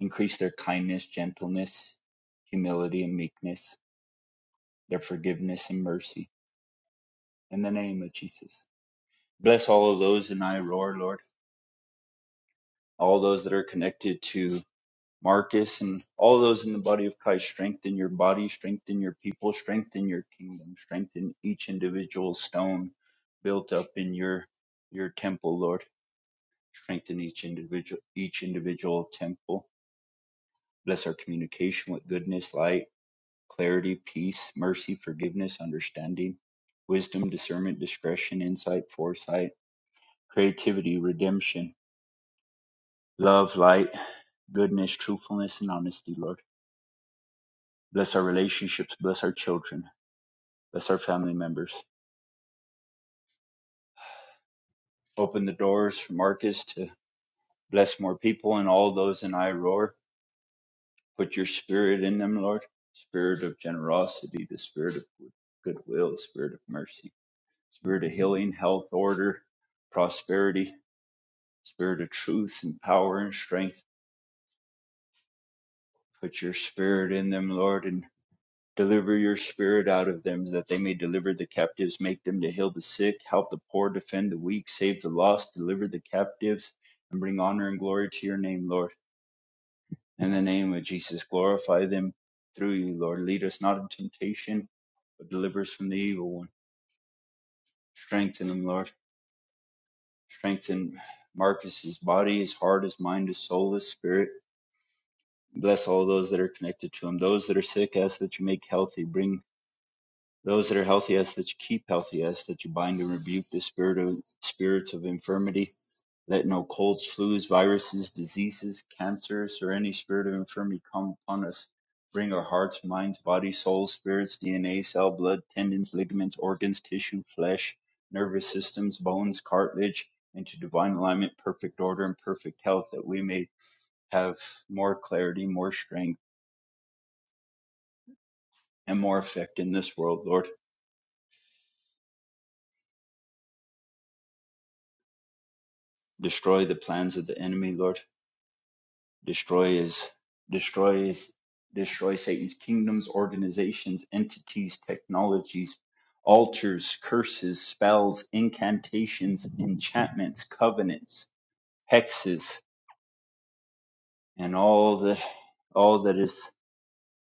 Speaker 5: increase their kindness, gentleness, humility, and meekness, their forgiveness and mercy. In the name of Jesus. Bless all of those in Iroar, Lord, all those that are connected to Marcus and all those in the body of Christ. Strengthen your body, strengthen your people, strengthen your kingdom, strengthen each individual stone built up in your your temple, Lord. Strengthen each individual each individual temple Bless our communication with goodness, light, clarity, peace, mercy, forgiveness, understanding, wisdom, discernment, discretion, insight, foresight, creativity, redemption, love, light, goodness, truthfulness, and honesty, Lord. Bless our relationships. Bless our children. Bless our family members. Open the doors for Marcus to bless more people and all those in I R O A R. Put your spirit in them, Lord. Spirit of generosity, the spirit of goodwill, the spirit of mercy spirit of healing, health, order, prosperity, spirit of truth and power and strength. Put your spirit in them, Lord, and deliver your spirit out of them that they may deliver the captives, make them to heal the sick, help the poor, defend the weak, save the lost, deliver the captives, and bring honor and glory to your name, Lord. In the name of Jesus, glorify them through you, Lord. Lead us not in temptation, but deliver us from the evil one. Strengthen them, Lord strengthen Marcus's body, his heart, his mind, his soul, his spirit. Bless all those that are connected to him. Those that are sick, ask that you make healthy. Bring those that are healthy, ask that you keep healthy. Ask that you bind and rebuke the spirit of spirits of infirmity let no colds, flus, viruses, diseases, cancers, or any spirit of infirmity come upon us. Bring our hearts, minds, bodies, souls, spirits, DNA, cell, blood, tendons, ligaments, organs, tissue, flesh, nervous systems, bones, cartilage, into divine alignment, perfect order, and perfect health, that we may have more clarity, more strength, and more effect in this world, Lord. Destroy the plans of the enemy, Lord destroy his destroys destroy Satan's kingdoms, organizations, entities, technologies, altars, curses, spells, incantations, enchantments, covenants, hexes, and all the all that is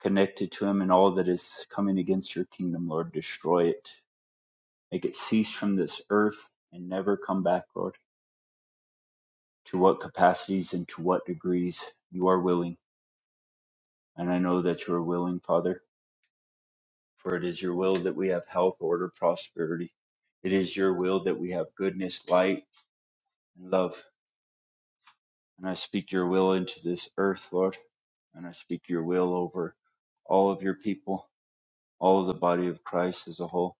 Speaker 5: connected to him and all that is coming against your kingdom, Lord, destroy it. Make it cease from this earth and never come back, Lord. To what capacities and to what degrees you are willing. And I know that you are willing, Father For it is your will that we have health, order, prosperity. It is your will that we have goodness, light, and love. And I speak your will into this earth, Lord. And I speak your will over all of your people, all of the body of Christ as a whole.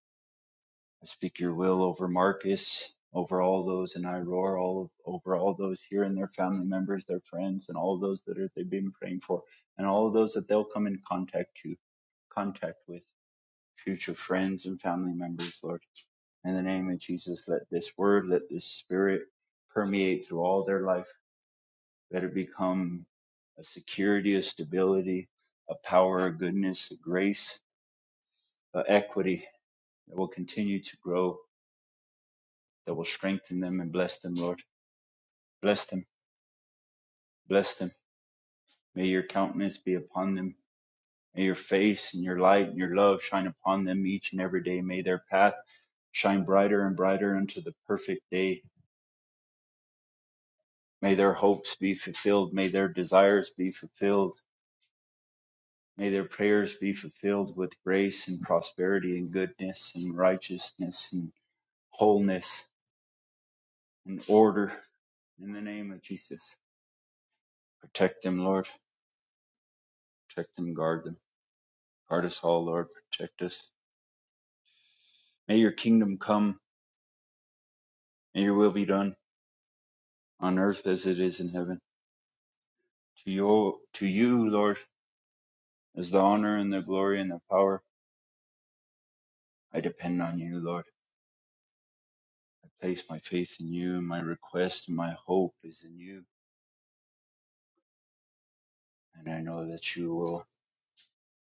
Speaker 5: I speak your will over Marcus, over all those in Iroar, all over all those here and their family members, their friends, and all those that are, they've been praying for, and all of those that they'll come in contact to contact with. future friends and family members, Lord. In the name of Jesus, let this word, let this spirit permeate through all their life. Let it become a security, a stability, a power, a goodness, a grace, a equity that will continue to grow, that will strengthen them and bless them, Lord. Bless them, bless them. May your countenance be upon them. May your face and your light and your love shine upon them each and every day. May their path shine brighter and brighter unto the perfect day May their hopes be fulfilled. May their desires be fulfilled. May their prayers be fulfilled with grace and prosperity and goodness and righteousness and wholeness and order in the name of Jesus. Protect them, Lord. Protect them, guard them. Guard us all, Lord. Protect us. May your kingdom come. May your will be done on earth as it is in heaven. To you, to you, Lord, is the honor and the glory and the power. I depend on you, Lord. I place my faith in you, and my request and my hope is in you. And I know that you will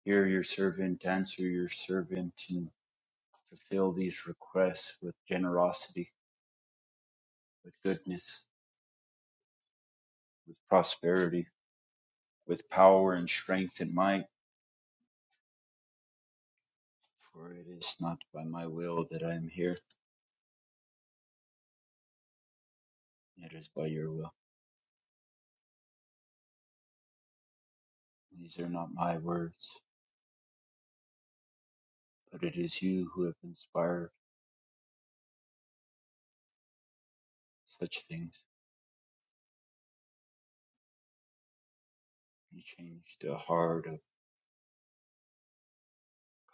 Speaker 5: hear your servant, answer your servant, and fulfill these requests with generosity, with goodness, with prosperity, with power and strength and might. For it is not by my will that I am here, it is by your will. These are not my words, but it is you who have inspired such things. You changed the heart of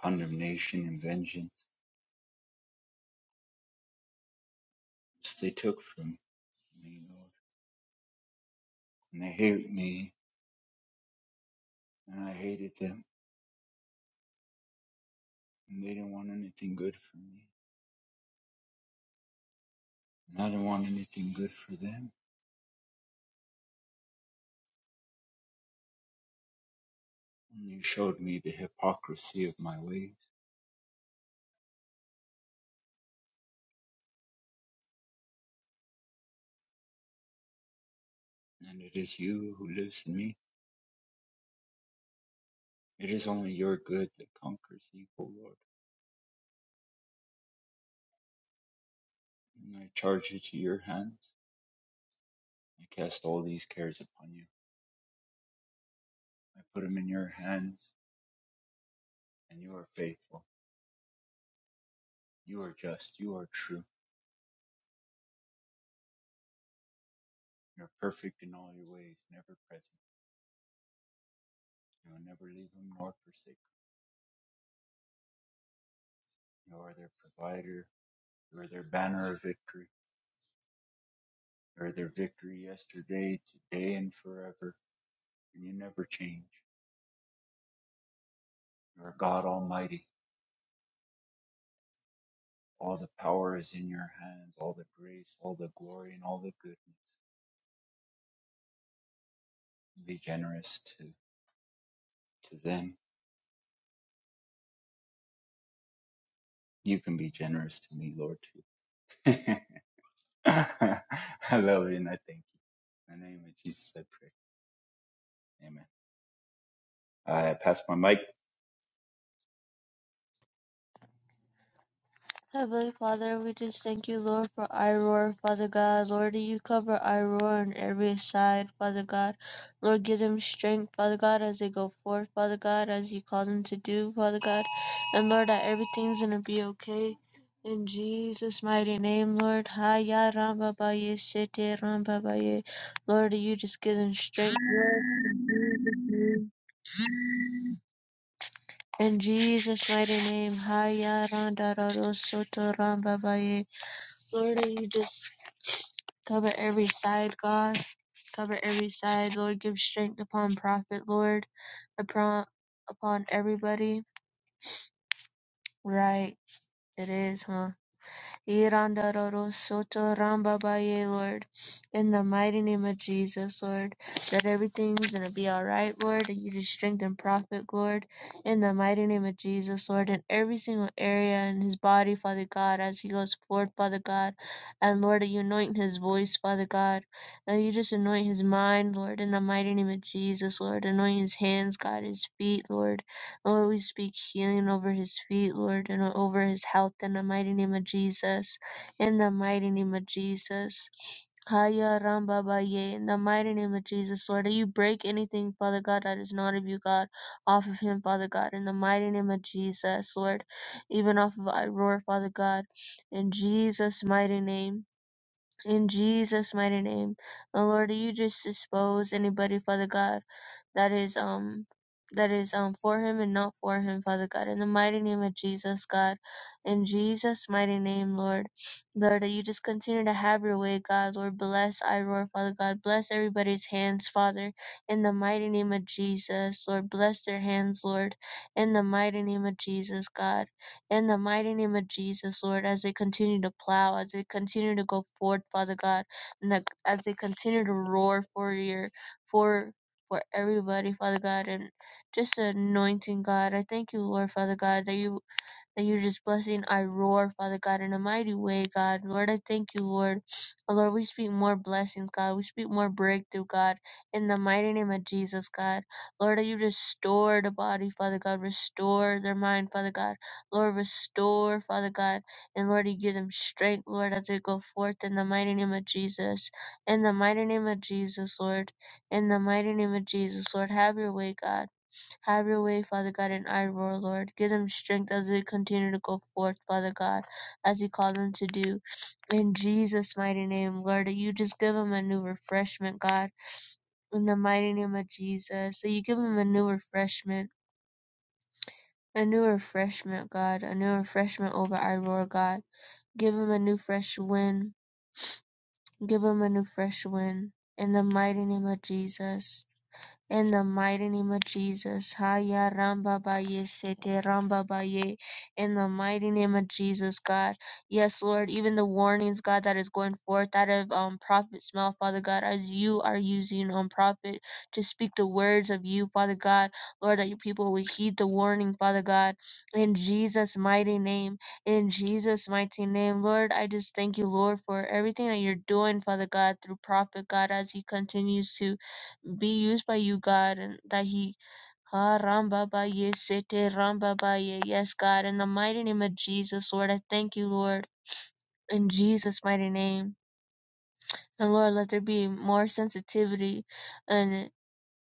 Speaker 5: condemnation and vengeance which they took from me, Lord. And they hated me, and I hated them, and they didn't want anything good for me, and I didn't want anything good for them. And you showed me the hypocrisy of my ways, and it is you who lives in me. It is only your good that conquers evil, Lord. And I charge it to your hands. I cast all these cares upon you. I put them in your hands, and you are faithful. You are just. You are true. You are perfect in all your ways, never present. You will never leave them nor forsake them. You are their provider. You are their banner of victory. You are their victory yesterday, today, and forever. And you never change. You are God Almighty. All the power is in your hands, all the grace, all the glory, and all the goodness. Be generous to, to them. You can be generous to me, Lord, too. <laughs> I love you and I thank you. In the name of Jesus, I pray. Amen. I pass my mic.
Speaker 3: Heavenly Father, we just thank you, Lord, for Iroar, Father God. Lord, you cover Iroar on every side, Father God. Lord, give them strength, Father God, as they go forth, Father God, as you call them to do, Father God. And Lord, that everything's going to be okay. In Jesus' mighty name, Lord. Haya Ramba Baye Sete Ramba Baye. Lord, you just give them strength, Lord. In Jesus' mighty name, Haya Randa Raro Soto Ramba Baye. Lord, you just cover every side, God. Cover every side, Lord. Give strength upon prophet, Lord. Upon upon everybody. Right. It is, huh? Yirandarorosothorambabaye, Lord. In the mighty name of Jesus, Lord. That everything's going to be all right, Lord. That you just strengthen Prophet, Lord. In the mighty name of Jesus, Lord. In every single area in his body, Father God, as he goes forth, Father God. And Lord, that you anoint his voice, Father God. That you just anoint his mind, Lord. In the mighty name of Jesus, Lord. Anoint his hands, God, his feet, Lord. Lord, we speak healing over his feet, Lord, and over his health in the mighty name of Jesus. In the mighty name of Jesus. Haya Ramba Baye, in the mighty name of Jesus, Lord, that you break anything, Father God, that is not of you, God, off of him, Father God, in the mighty name of Jesus, Lord, even off of Iroar, Father God, in Jesus' mighty name, in Jesus' mighty name, and Lord, that you just dispose anybody, Father God, that is um that is um for him and not for him, Father God. In the mighty name of Jesus, God. In Jesus' mighty name, Lord. Lord, that you just continue to have your way, God. Lord, bless I roar, Father God. Bless everybody's hands, Father. In the mighty name of Jesus, Lord, bless their hands, Lord. In the mighty name of Jesus, God. In the mighty name of Jesus, Lord, as they continue to plow, as they continue to go forth, Father God, and that, as they continue to roar for your for for everybody, Father God, and just anointing God. I thank you, Lord, Father God, that you that you just blessing. I roar, Father God, in a mighty way, God. Lord, I thank you, Lord. Oh, Lord, we speak more blessings, God. We speak more breakthrough, God, in the mighty name of Jesus, God. Lord, that you restore the body, Father God. Restore their mind, Father God. Lord, restore, Father God. And Lord, you give them strength, Lord, as they go forth in the mighty name of Jesus. In the mighty name of Jesus, Lord. In the mighty name of Jesus, Lord, have your way, God. Have your way, Father God, in I roar, Lord. Give them strength as they continue to go forth, Father God, as you call them to do. In Jesus' mighty name, Lord, that you just give them a new refreshment, God. In the mighty name of Jesus, that you give them a new refreshment. A new refreshment, God. A new refreshment over I roar, God. Give them a new fresh wind. Give them a new fresh wind. In the mighty name of Jesus. In the mighty name of Jesus, Haya Ramba Baye Sete Ramba Baye. In the mighty name of Jesus, God. Yes, Lord, even the warnings, God, that is going forth out of um Prophet's mouth, Father God, as you are using um Prophet to speak the words of you, Father God. Lord, that your people will heed the warning, Father God. In Jesus' mighty name. In Jesus' mighty name. Lord, I just thank you, Lord, for everything that you're doing, Father God, through Prophet God, as he continues to be used by you, God, and that he Ha Ramba ba ye sete Ramba ba ye. Yes, God, in the mighty name of Jesus, Lord, I thank you, Lord, in Jesus' mighty name. And Lord, let there be more sensitivity and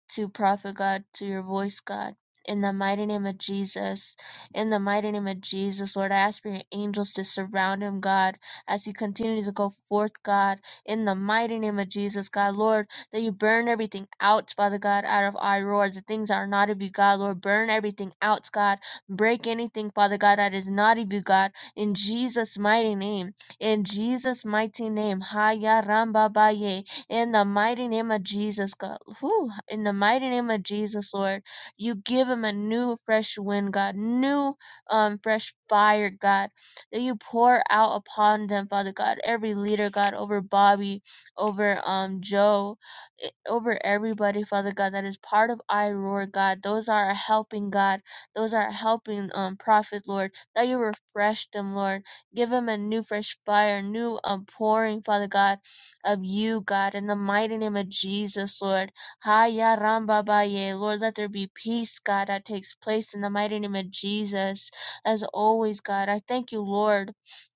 Speaker 3: to prophet God, to your voice, God. In the mighty name of Jesus, in the mighty name of Jesus, Lord, I ask for your angels to surround him, God, as he continues to go forth, God, in the mighty name of Jesus, God, Lord, that you burn everything out, Father God, out of our Lord, the things that are not of you, God, Lord, burn everything out, God, break anything, Father God, that is not of you, God, in Jesus' mighty name, in Jesus' mighty name, Haya Ramba in the mighty name of Jesus, God. Whew, in the mighty name of Jesus, Lord, you give him a new fresh wind, God, new um fresh fire, God, that you pour out upon them, Father God, every leader, God, over Bobby, over um Joe, e- over everybody, Father God, that is part of iRoar, God. Those are a helping God, those are a helping um prophet, Lord, that you refresh them, Lord. Give them a new fresh fire, new um pouring, Father God of you, God, in the mighty name of Jesus, Lord. Haya Ramba Baye. Lord, let there be peace, God, that takes place in the mighty name of Jesus. As always, God, I thank you, Lord.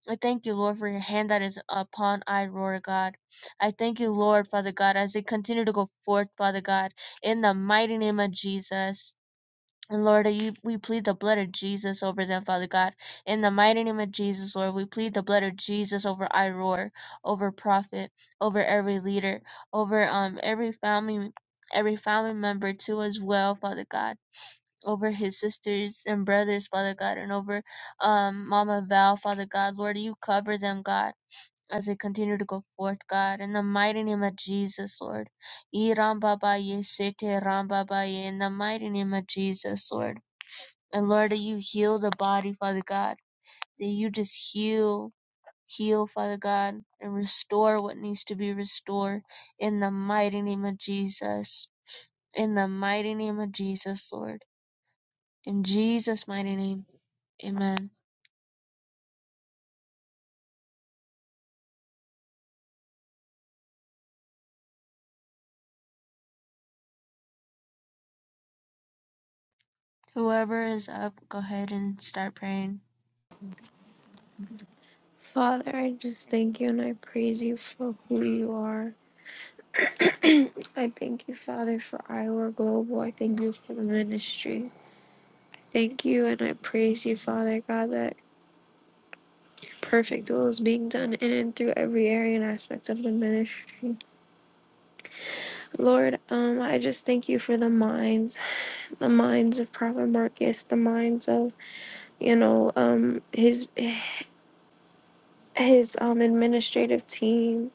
Speaker 3: I thank you, Lord, for your hand that is upon I, Lord God. I thank you, Lord, Father God, as they continue to go forth, Father God, in the mighty name of Jesus. And Lord, you, we plead the blood of Jesus over them, Father God. In the mighty name of Jesus, Lord, we plead the blood of Jesus over Iroar, over prophet, over every leader, over um every family, every family member too as well, Father God. Over his sisters and brothers, Father God, and over um Mama Val, Father God. Lord, you cover them, God. As they continue to go forth, God, in the mighty name of Jesus, Lord. Iram Baba Ye Sete Ram Baba Ye, In the mighty name of Jesus, Lord. And Lord, that you heal the body, Father God. That you just heal, heal, Father God, and restore what needs to be restored in the mighty name of Jesus. In the mighty name of Jesus, Lord. In Jesus' mighty name. Amen. Whoever is up, go ahead and start praying.
Speaker 6: Father, I just thank you and I praise you for who you are. <clears throat> I thank you, Father, for Iowa Global. I thank you for the ministry. Thank you, and I praise you, Father God, that your perfect will is being done in and through every area and aspect of the ministry. Lord, um, I just thank you for the minds, the minds of Prophet Marcus, the minds of you know um his his um administrative team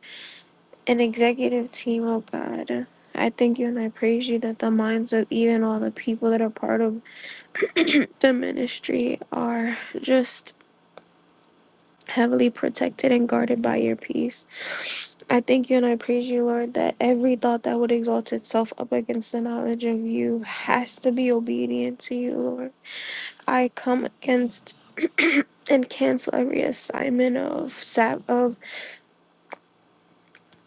Speaker 6: and executive team. Oh God, I thank you and I praise you that the minds of even all the people that are part of <clears throat> the ministry are just heavily protected and guarded by your peace. I thank you and I praise you, Lord, that every thought that would exalt itself up against the knowledge of you has to be obedient to you, Lord. I come against <clears throat> and cancel every assignment of sap of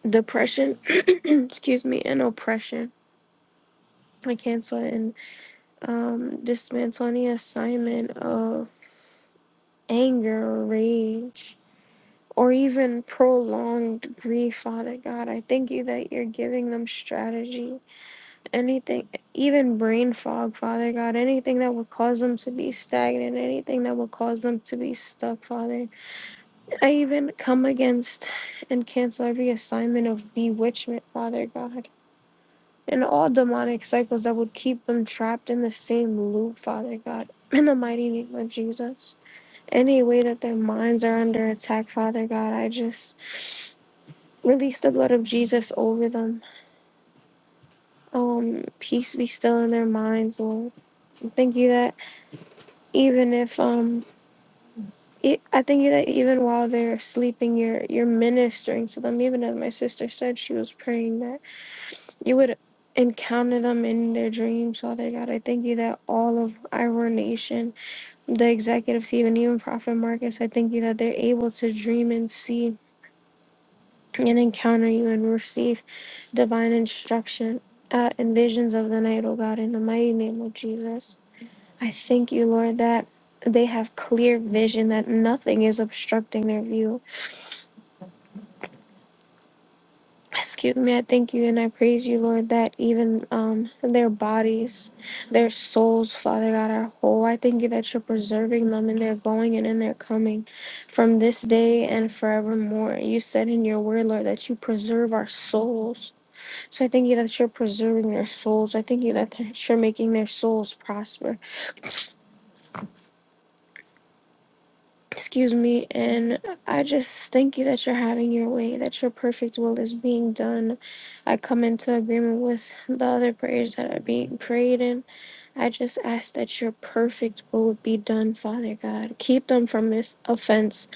Speaker 6: depression, <clears throat> excuse me, and oppression. I cancel and um, dismantle any assignment of anger or rage or even prolonged grief, Father God. I thank you that you're giving them strategy. Anything, even brain fog, Father God, anything that would cause them to be stagnant, anything that would cause them to be stuck, Father. I even come against and cancel every assignment of bewitchment, Father God. And all demonic cycles that would keep them trapped in the same loop, Father God, in the mighty name of Jesus. Any way that their minds are under attack, Father God, I just Release the blood of Jesus over them. Um, peace be still in their minds, Lord. Thank you that even if um, it, I thank you that even while they're sleeping, you're you're ministering to them. Even as my sister said, she was praying that you would encounter them in their dreams, Father God. I thank you that all of our nation, the executive team, and even Prophet Marcus, I thank you that they're able to dream and see and encounter you and receive divine instruction uh, and visions of the night, oh God, in the mighty name of Jesus. I thank you, Lord, that they have clear vision, that nothing is obstructing their view. Excuse me, I thank you and I praise you, Lord, that even um, their bodies, their souls, Father God, are whole. I thank you that you're preserving them in their going and in their coming from this day and forevermore. You said in your word, Lord, that you preserve our souls. So I thank you that you're preserving their souls. I thank you that you're making their souls prosper. Excuse me. And I just thank you that you're having your way, that your perfect will is being done. I come into agreement with the other prayers that are being prayed, and I just ask that your perfect will would be done, Father God. Keep them from if- offense,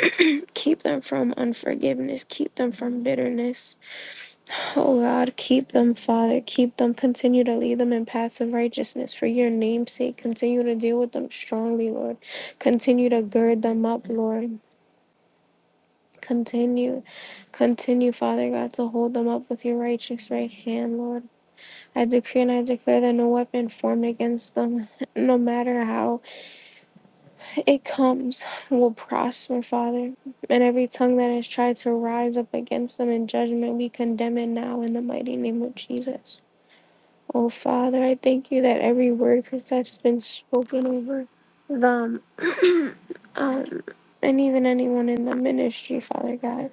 Speaker 6: <clears throat> keep them from unforgiveness, keep them from bitterness Oh God, keep them, Father. Keep them. Continue to lead them in paths of righteousness for your name's sake. Continue to deal with them strongly, Lord. Continue to gird them up, Lord. Continue, continue, Father God, to hold them up with your righteous right hand, Lord. I decree and I declare that no weapon formed against them, no matter how it comes, will prosper, Father. And every tongue that has tried to rise up against them in judgment, we condemn it now in the mighty name of Jesus. Oh, Father, I thank you that every word, Chris, that's been spoken over them <clears throat> um, and even anyone in the ministry, Father God,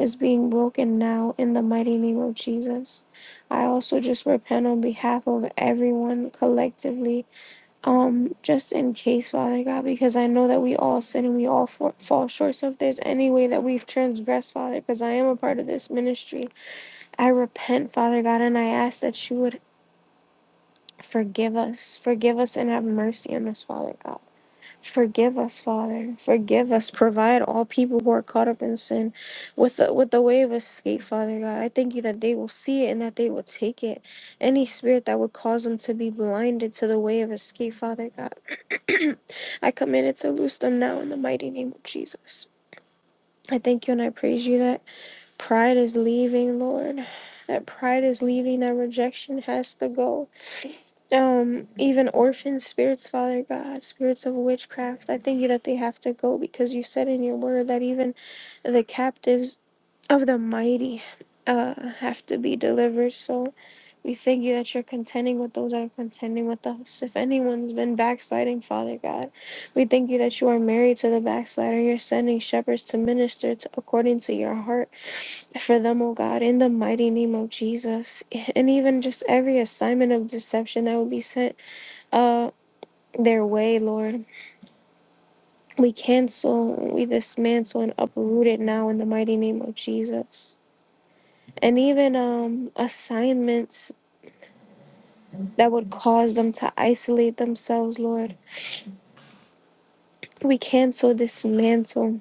Speaker 6: is being broken now in the mighty name of Jesus. I also just repent on behalf of everyone collectively, um, just in case, Father God, because I know that we all sin and we all for- fall short. So if there's any way that we've transgressed, Father, because I am a part of this ministry, I repent, Father God, and I ask that you would Forgive us. Forgive us and have mercy on us, Father God. Forgive us, Father. Forgive us. Provide all people who are caught up in sin with the, with the way of escape, Father God. I thank you that they will see it and that they will take it. Any spirit that would cause them to be blinded to the way of escape, Father God, <clears throat> I command it to loose them now in the mighty name of Jesus. I thank you and I praise you that pride is leaving, Lord. That pride is leaving, that rejection has to go um, even orphan spirits, Father God, spirits of witchcraft, I thank you that they have to go because you said in your word that even the captives of the mighty uh, have to be delivered. So we thank you that you're contending with those that are contending with us. If anyone's been backsliding, Father God, we thank you that you are married to the backslider. You're sending shepherds to minister to, according to your heart for them, O God, in the mighty name of Jesus and even just every assignment of deception that will be sent uh their way, Lord. We cancel, we dismantle and uproot it now in the mighty name of Jesus. And even um assignments that would cause them to isolate themselves, Lord. We cancel, dismantle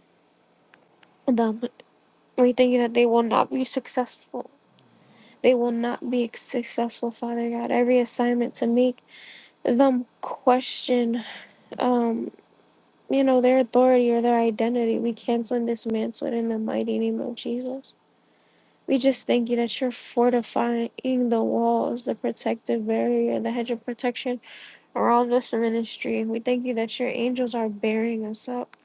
Speaker 6: them. We thank you that they will not be successful. They will not be successful, Father God. Every assignment to make them question um. you know, their authority or their identity. We cancel and dismantle it in the mighty name of Jesus. We just thank you that you're fortifying the walls, the protective barrier, the hedge of protection around this ministry. We thank you that your angels are bearing us up,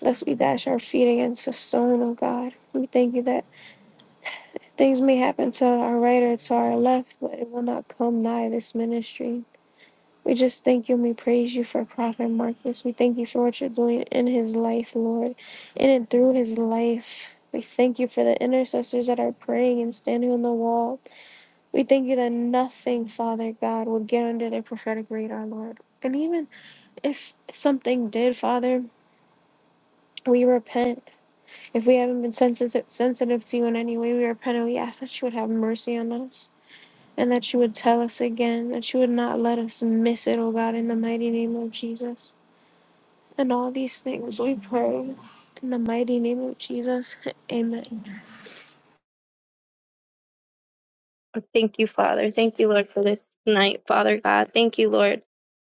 Speaker 6: lest we dash our feet against a stone, oh God. We thank you that things may happen to our right or to our left, but it will not come nigh this ministry. We just thank you and we praise you for Prophet Marcus. We thank you for what you're doing in his life, Lord, in and through his life. We thank you for the intercessors that are praying and standing on the wall. We thank you that nothing, Father God, will get under their prophetic radar, Lord. And even if something did, Father, we repent. If we haven't been sensitive sensitive to you in any way, we repent and we ask that you would have mercy on us. And that you would tell us again, that you would not let us miss it, oh God, in the mighty name of Jesus. And all these things we pray in the mighty name of Jesus. <laughs> Amen.
Speaker 7: Thank you, Father. Thank you, Lord, for this night, Father God. Thank you, Lord,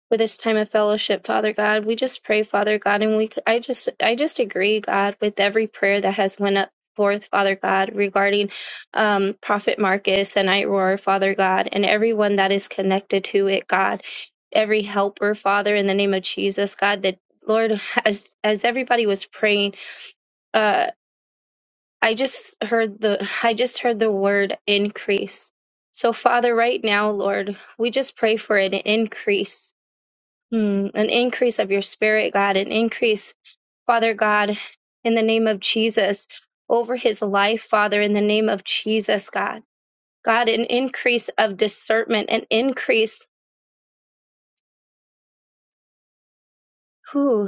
Speaker 7: for this time of fellowship, Father God. We just pray, Father God, and we I just I just agree, God, with every prayer that has went up forth, Father God, regarding um, Prophet Marcus and Iroar, Father God, and everyone that is connected to it, God. Every helper, Father, in the name of Jesus, God, that Lord, as as everybody was praying. uh, I just heard the I just heard the word increase. So Father, right now, Lord, we just pray for an increase. Hmm, an increase of your spirit, God, an increase, Father God, in the name of Jesus, over his life, Father, in the name of Jesus, God. God, an increase of discernment, an increase. whew,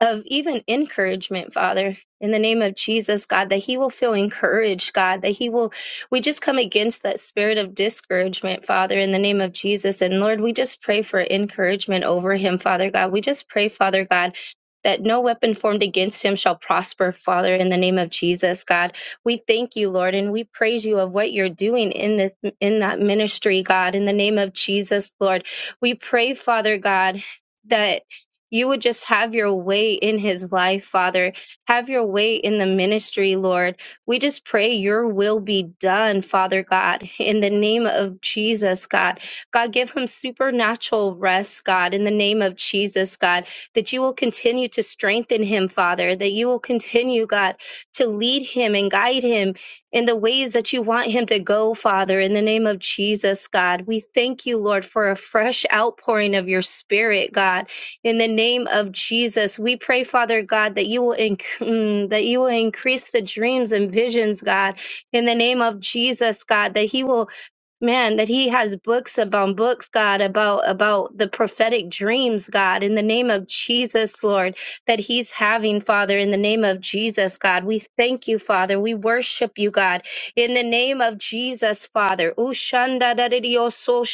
Speaker 7: of even encouragement, Father, in the name of Jesus, God, that he will feel encouraged, God, that he will, we just come against that spirit of discouragement, Father, in the name of Jesus. And Lord, we just pray for encouragement over him, Father God. We just pray, Father God. That no weapon formed against him shall prosper, Father, in the name of Jesus, God. We thank you, Lord, and we praise you of what you're doing in this in that ministry, God, in the name of Jesus, Lord. We pray, Father God, that you would just have your way in his life, Father. Have your way in the ministry, Lord. We just pray your will be done, Father God, in the name of Jesus, God. God, give him supernatural rest, God, in the name of Jesus, God, that you will continue to strengthen him, Father, that you will continue, God, to lead him and guide him in the ways that you want him to go, Father, in the name of Jesus, God. We thank you, Lord, for a fresh outpouring of your spirit, God. In the name of Jesus, we pray, Father God, that you will inc- mm, that you will increase the dreams and visions, God. In the name of Jesus, God, that He will man that he has books about books god about about the prophetic dreams god in the name of jesus lord that he's having father in the name of jesus god we thank you father we worship you god in the name of jesus father Ushanda da de dioso,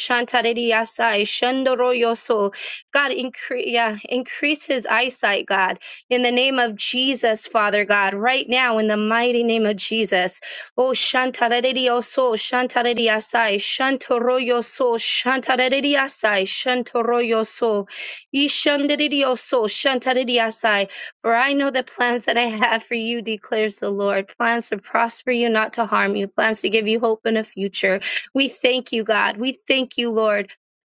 Speaker 7: God, increase, yeah, increase his eyesight, God, in the name of Jesus, Father God, right now, in the mighty name of Jesus. Oh, shantaredi oso, shantaredi asai, shantarerioso, shantareriasai, shantoroyoso, shantareriasai, shantoroyoso, ishanderioso, asai. For I know the plans that I have for you, declares the Lord, plans to prosper you, not to harm you, plans to give you hope in a future. We thank you, God. We thank you, Lord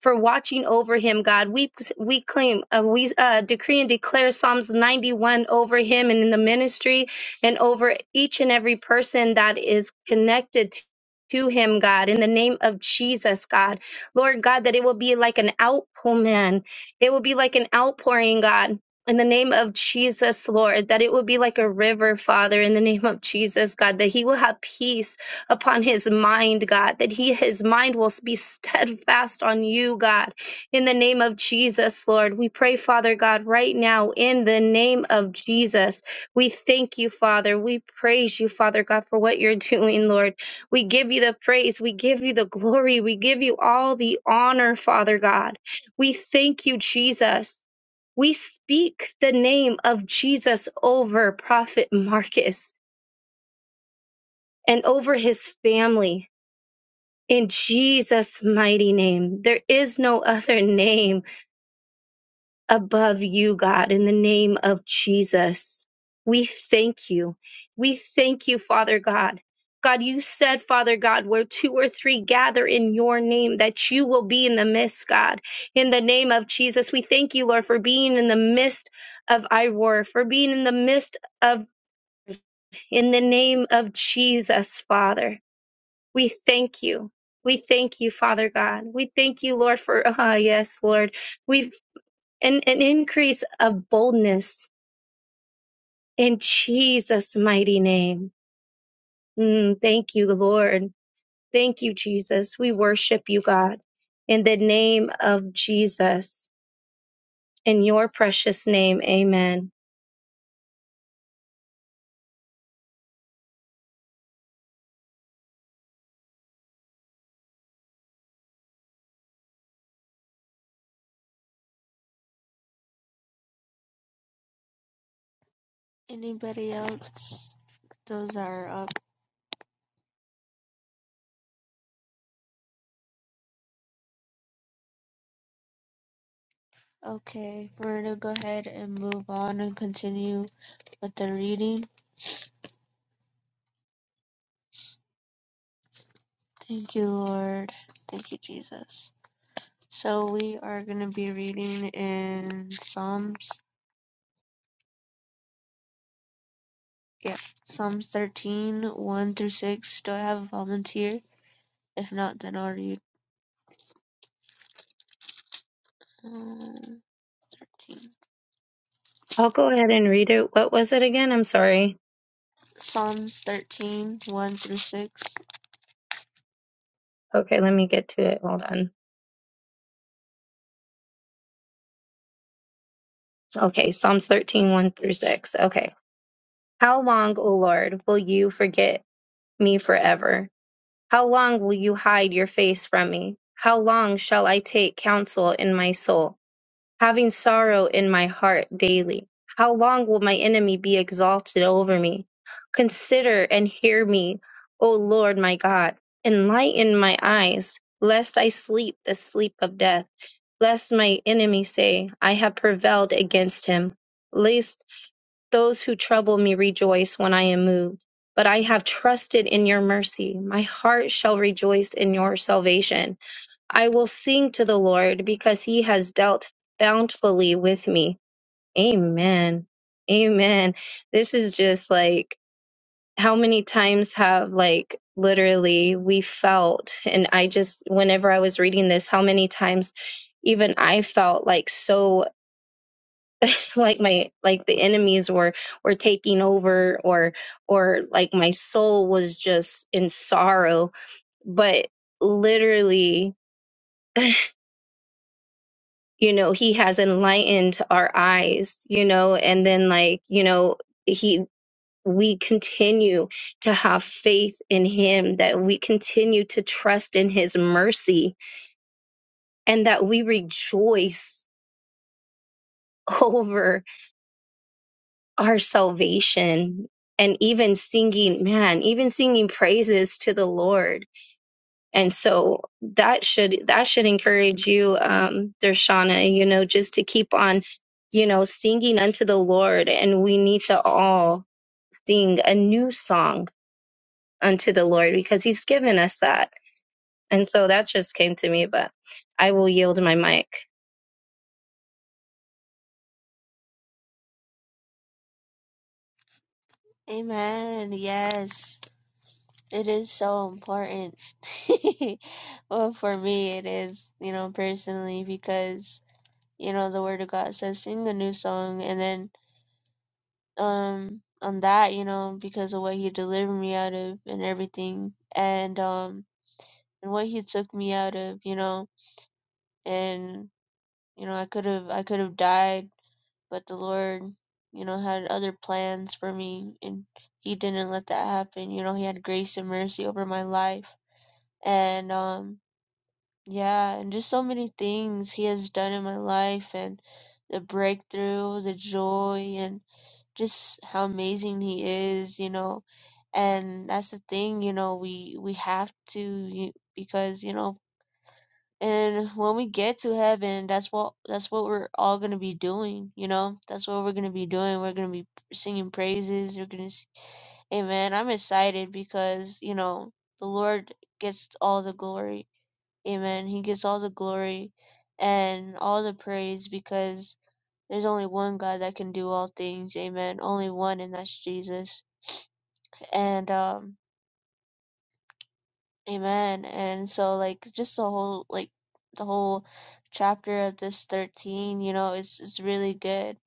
Speaker 7: for watching over him, God. We we claim, uh, we uh, decree and declare Psalms 91 over him and in the ministry and over each and every person that is connected to. To him, God, in the name of Jesus, God, Lord God, that it will be like an outpour, man. It will be like an outpouring, God, in the name of Jesus, Lord, that it will be like a river, Father, in the name of Jesus, God, that he will have peace upon his mind, God, that he his mind will be steadfast on you, God. In the name of Jesus, Lord, we pray, Father God, right now in the name of Jesus. We thank you, Father. We praise you, Father God, for what you're doing, Lord. We give you the praise, we give you the glory, we give you all the honor, Father God. We thank you, Jesus. We speak the name of Jesus over Prophet Marcus and over his family. In Jesus' mighty name, there is no other name above you, God, in the name of Jesus. We thank you. We thank you, Father God. God, you said, Father God, where two or three gather in your name, that you will be in the midst, God. In the name of Jesus, we thank you, Lord, for being in the midst of Iroar, for being in the midst of, in the name of Jesus, Father. We thank you. We thank you, Father God. We thank you, Lord, for <laughs> ah yes, Lord. We've an, an increase of boldness in Jesus' mighty name. Mm, thank you, Lord. Thank you, Jesus. We worship you, God. In the name of Jesus, in your precious name, amen.
Speaker 3: Anybody else? Those are up. Okay, we're going to go ahead and move on and continue with the reading. Thank you, Lord. Thank you, Jesus. So we are going to be reading in Psalms, yeah, Psalms 13, 1 through 6. Do I have a volunteer? If not, then I'll read. Um, 13.
Speaker 7: I'll go ahead and read it. What was it again? I'm sorry.
Speaker 3: Psalms 13, 1 through 6.
Speaker 7: Okay, let me get to it. Hold on. Okay, Psalms thirteen one through 6. Okay. How long, O Lord, will you forget? me forever? How long will you hide your face from me? How long shall I take counsel in my soul, having sorrow in my heart daily? How long will my enemy be exalted over me? Consider and hear me, O Lord my God. Enlighten my eyes, lest I sleep the sleep of death, lest my enemy say, I have prevailed against him. Lest. Those who trouble me rejoice when I am moved, but I have trusted in your mercy. My heart shall rejoice in your salvation. I will sing to the Lord because he has dealt bountifully with me. Amen. Amen. This is just like how many times have like literally we felt and I just whenever I was reading this how many times even I felt like so like my like the enemies were were taking over or or like my soul was just in sorrow but literally <laughs> you know he has enlightened our eyes you know and then like you know he we continue to have faith in him that we continue to trust in his mercy and that we rejoice <laughs> over our salvation and even singing man even singing praises to the lord and so that should that should encourage you um dershana you know just to keep on you know singing unto the lord and we need to all sing a new song unto the lord because he's given us that and so that just came to me but i will yield my mic
Speaker 3: Amen. Yes. It is so important. <laughs> well, for me, it is, you know, personally, because, you know, the Word of God says, sing a new song, and then um on that, you know, because of what he delivered me out of and everything and um and what he took me out of, you know. And you know, I could have I could have died, but the Lord, you know, had other plans for me and he didn't let that happen. You know, he had grace and mercy over my life. And um yeah, and just so many things he has done in my life and the breakthrough, the joy and. just how amazing he is, you know. And that's the thing, you know, we we have to you- because, you know, and when we get to heaven, that's what that's what we're all going to be doing, you know. That's what we're going to be doing. We're going to be singing praises. We're going to Amen. I'm excited because, you know, the Lord gets all the glory. Amen. He gets all the glory and all the praise because there's only one God that can do all things. Amen. Only one, and that's Jesus. And um, amen. And so, like, just the whole, like, the whole chapter of this 13, you know, is is really good.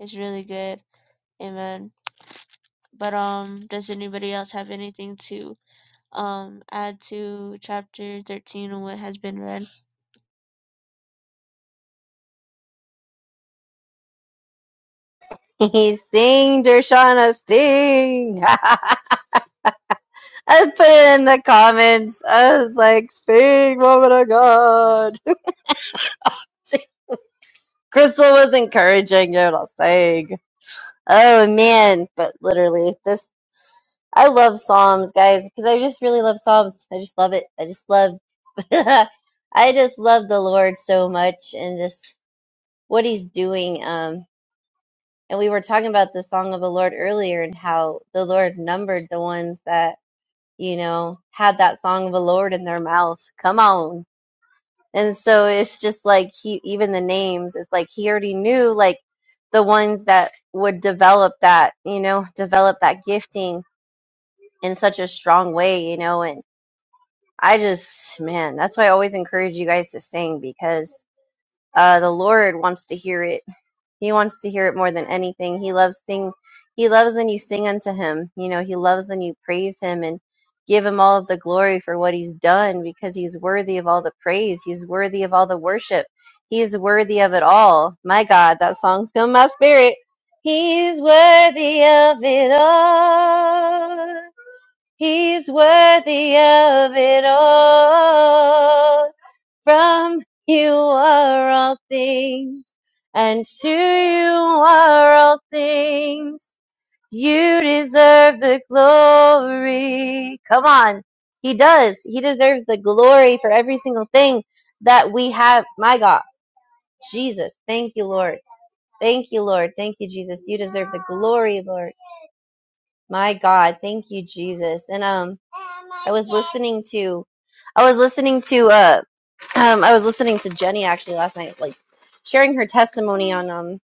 Speaker 3: It's really good. Amen. But um, does anybody else have anything to um add to chapter 13 and what has been read?
Speaker 2: <laughs> sing, Dershana, sing. <laughs> I put it in the comments. I was like, sing, woman of God. <laughs> Crystal was encouraging you I'll sing. Oh man, but literally this. I love Psalms, guys, because I just really love Psalms. I just love it. I just love, <laughs> I just love the Lord so much and just what He's doing. Um, and we were talking about the song of the Lord earlier and how the Lord numbered the ones that you know had that song of the Lord in their mouth. Come on. And so it's just like he, even the names, it's like he already knew like the ones that would develop that, you know, develop that gifting in such a strong way, you know, and. I just, man, that's why I always encourage you guys to sing because uh, the Lord wants to hear it. He wants to hear it more than anything. He loves sing. He loves when you sing unto Him. You know, He loves when you praise Him and give Him all of the glory for what He's done because He's worthy of all the praise. He's worthy of all the worship. He's worthy of it all. My God, that song's come in my spirit. He's worthy of it all. He's worthy of it all. From you are all things, and to you are all things. You deserve the glory. Come on. He does. He deserves the glory for every single thing that we have. My God. Jesus. Thank you, Lord. Thank you, Lord. Thank you, Jesus. You deserve the glory, Lord. My God. Thank you, Jesus. And, um, I was listening to I was listening to uh um I was listening to Jenny actually last night, like sharing her testimony on um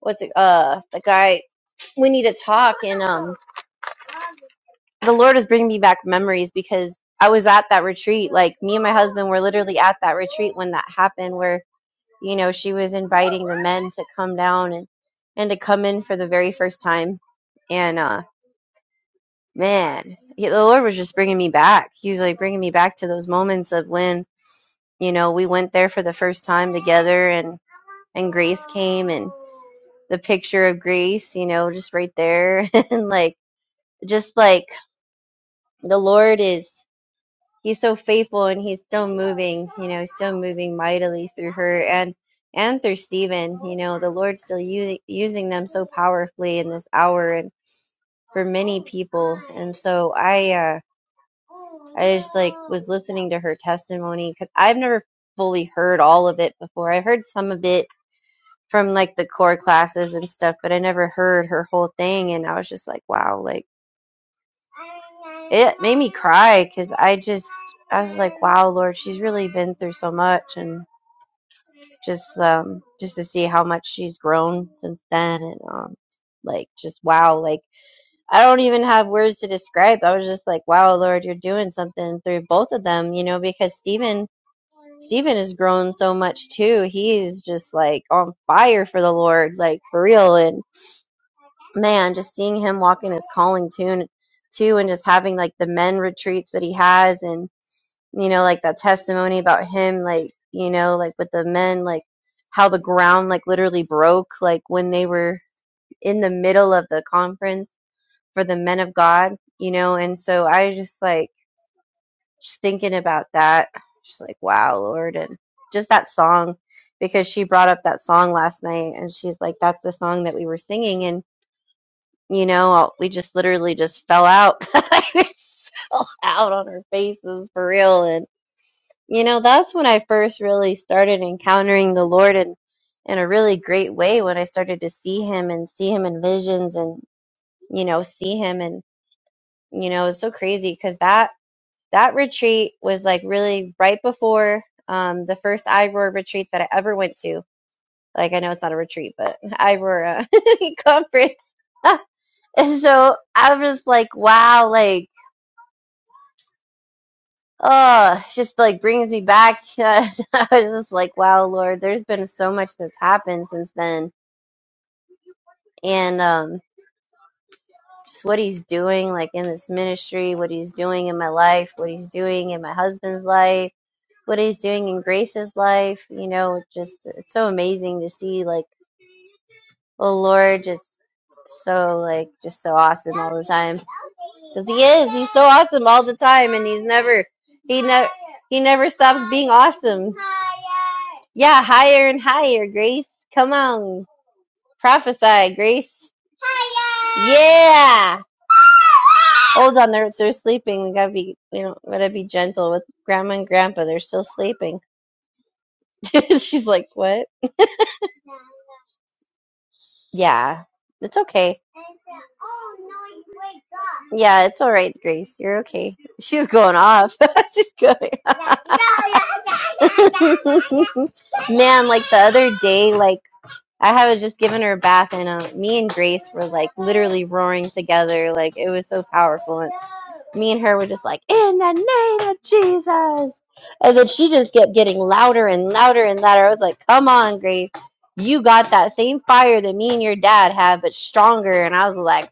Speaker 2: what's it uh the guy we need to talk and um the Lord is bringing me back memories because I was at that retreat like me and my husband were literally at that retreat when that happened where you know she was inviting the men to come down and and to come in for the very first time and uh man yeah, the Lord was just bringing me back he was like bringing me back to those moments of when you know we went there for the first time together and and grace came and the picture of grace you know just right there <laughs> and like just like the lord is he's so faithful and he's still moving you know still moving mightily through her and and through stephen you know the lord's still u- using them so powerfully in this hour and for many people and so i uh i just like was listening to her testimony because i've never fully heard all of it before i've heard some of it from like the core classes and stuff, but I never heard her whole thing. And I was just like, wow, like it made me cry because I just, I was like, wow, Lord, she's really been through so much. And just, um, just to see how much she's grown since then. And, um, like, just wow, like I don't even have words to describe. I was just like, wow, Lord, you're doing something through both of them, you know, because Stephen, Stephen has grown so much too. He's just like on fire for the Lord, like for real. And man, just seeing him walk in his calling too, and too, and just having like the men retreats that he has, and you know, like that testimony about him, like you know, like with the men, like how the ground like literally broke, like when they were in the middle of the conference for the men of God, you know, and so I just like just thinking about that, just like wow, Lord, and just that song because she brought up that song last night and she's like that's the song that we were singing and you know, we just literally just fell out, <laughs> fell out on our faces for real. And you know, that's when I first really started encountering the Lord in in a really great way. When I started to see Him and see Him in visions, and you know, see Him, and you know, it's so crazy because that that retreat was like really right before um, the first iRoar retreat that I ever went to. Like I know it's not a retreat, but <laughs> iRoar uh, <laughs> conference. <laughs> <laughs> And so I was just like, wow, like, oh, it just like brings me back. <laughs> I was just like, wow, Lord, there's been so much that's happened since then. And um, just what he's doing, like in this ministry, what he's doing in my life, what he's doing in my husband's life, what he's doing in Grace's life, you know, just it's so amazing to see like the Lord just so like just so awesome all the time because he is he's so awesome all the time and he's never he never he never stops being awesome yeah higher and higher grace come on prophesy grace yeah hold on they're, they're sleeping we gotta be you know gotta be gentle with grandma and grandpa they're still sleeping <laughs> she's like what Yeah, it's okay. Yeah, it's all right, Grace. You're okay. She's going off. <laughs> She's going. <laughs> Man, like the other day, like. I had just given her a bath, and uh, me and Grace were like literally roaring together. Like it was so powerful. And me and her were just like, in the name of Jesus. And then she just kept getting louder and louder and louder. I was like, come on, Grace. You got that same fire that me and your dad had, but stronger. And I was like,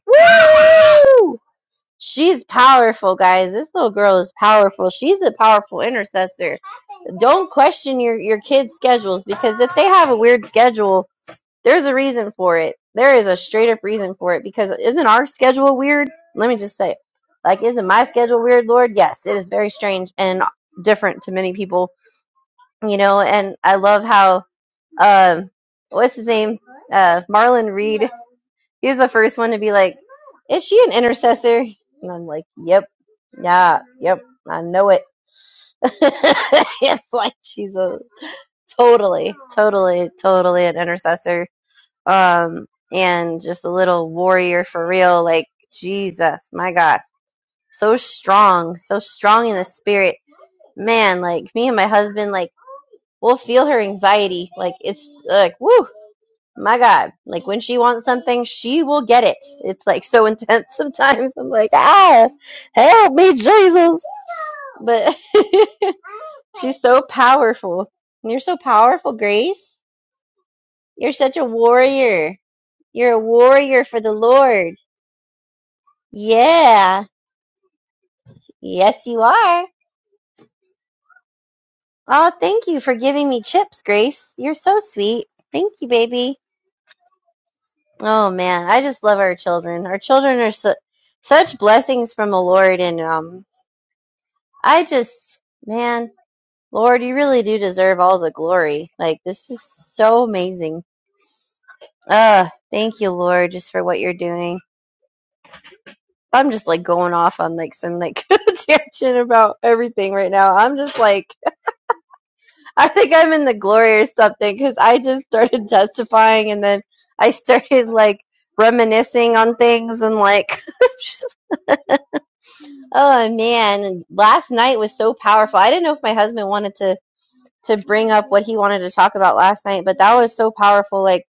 Speaker 2: she's powerful, guys. This little girl is powerful. She's a powerful intercessor. Don't question your, your kids' schedules because if they have a weird schedule, there's a reason for it. There is a straight up reason for it because isn't our schedule weird? Let me just say it. Like, isn't my schedule weird, Lord? Yes, it is very strange and different to many people, you know. And I love how, um, what's his name? Uh, Marlon Reed. He's the first one to be like, is she an intercessor? And I'm like, yep, yeah, yep, I know it. <laughs> it's like she's a totally, totally, totally an intercessor um, and just a little warrior for real. Like Jesus, my God, so strong, so strong in the spirit, man. Like me and my husband, like we'll feel her anxiety. Like it's like woo, my God. Like when she wants something, she will get it. It's like so <laughs> intense sometimes. I'm like ah, help me, Jesus. But <laughs> she's so powerful. You're so powerful, Grace. You're such a warrior. You're a warrior for the Lord Yeah. Yes, you are. Oh, thank you for giving me chips, Grace. You're so sweet. Thank you, baby. Oh man, I just love our children. Our children are su- such blessings from the Lord, and um, I just, man, Lord, you really do deserve all the glory. Like this is so amazing. Uh, thank you, Lord, just for what you're doing. I'm just like going off on like some like <laughs> tangent about everything right now. I'm just like I think I'm in the glory or something because I just started <laughs> testifying and then I started like reminiscing on things and like, <laughs> oh man, and last night was so powerful. I didn't know if my husband wanted to to bring up what he wanted to talk about last night, but that was so powerful. Like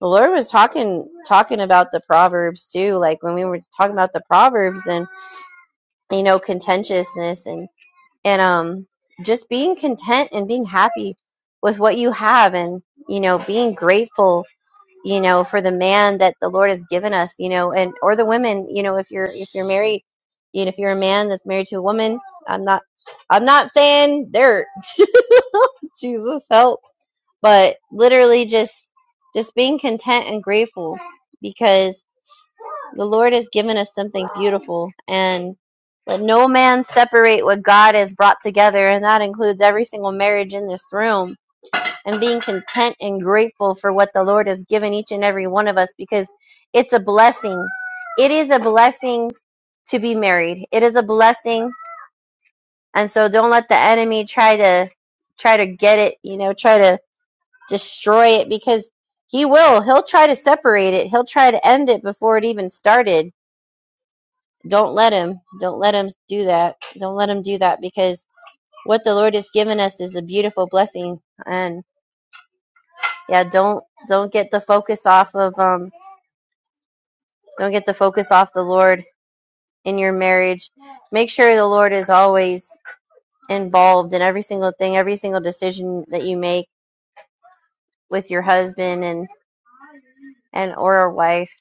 Speaker 2: the Lord was talking talking about the proverbs too, like when we were talking about the proverbs and you know contentiousness and. and um just being content and being happy with what you have and you know being grateful you know for the man that the lord has given us you know and or the women you know if you're if you're married you know if you're a man that's married to a woman i'm not i'm not saying dirt <laughs> jesus help but literally just just being content and grateful because. The Lord has given us something beautiful, and let no man separate what God has brought together, and that includes every single marriage in this room, and being content and grateful for what the Lord has given each and every one of us because it's a blessing. It is a blessing to be married. It is a blessing, and so don't let the enemy try to try to get it, you know, try to destroy it because he will. He'll try to separate it. He'll try to end it before it even started Don't let him. Don't let him do that. Don't let him do that because what the Lord has given us is a beautiful blessing. And yeah, don't don't get the focus off of um don't get the focus off the Lord in your marriage. Make sure the Lord is always involved in every single thing, every single decision that you make with your husband and and or a wife.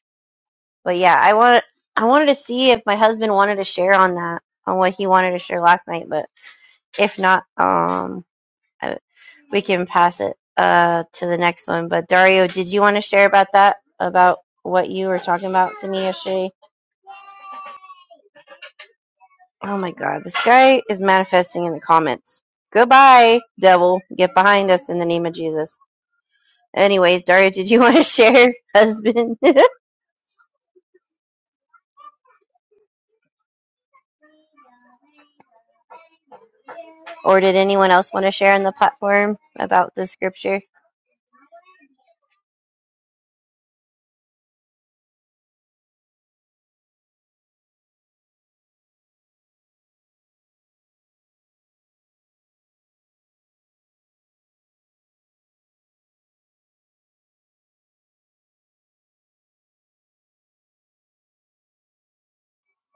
Speaker 2: But yeah, I want I wanted to see if my husband wanted to share on that, on what he wanted to share last night, but if not, um we can pass it uh to the next one. But Dario, did you want to share about that? About what you were talking about to me yesterday? Oh my god, this guy is manifesting in the comments. Goodbye, devil. Get behind us in the name of Jesus. Anyways, Dario, did you want to <laughs> share, husband? <laughs> or did anyone else want to share on the platform about the scripture?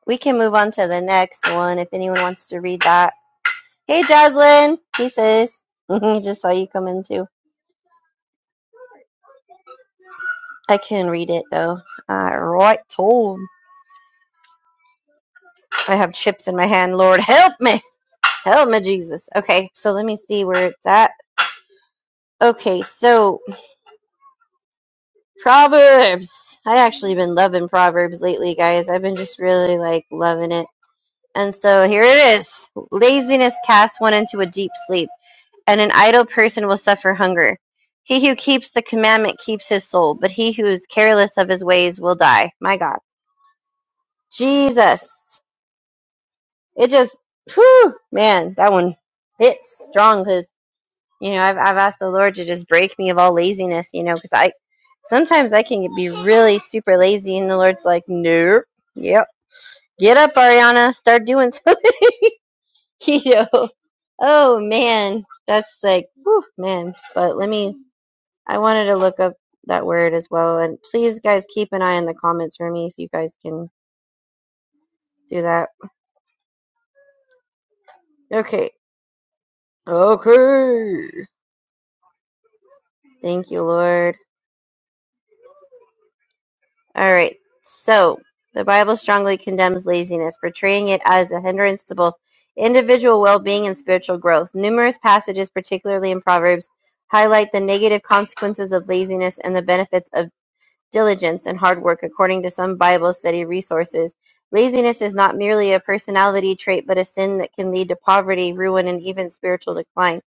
Speaker 2: We can move on to the next one if anyone wants to read that. Hey, Jaslyn. Hey, sis. <laughs> Just saw you come in too. I can read it though. All right, told. I have chips in my hand. Lord, help me. Help me, Jesus. Okay, so let me see where it's at. Okay, so Proverbs. I actually been loving Proverbs lately, guys. I've been just really like loving it. And so here it is. Laziness casts one into a deep sleep, and an idle person will suffer hunger. He who keeps the commandment keeps his soul, but he who is careless of his ways will die. My God. Jesus. it just, whew, man, that one hits strong because, you know, I've, I've asked the Lord to just break me of all laziness, you know, because I sometimes I can be really super lazy and the Lord's like, nope, yep, get up, Ariana, start doing something, <laughs> you know. Oh, man, that's like, whew, man. But let me, I wanted to look up that word as well. And please, guys, keep an eye on the comments for me if you guys can do that. Okay. Okay. Thank you, Lord. All right. So the Bible strongly condemns laziness, portraying it as a hindrance to both individual well being and spiritual growth. Numerous passages, particularly in Proverbs, highlight the negative consequences of laziness and the benefits of diligence and hard work. According to some Bible study resources, laziness is not merely a personality trait, but a sin that can lead to poverty, ruin, and even spiritual decline.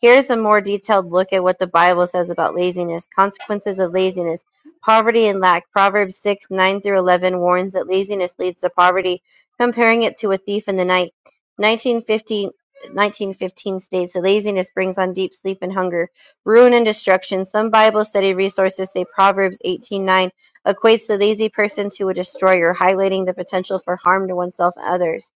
Speaker 2: Here's a more detailed look at what the Bible says about laziness. Consequences of laziness. Poverty and lack. Proverbs 6, 9 through 11 warns that laziness leads to poverty, comparing it to a thief in the night. 1950, 1915 states that laziness brings on deep sleep and hunger ruin and destruction. Some Bible study resources say Proverbs 18:9 equates the lazy person to a destroyer, highlighting the potential for harm to oneself and others.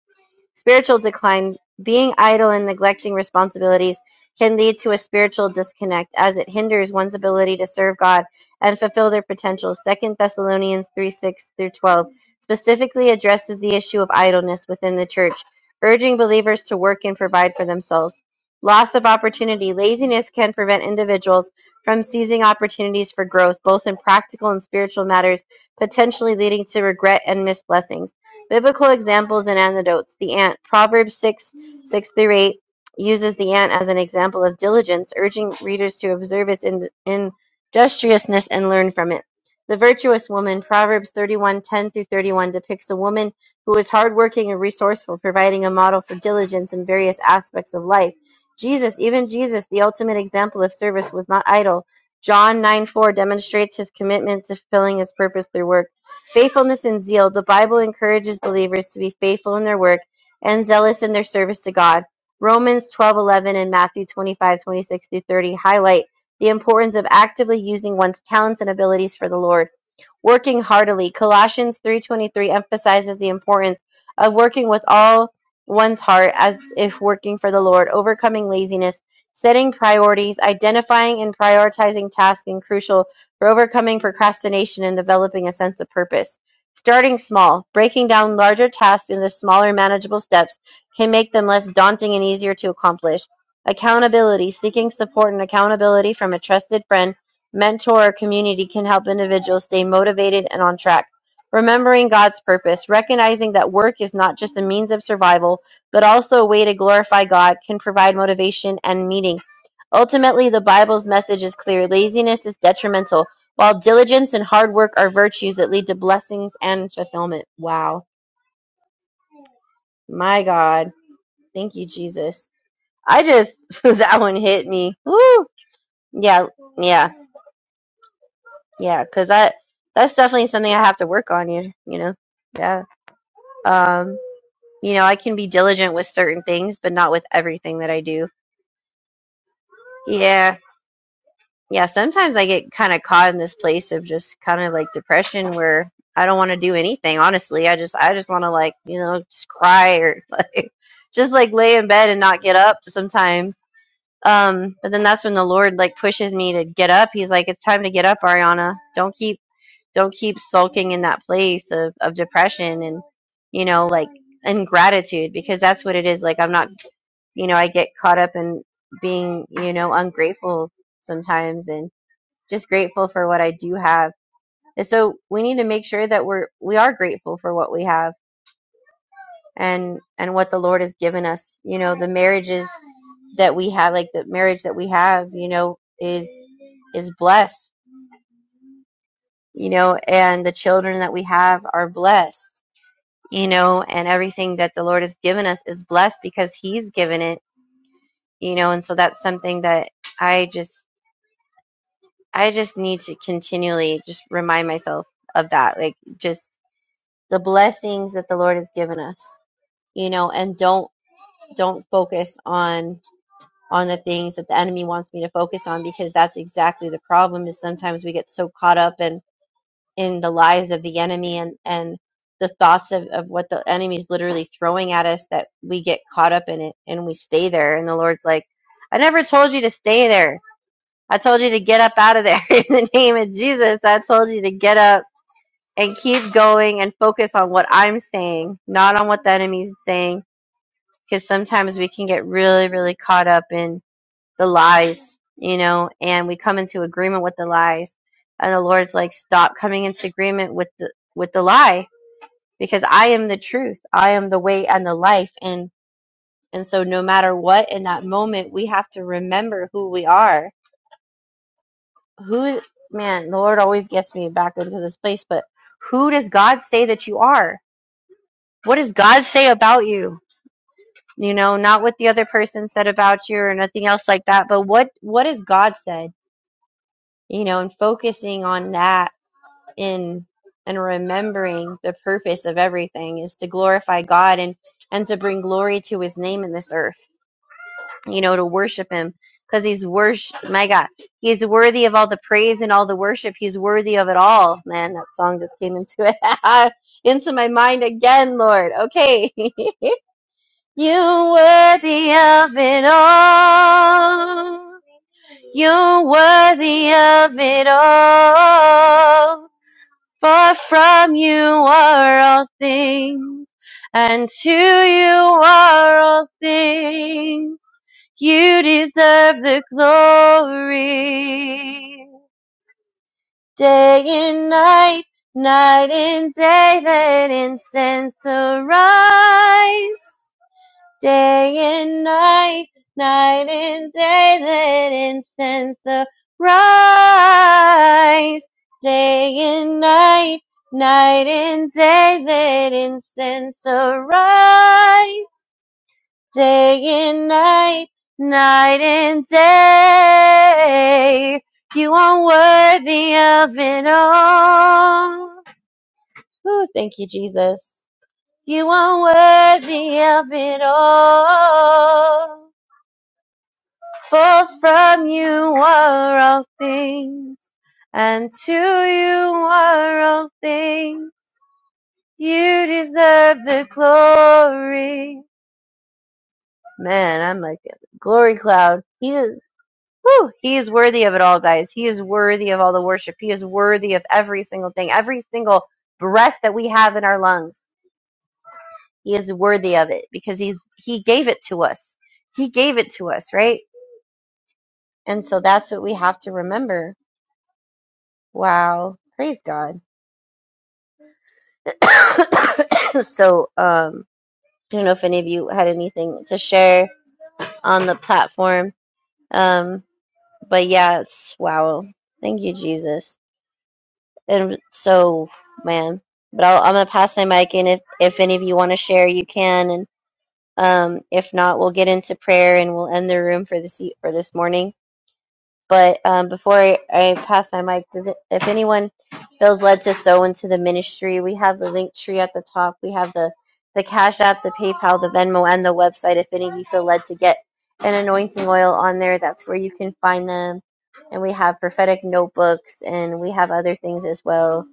Speaker 2: Spiritual decline: Being idle and neglecting responsibilities can lead to a spiritual disconnect, as it hinders one's ability to serve God and fulfill their potential. Second Thessalonians three six through twelve specifically addresses the issue of idleness within the church, urging believers to work and provide for themselves. Loss of opportunity: Laziness can prevent individuals from seizing opportunities for growth, both in practical and spiritual matters, potentially leading to regret and missed blessings. Biblical examples and antidotes. The ant. Proverbs 6 6 through 8 uses the ant as an example of diligence, urging readers to observe its in, industriousness and learn from it. The virtuous woman. Proverbs thirty one ten through 31 depicts a woman who is hardworking and resourceful, providing a model for diligence in various aspects of life. Jesus, even Jesus, the ultimate example of service, was not idle. John 9 4 demonstrates his commitment to fulfilling his purpose through work. Faithfulness and zeal. The Bible encourages believers to be faithful in their work and zealous in their service to God. Romans 12:11 and Matthew 25:26 through 30 highlight the importance of actively using one's talents and abilities for the Lord. Working heartily. Colossians 3:23 emphasizes the importance of working with all one's heart as if working for the Lord, overcoming laziness, setting priorities, identifying and prioritizing tasks and crucial for overcoming procrastination and developing a sense of purpose. Starting small, breaking down larger tasks into smaller, manageable steps can make them less daunting and easier to accomplish. Accountability, seeking support and accountability from a trusted friend, mentor, or community can help individuals stay motivated and on track. Remembering God's purpose, recognizing that work is not just a means of survival, but also a way to glorify God, can provide motivation and meaning. Ultimately, the Bible's message is clear laziness is detrimental. While diligence and hard work are virtues that lead to blessings and fulfillment. Wow. My God. Thank you, Jesus. I just, <laughs> that one hit me. Woo. Yeah. Yeah. Yeah. Cause that, that's definitely something I have to work on, you, you know? Yeah. Um, you know, I can be diligent with certain things, but not with everything that I do. Yeah. yeah, sometimes I get kind of caught in this place of just kind of like depression where I don't want to do anything. Honestly, I just I just want to like you know just cry or <laughs> like just like lay in bed and not get up sometimes. Um, but then that's when the Lord like pushes me to get up. He's like, it's time to get up, Ariana. Don't keep don't keep sulking in that place of of depression and you know like ingratitude because that's what it is. Like I'm not you know I get caught up in being you know ungrateful sometimes and just grateful for what I do have. And so we need to make sure that we're we are grateful for what we have and and what the Lord has given us. You know, the marriages that we have, like the marriage that we have, you know, is is blessed. You know, and the children that we have are blessed. You know, and everything that the Lord has given us is blessed because He's given it. You know, and so that's something that I just I just need to continually just remind myself of that. Like just the blessings that the Lord has given us, you know, and don't don't focus on on the things that the enemy wants me to focus on because that's exactly the problem is sometimes we get so caught up in in the lies of the enemy and and the thoughts of, of what the enemy is literally throwing at us that we get caught up in it and we stay there and the lord's like i never told you to stay there i told you to get up out of there <laughs> in the name of jesus i told you to get up and keep going and focus on what I'm saying, not on what the enemy's saying. Because sometimes we can get really, really caught up in the lies, you know, and we come into agreement with the lies. And the Lord's like, stop coming into agreement with the with the lie, because I am the truth. I am the way and the life. And and so no matter what in that moment, we have to remember who we are. Who man, the Lord always gets me back into this place, but who does God say that you are? what does God say about you? You know, not what the other person said about you or nothing else like that, but what what has God said? You know, and focusing on that in and remembering the purpose of everything is to glorify God and and to bring glory to His name in this earth. You know, to worship Him because He's worship. My God, He's worthy of all the praise and all the worship. He's worthy of it all. Man, that song just came into it <laughs> into my mind again, Lord. Okay. <laughs> You're worthy of it all. You're worthy of it all. For from you are all things, and to you are all things. You deserve the glory. Day and night, night and day, that incense arise day and night, night and day, let incense arise. Day and night, night and day, let incense arise. Day and night, night and day, you are worthy of it all. Ooh, thank you, Jesus. You are worthy of it all. For from you are all things, and to you are all things. You deserve the glory. Man, I'm like a glory cloud. He is, whew, he is worthy of it all, guys. He is worthy of all the worship. He is worthy of every single thing, every single breath that we have in our lungs. He is worthy of it because he's he gave it to us. He gave it to us, right? And so that's what we have to remember. Wow. Praise God. <coughs> so um I don't know if any of you had anything to share on the platform. Um but yeah, it's wow. Thank you, Jesus. And so man. But I'll, I'm gonna pass my mic and if if any of you want to share you can and um if not we'll get into prayer and we'll end the room for this e- for this morning. But um, before I, I pass my mic, does it, if anyone feels led to sow into the ministry, we have the link tree at the top. We have the the Cash App, the PayPal, the Venmo, and the website. If any of you feel led to get an anointing oil on there, that's where you can find them. And we have prophetic notebooks, and we have other things as well.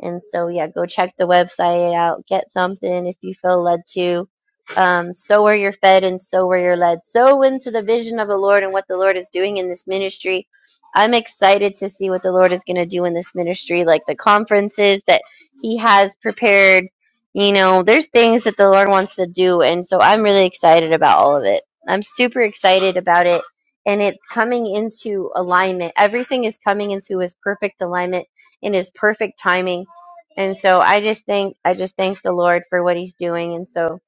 Speaker 2: And so, yeah, go check the website out, get something if you feel led to. Um, sow where you're fed and sow where you're led. Sow into the vision of the Lord and what the Lord is doing in this ministry. I'm excited to see what the Lord is going to do in this ministry, like the conferences that He has prepared. You know, there's things that the Lord wants to do. And so I'm really excited about all of it. I'm super excited about it. And it's coming into alignment. Everything is coming into His perfect alignment in His perfect timing and so I just think I just thank the Lord for what he's doing and so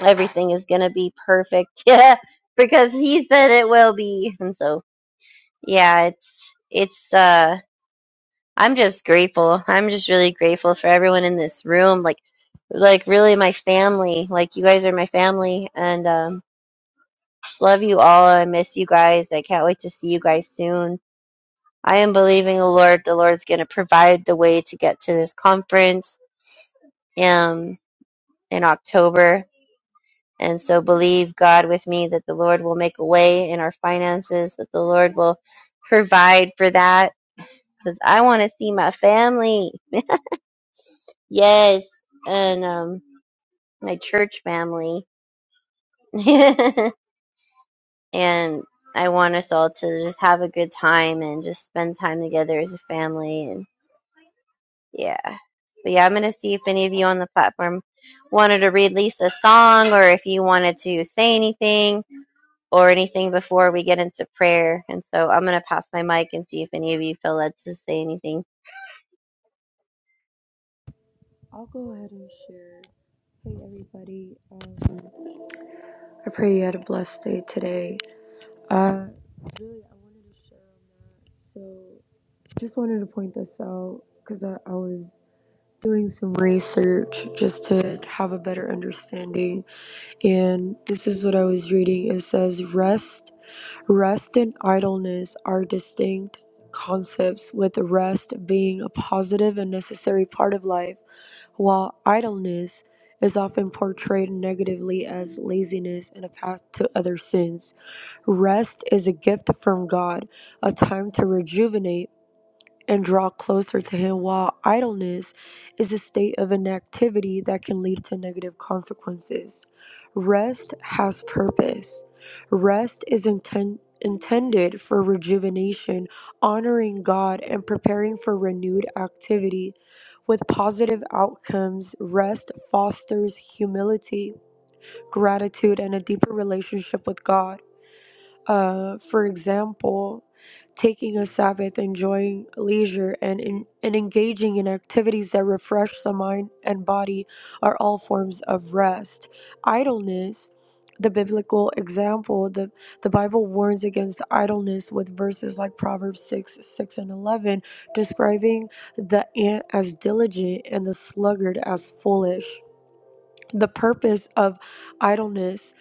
Speaker 2: everything is going to be perfect. <laughs> Yeah, because he said it will be. And so yeah, it's it's uh I'm just grateful. I'm just really grateful for everyone in this room like like really my family. Like you guys are my family and um just love you all. I miss you guys. I can't wait to see you guys soon. I am believing the Lord. The Lord's going to provide the way to get to this conference. Um. in October. And so believe God with me that the Lord will make a way in our finances, that the Lord will provide for that because I want to see my family. Yes. And um, my church family. <laughs> and I want us all to just have a good time and just spend time together as a family. And yeah. But yeah, I'm going to see if any of you on the platform wanted to read Lisa's song or if you wanted to say anything or anything before we get into prayer. And so I'm going to pass my mic and see if any of you feel led to say anything.
Speaker 8: I'll go ahead and share. Hey everybody, um, I pray you had a blessed day today. Uh, really, I wanted to share on that. So, just wanted to point this out because I, I was doing some research just to have a better understanding, and this is what I was reading. It says, "Rest, rest, and idleness are distinct." Concepts with rest being a positive and necessary part of life while idleness is often portrayed negatively as laziness and a path to other sins, rest is a gift from God, a time to rejuvenate and draw closer to Him, while idleness is a state of inactivity that can lead to negative consequences. Rest has purpose. Rest is inten- intended for rejuvenation, honoring God, and preparing for renewed activity. With positive outcomes, rest fosters humility, gratitude, and a deeper relationship with God. Uh, for example, taking a Sabbath, enjoying leisure, and, in, and engaging in activities that refresh the mind and body are all forms of rest. Idleness, the biblical example, the, the Bible warns against idleness with verses like Proverbs 6, 6, and 11, describing the ant as diligent and the sluggard as foolish the purpose of idleness.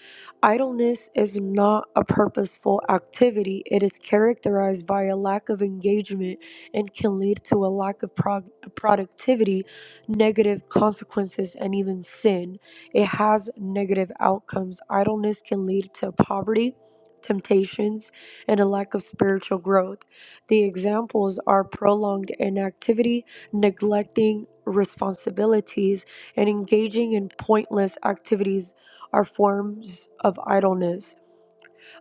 Speaker 8: Idleness is not a purposeful activity. It is characterized by a lack of engagement and can lead to a lack of prog- productivity, negative consequences, and even sin. It has negative outcomes. Idleness can lead to poverty, temptations, and a lack of spiritual growth. The examples are prolonged inactivity, neglecting responsibilities and engaging in pointless activities are forms of idleness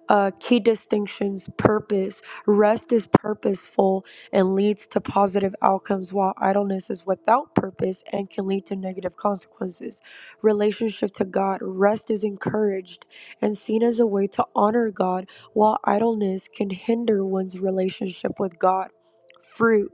Speaker 8: uh, key distinctions purpose. Rest is purposeful and leads to positive outcomes, while idleness is without purpose and can lead to negative consequences. Relationship to God rest is encouraged and seen as a way to honor God, while idleness can hinder one's relationship with God. Fruit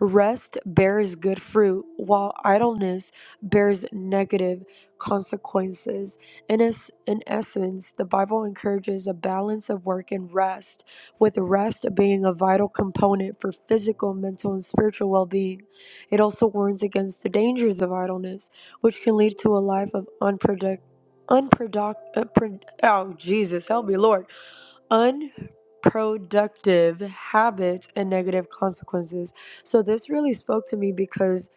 Speaker 8: rest bears good fruit, while idleness bears negative consequences in, es- in essence, the Bible encourages a balance of work and rest, with rest being a vital component for physical, mental, and spiritual well being. It also warns against the dangers of idleness, which can lead to a life of unproductive. Unproduct, uh, pro- oh Jesus, help me, Lord. Unproductive habits and negative consequences. So, this really spoke to me because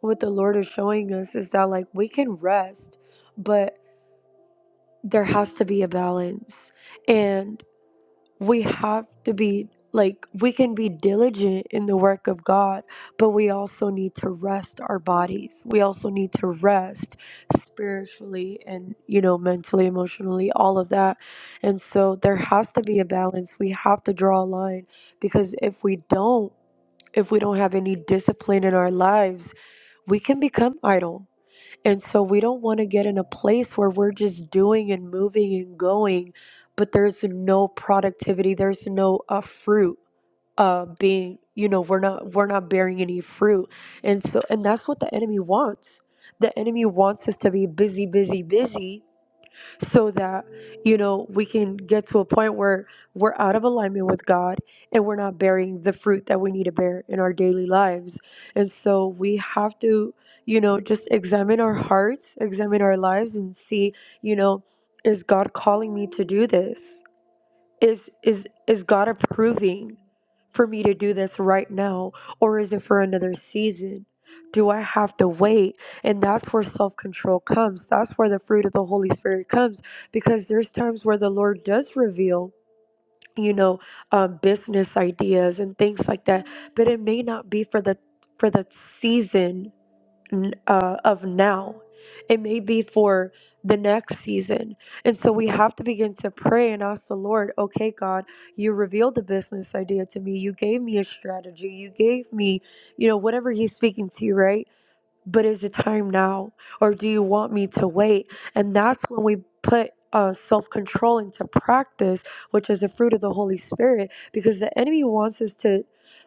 Speaker 8: what the Lord is showing us is that, like, we can rest, but there has to be a balance and we have to be like we can be diligent in the work of God but we also need to rest our bodies we also need to rest spiritually and you know mentally emotionally all of that and so there has to be a balance we have to draw a line because if we don't if we don't have any discipline in our lives we can become idle and so we don't want to get in a place where we're just doing and moving and going, but there's no productivity, there's no uh, fruit uh being, you know, we're not we're not bearing any fruit. And so and that's what the enemy wants. The enemy wants us to be busy, busy, busy so that you know we can get to a point where we're out of alignment with God and we're not bearing the fruit that we need to bear in our daily lives. And so we have to, you know, just examine our hearts, examine our lives and see, you know, is God calling me to do this? Is is is God approving for me to do this right now or is it for another season? Do I have to wait? And that's where self-control comes. That's where the fruit of the Holy Spirit comes because there's times where the Lord does reveal you know um, business ideas and things like that but it may not be for the for the season n- uh, of now. It may be for the next season. And so we have to begin to pray and ask the Lord, okay, God, you revealed the business idea to me. You gave me a strategy. You gave me, you know, whatever He's speaking to you, right? but is it time now or do you want me to wait and that's when we put uh, self-control into practice which is the fruit of the holy spirit because the enemy wants us to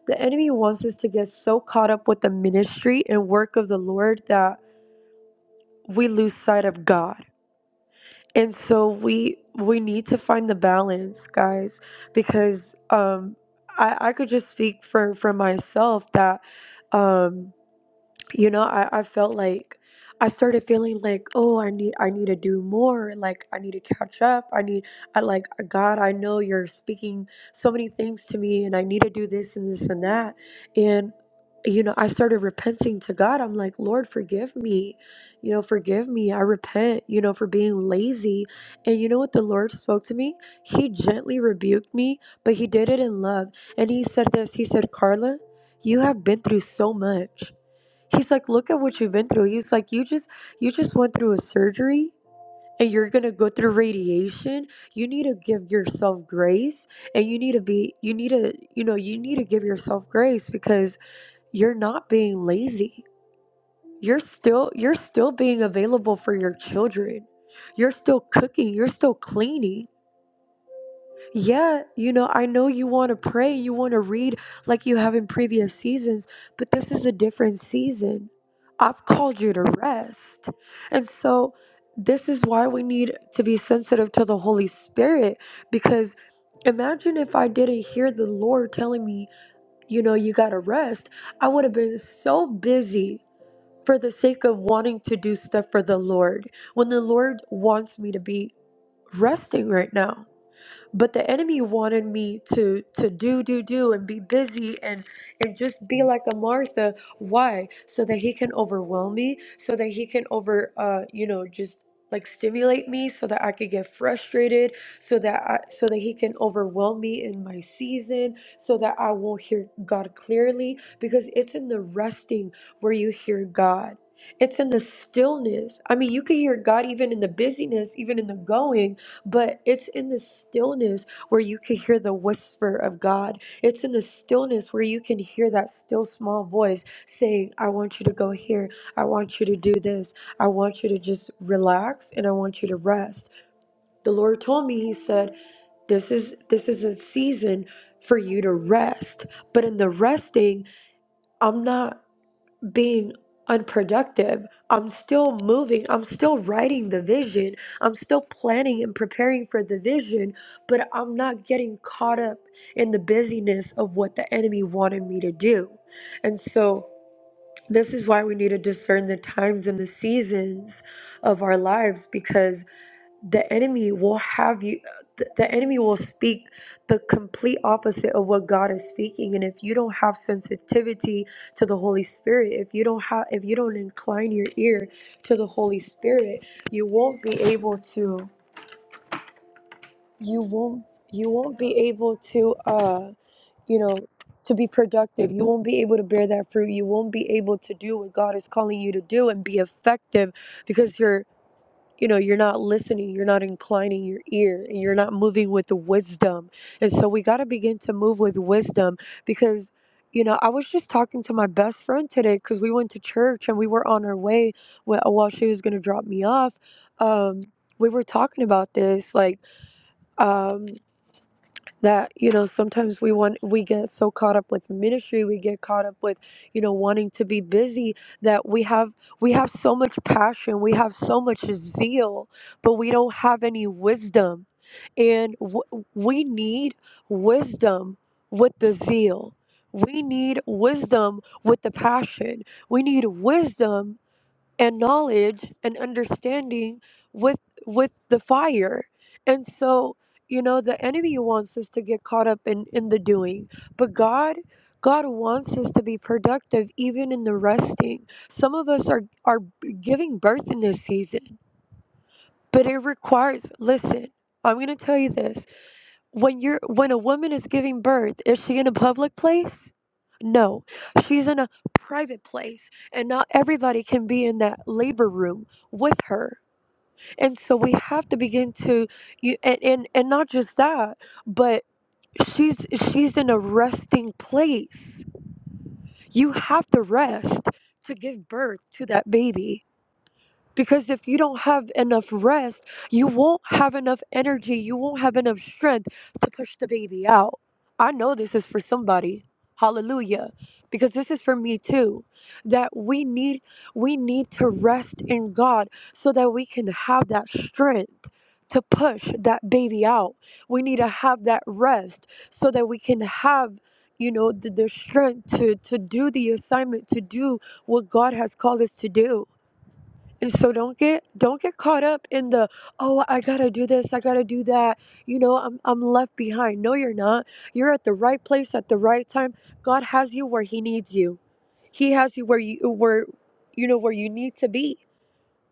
Speaker 8: the enemy wants us to get so caught up with the ministry and work of the lord that we lose sight of god and so we we need to find the balance guys because um i i could just speak for for myself that um you know I, I felt like i started feeling like oh i need i need to do more like i need to catch up i need i like god i know you're speaking so many things to me and i need to do this and this and that and you know i started repenting to god i'm like lord forgive me you know forgive me i repent you know for being lazy and you know what the lord spoke to me he gently rebuked me but he did it in love and he said this he said carla you have been through so much He's like, look at what you've been through. He's like, you just you just went through a surgery and you're gonna go through radiation. You need to give yourself grace and you need to be you need to you know, you need to give yourself grace because you're not being lazy. You're still you're still being available for your children. You're still cooking, you're still cleaning. Yeah, you know, I know you want to pray, you want to read like you have in previous seasons, but this is a different season. I've called you to rest. And so, this is why we need to be sensitive to the Holy Spirit because imagine if I didn't hear the Lord telling me, you know, you got to rest, I would have been so busy for the sake of wanting to do stuff for the Lord when the Lord wants me to be resting right now but the enemy wanted me to to do do do and be busy and and just be like a martha why so that he can overwhelm me so that he can over uh you know just like stimulate me so that i could get frustrated so that i so that he can overwhelm me in my season so that i won't hear god clearly because it's in the resting where you hear god it's in the stillness i mean you can hear god even in the busyness even in the going but it's in the stillness where you can hear the whisper of God. It's in the stillness where you can hear that still small voice saying, I want you to go here. I want you to do this. I want you to just relax and I want you to rest. The Lord told me, He said, This is this is a season for you to rest. But in the resting, I'm not being unproductive. I'm still moving. I'm still writing the vision. I'm still planning and preparing for the vision, but I'm not getting caught up in the busyness of what the enemy wanted me to do. And so, this is why we need to discern the times and the seasons of our lives because the enemy will have you th- the enemy will speak the complete opposite of what god is speaking and if you don't have sensitivity to the holy spirit if you don't have if you don't incline your ear to the holy spirit you won't be able to you won't you won't be able to uh you know to be productive you won't be able to bear that fruit you won't be able to do what god is calling you to do and be effective because you're you know you're not listening you're not inclining your ear and you're not moving with wisdom and so we got to begin to move with wisdom because you know i was just talking to my best friend today because we went to church and we were on our way wh- while she was going to drop me off um, we were talking about this like um, that you know sometimes we want we get so caught up with ministry we get caught up with you know wanting to be busy that we have we have so much passion we have so much zeal but we don't have any wisdom and w- we need wisdom with the zeal we need wisdom with the passion we need wisdom and knowledge and understanding with with the fire and so you know the enemy wants us to get caught up in in the doing but god god wants us to be productive even in the resting some of us are are giving birth in this season but it requires listen i'm going to tell you this when you're when a woman is giving birth, is she in a public place? No, she's in a private place, and not everybody can be in that labor room with her. And so we have to begin to, you and and, and not just that, but she's she's in a resting place. You have to rest to give birth to that baby. Because if you don't have enough rest, you won't have enough energy, you won't have enough strength to push the baby out. I know this is for somebody. Hallelujah. Because this is for me too. That we need we need to rest in God so that we can have that strength to push that baby out. We need to have that rest so that we can have you know the, the strength to to do the assignment to do what God has called us to do and so don't get don't get caught up in the oh I gotta do this I gotta do that you know I'm I'm left behind no you're not you're at the right place at the right time God has you where He needs you He has you where you where you know where you need to be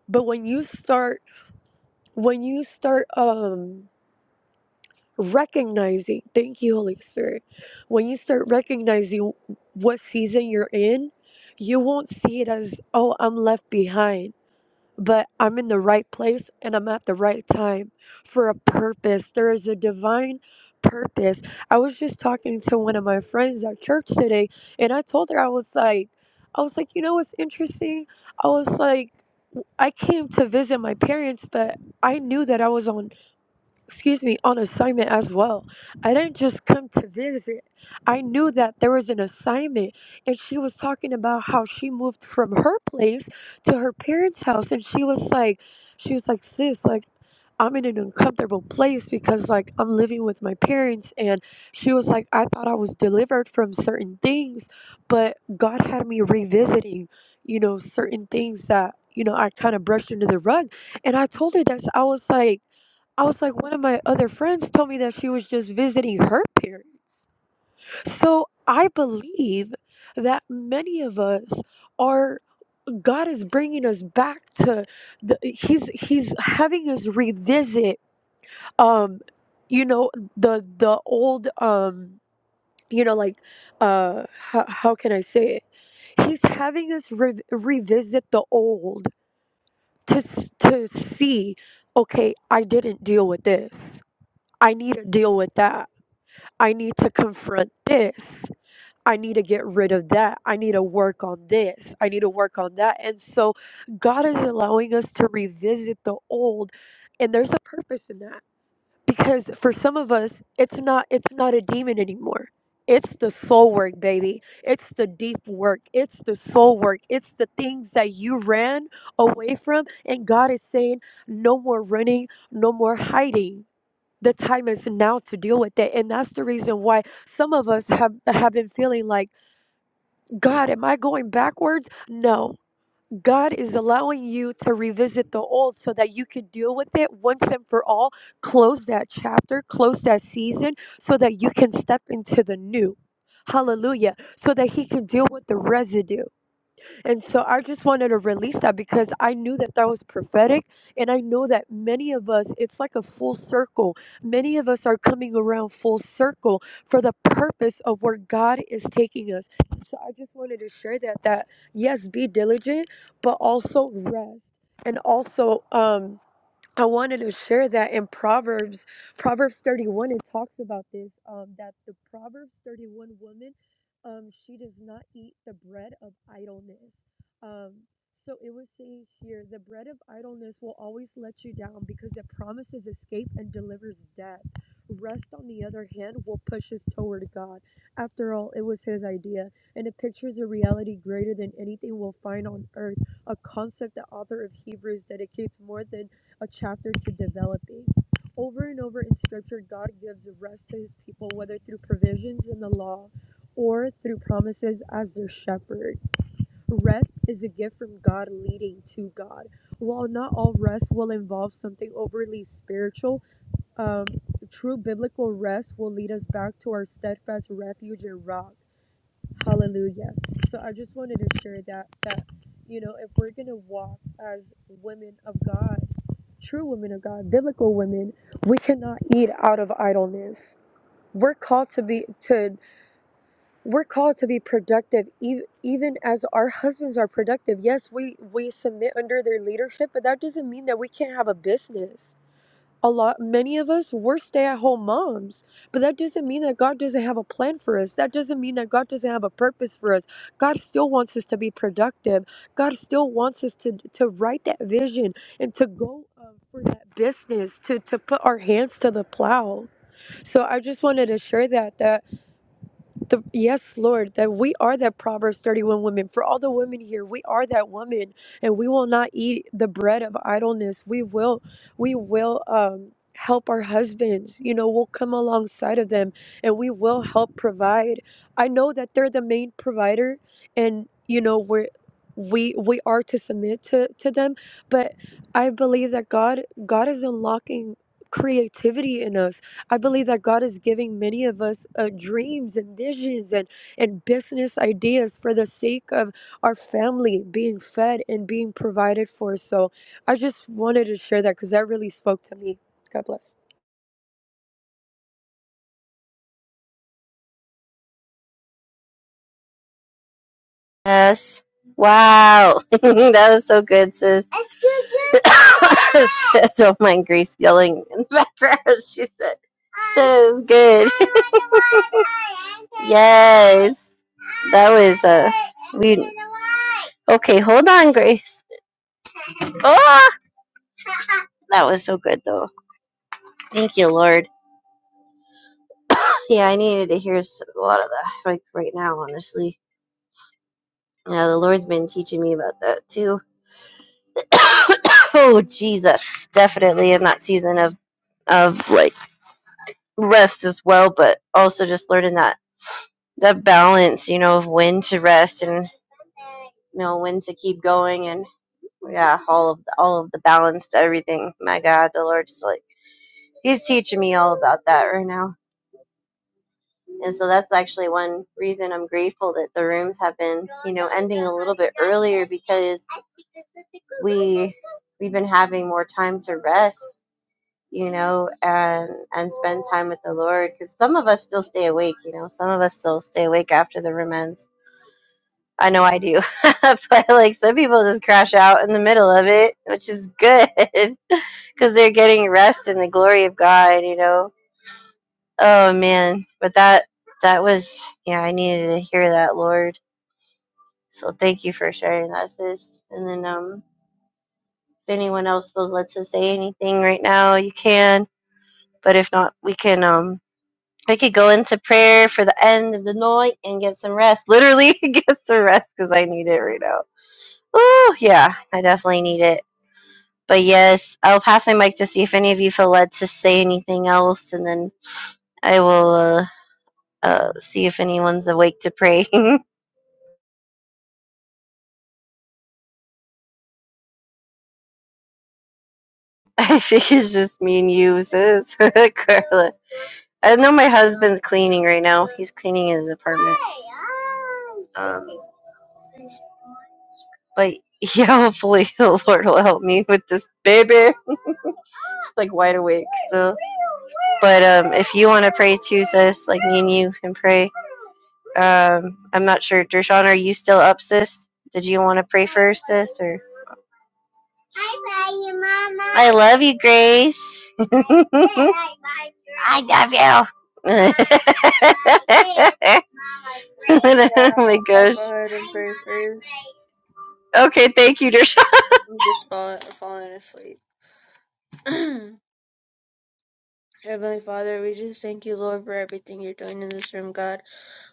Speaker 8: but when you start when you start um recognizing thank you Holy Spirit when you start recognizing what season you're in you won't see it as oh I'm left behind but I'm in the right place and I'm at the right time for a purpose. There is a divine purpose. I was just talking to one of my friends at church today and I told her I was like I was like, "You know what's interesting? I was like I came to visit my parents, but I knew that I was on excuse me, on assignment as well. I didn't just come to visit. I knew that there was an assignment, and she was talking about how she moved from her place to her parents' house, and she was like, she was like, sis, like. I'm in an uncomfortable place because, like, I'm living with my parents, and she was like, I thought I was delivered from certain things, but God had me revisiting, you know, certain things that, you know, I kind of brushed under the rug. And I told her that I was like, I was like, one of my other friends told me that she was just visiting her parents. So I believe that many of us are God is bringing us back to the he's he's having us revisit um you know the the old um you know like uh how, how can I say it he's having us re- revisit the old to s- to see okay I didn't deal with this I need to deal with that I need to confront this. I need to get rid of that. I need to work on this. I need to work on that. And so God is allowing us to revisit the old and there's a purpose in that because for some of us it's not it's not a demon anymore. It's the soul work, baby. It's the deep work. It's the soul work. It's the things that you ran away from and God is saying no more running, no more hiding the time is now to deal with it and that's the reason why some of us have have been feeling like god am i going backwards no god is allowing you to revisit the old so that you can deal with it once and for all close that chapter close that season so that you can step into the new hallelujah so that he can deal with the residue and so I just wanted to release that because I knew that that was prophetic. And I know that many of us, it's like a full circle. Many of us are coming around full circle for the purpose of where God is taking us. So I just wanted to share that, that yes, be diligent, but also rest. And also, um, I wanted to share that in Proverbs, Proverbs 31, it talks about this um, that the Proverbs 31 woman, um, she does not eat the bread of idleness. Um, so it was saying here, the bread of idleness will always let you down because it promises escape and delivers death. Rest, on the other hand, will push us toward God. After all, it was his idea, and it pictures a reality greater than anything we'll find on earth, a concept the author of Hebrews dedicates more than a chapter to developing. Over and over in Scripture, God gives rest to his people, whether through provisions in the law or through promises as their shepherd. Rest is a gift from God leading to God. While not all rest will involve something overly spiritual, um, true biblical rest will lead us back to our steadfast refuge and rock. Hallelujah. So I just wanted to share that that you know if we're gonna walk as women of God true women of God, biblical women, we cannot eat out of idleness. We're called to be to we're called to be productive e- even as our husbands are productive. Yes, we we submit under their leadership, but that doesn't mean that we can't have a business a lot many of us we're stay-at-home moms but that doesn't mean that god doesn't have a plan for us that doesn't mean that god doesn't have a purpose for us god still wants us to be productive god still wants us to to write that vision and to go um, for that business to to put our hands to the plow so i just wanted to share that that the, yes, Lord, that we are that Proverbs 31 woman. For all the women here, we are that woman, and we will not eat the bread of idleness. We will, we will um, help our husbands. You know, we'll come alongside of them, and we will help provide. I know that they're the main provider, and you know we're we we are to submit to to them. But I believe that God God is unlocking creativity in us I believe that God is giving many of us uh, dreams and visions and, and business ideas for the sake of our family being fed and being provided for. So I just wanted to share that because that really spoke to me. God bless.
Speaker 2: Yes. Wow. <laughs> that was so good, sis. <laughs> sis don't mind Grace yelling in the background. <laughs> She said, said it was good. <laughs> yes. That was uh we Okay, hold on, Grace. Oh, that was so good though. Thank you, Lord. Yeah, I needed to hear s- a lot of that like right now, honestly. Yeah, the Lord's been teaching me about that too. <coughs> oh, Jesus. Definitely in that season of, of like rest as well, but also just learning that, that balance, you know, of when to rest and, you know, when to keep going and yeah, all of the, all of the balance to everything. My God, the Lord's like, he's teaching me all about that right now. And so that's actually one reason I'm grateful that the rooms have been, you know, ending a little bit earlier because we. we've been having more time to rest you know and and spend time with the lord because some of us still stay awake you know some of us still stay awake after the room ends i know i do <laughs> but like some people just crash out in the middle of it which is good <laughs> because they're getting rest in the glory of god you know oh man but that that was yeah i needed to hear that lord so thank you for sharing that sis and then um if anyone else feels led to say anything right now you can But if not, we can um we could go into prayer for the end of the night and get some rest. Literally <laughs> get some rest because I need it right now. Oh yeah, I definitely need it. But yes, I'll pass my mic to see if any of you feel led to say anything else, and then I will uh, uh, see if anyone's awake to pray. <laughs> I think it's just me and you, sis, <laughs> Carla. I know my husband's cleaning right now. He's cleaning his apartment. Um, But <laughs> yeah, hopefully the Lord will help me with this baby. I'm Just like wide awake. So, but um, if you want to pray too, sis, like me and you can pray. Um, I'm not sure. Dershawn, are you still up, sis? Did you want to pray first, sis, or? I love you, Mama. I love you, Grace. <laughs> oh
Speaker 3: Yeah,
Speaker 2: my
Speaker 3: I'll
Speaker 2: gosh.
Speaker 3: go ahead and pray first.
Speaker 2: Okay, thank you, Dershawn.
Speaker 3: I'm just fall- falling asleep. <clears throat> Heavenly Father, we just thank you, Lord, for everything you're doing in this room, God.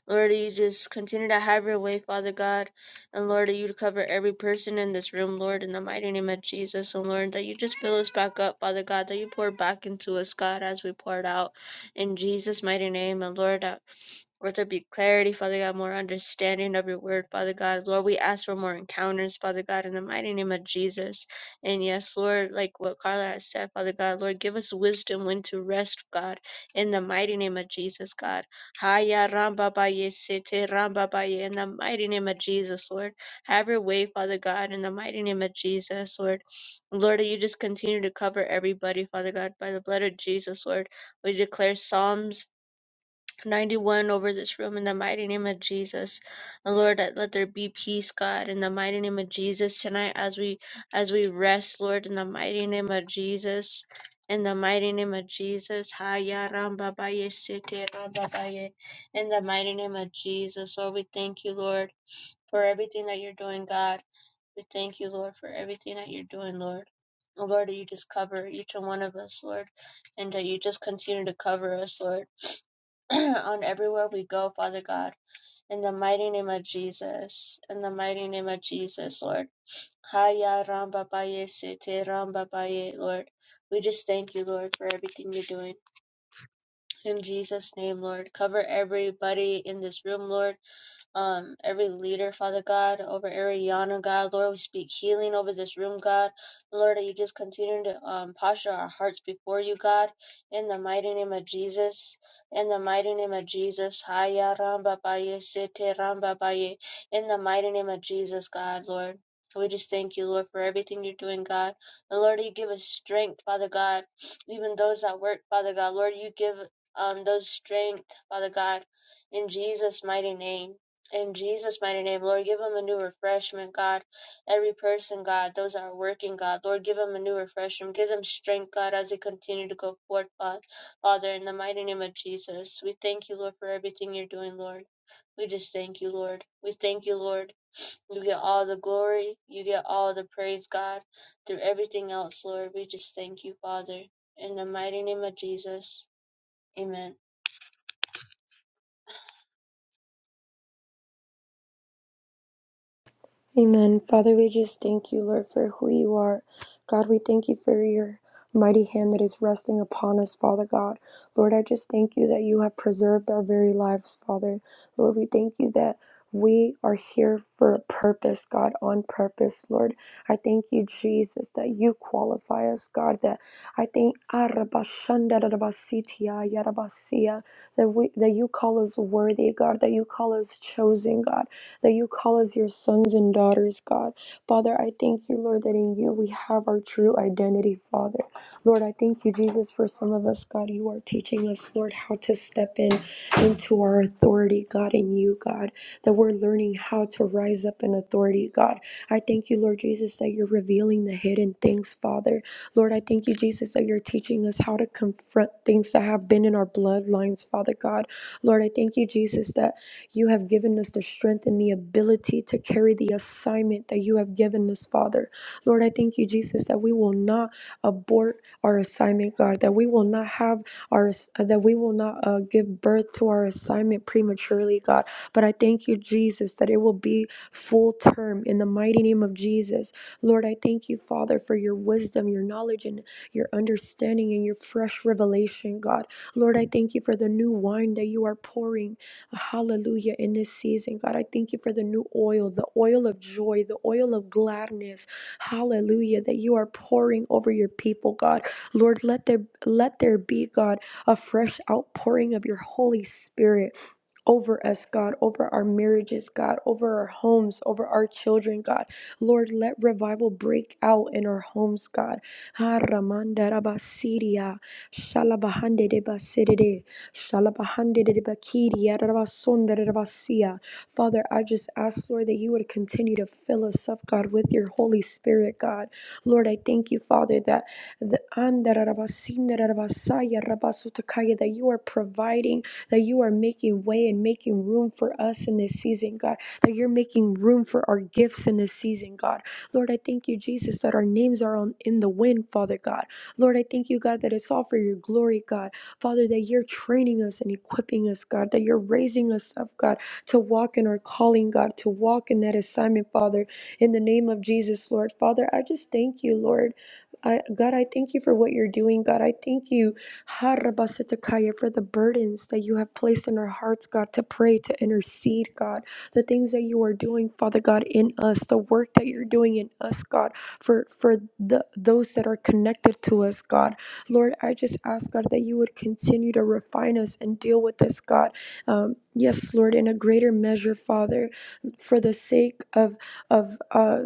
Speaker 3: Lord, that you just continue to have your way, Father God. And Lord, that you cover every person in this room, Lord, in the mighty name of Jesus. And Lord, that you just fill us back up, Father God, that you pour back into us, God, as we poured out. In Jesus' mighty name. And Lord, that let there be clarity, Father God, more understanding of your word, Father God. Lord, we ask for more encounters, Father God, in the mighty name of Jesus. And yes, Lord, like what Carla has said, Father God, Lord, give us wisdom when to rest, God, in the mighty name of Jesus, God. Haya Ramba Baye Sete Ramba Baye. In the mighty name of Jesus, Lord. Have your way, Father God, in the mighty name of Jesus, Lord. Lord, that you just continue to cover everybody, Father God, by the blood of Jesus, Lord. We declare Psalms. 91 over this room in the mighty name of Jesus. Lord, let there be peace, God, in the mighty name of Jesus tonight as we as we rest, Lord, in the mighty name of Jesus. In the mighty name of Jesus. Haya Ramba Baye Sete Ramba Baye. In the mighty name of Jesus. Lord, we thank you, Lord, for everything that you're doing, God. We thank you, Lord, for everything that you're doing, Lord. Oh Lord, that you just cover each and one of us, Lord, and that you just continue to cover us, Lord. <clears throat> on everywhere we go, Father God, in the mighty name of Jesus, in the mighty name of Jesus, Lord. Haya Ramba Baye Sete Ramba Baye, Lord. We just thank you, Lord, for everything you're doing. In Jesus' name, Lord. Cover everybody in this room, Lord um every leader, Father God, over Ariana, God, Lord, we speak healing over this room, God. Lord, that you just continue to um posture our hearts before you, God, in the mighty name of Jesus. In the mighty name of Jesus. Haya Ramba Baye Sete Ramba Baye. In the mighty name of Jesus, God, Lord. We just thank you, Lord, for everything you're doing, God. And Lord, you give us strength, Father God. Even those that work, Father God, Lord, you give um those strength, Father God, in Jesus' mighty name. In Jesus' mighty name, Lord, give them a new refreshment, God. Every person, God, those that are working, God, Lord, give them a new refreshment. Give them strength, God, as they continue to go forth, God. Father, in the mighty name of Jesus, we thank you, Lord, for everything you're doing, Lord. We just thank you, Lord. We thank you, Lord. You get all the glory. You get all the praise, God, through everything else, Lord. We just thank you, Father. In the mighty name of Jesus, amen.
Speaker 8: Amen. Father, we just thank you, Lord, for who you are. God, we thank you for your mighty hand that is resting upon us, Father God. Lord, I just thank you that you have preserved our very lives, Father. Lord, we thank you that we are here for a purpose, God, on purpose, Lord. I thank you, Jesus, that you qualify us, God, that I think that we that you call us worthy, God, that you call us chosen, God that you call us your sons and daughters, God. Father, I thank you, Lord, that in you we have our true identity, Father. Lord, I thank you, Jesus, for some of us, God, you are teaching us, Lord, how to step in into our authority, God, in you, God, that we're learning how to rise up in authority, God. I thank you, Lord Jesus, that you're revealing the hidden things, Father. Lord, I thank you, Jesus, that you're teaching us how to confront things that have been in our bloodlines, Father God. Lord, I thank you, Jesus, that. You have given us the strength and the ability to carry the assignment that you have given us, Father. Lord, I thank you, Jesus, that we will not abort our assignment, God, that we will not have our, that we will not uh, give birth to our assignment prematurely, God. But I thank you, Jesus, that it will be full term in the mighty name of Jesus. Lord, I thank you, Father, for your wisdom, your knowledge, and your understanding and your fresh revelation, God. Lord, I thank you for the new wine that you are pouring. Hallelujah. In this season, God, I thank you for the new oil, the oil of joy, the oil of gladness. Hallelujah. That you are pouring over your people, God. Lord, let there let there be, God, a fresh outpouring of your Holy Spirit over us, God, over our marriages, God, over our homes, over our children, God. Lord, let revival break out in our homes, God. Ha ramanda rabasiria, shalabahande de basiride, shalabahande de bakiria, rabasonda de Father, I just ask, Lord, that you would continue to fill us up, God, with your Holy Spirit, God. Lord, I thank you, Father, that the andara rabasinda rabasaya rabasutakaya, that you are providing that you are making way and making room for us in this season, God, that you're making room for our gifts in this season, God. Lord, I thank you, Jesus, that our names are on, in the wind, Father God. Lord, I thank you, God, that it's all for your glory, God. Father, that you're training us and equipping us, God, that you're raising us up, God, to walk in our calling, God, to walk in that assignment, Father, in the name of Jesus, Lord. Father, I just thank you, Lord. I, God, I thank you for what you're doing. God, I thank you for the burdens that you have placed in our hearts, God, to pray, to intercede, God, the things that you are doing, Father God, in us, the work that you're doing in us, God, for for the those that are connected to us, God. Lord, I just ask, God, that you would continue to refine us and deal with us, God. Um, yes, Lord, in a greater measure, Father, for the sake of of uh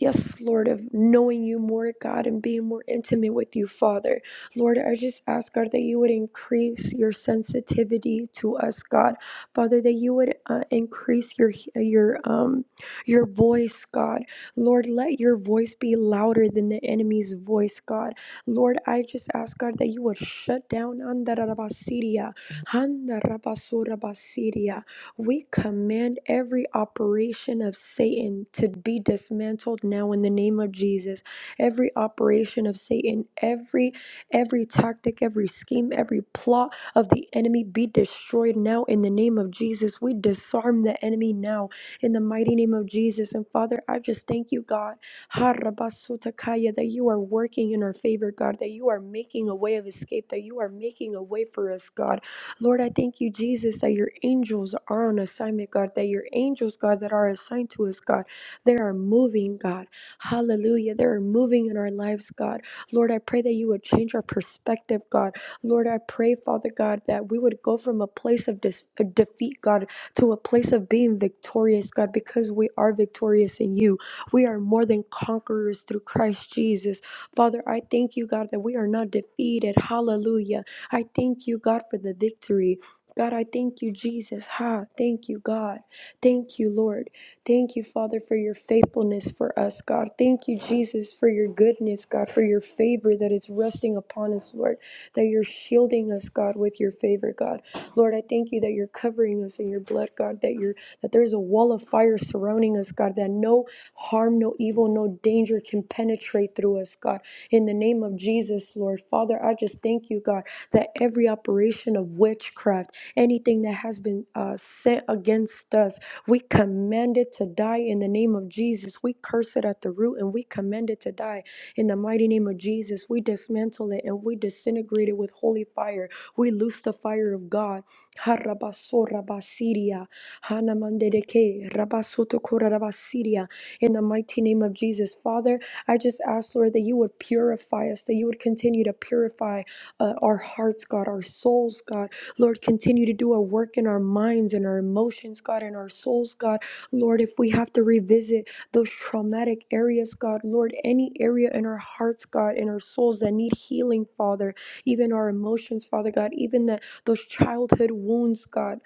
Speaker 8: Yes, Lord, of knowing you more, God, and being more intimate with you, Father. Lord, I just ask, God, that you would increase your sensitivity to us, God. Father, that you would uh, increase your your um your voice, God. Lord, let your voice be louder than the enemy's voice, God. Lord, I just ask, God, that you would shut down Andarabasiria, Andarabasurabasiria. We command every operation of Satan to be dismantled now in the name of Jesus. Every operation of Satan, every Every tactic, every scheme, every plot of the enemy be destroyed now in the name of Jesus. We disarm the enemy now in the mighty name of Jesus. And Father, I just thank you, God, Harabasutakaya, that you are working in our favor, God, that you are making a way of escape, that you are making a way for us, God. Lord, I thank you, Jesus, that your angels are on assignment, God, that your angels, God, that are assigned to us, God, they are moving, God. Hallelujah. They are moving in our lives, God. Lord, I pray that you would change our perspective, God. Lord, I pray, Father God, that we would go from a place of dis- uh, defeat, God, to a place of being victorious, God, because we are victorious in you. We are more than conquerors through Christ Jesus. Father, I thank you, God, that we are not defeated. Hallelujah. I thank you, God, for the victory. God, I thank you, Jesus. Ha, thank you, God. Thank you, Lord. Thank you, Father, for your faithfulness for us, God. Thank you, Jesus, for your goodness, God, for your favor that is resting upon us, Lord, that you're shielding us, God, with your favor, God. Lord, I thank you that you're covering us in your blood, God, that you're that there's a wall of fire surrounding us, God, that no harm, no evil, no danger can penetrate through us, God. In the name of Jesus, Lord, Father, I just thank you, God, that every operation of witchcraft, anything that has been uh, sent against us, we command it to die in the name of Jesus. We curse it at the root and we command it to die in the mighty name of Jesus. We dismantle it and we disintegrate it with holy fire. We loose the fire of God. Harabasorabasiria, hanamandereke, rabasotokorabasiria, In the mighty name of Jesus, Father, I just ask, Lord, that you would purify us, that you would continue to purify uh, our hearts, God, our souls, God Lord, continue to do a work in our minds and our emotions, God, and our souls, God. Lord, if we have to revisit those traumatic areas, God, Lord, any area in our hearts, God, in our souls that need healing, Father, even our emotions, Father God, even the, those childhood wounds, God.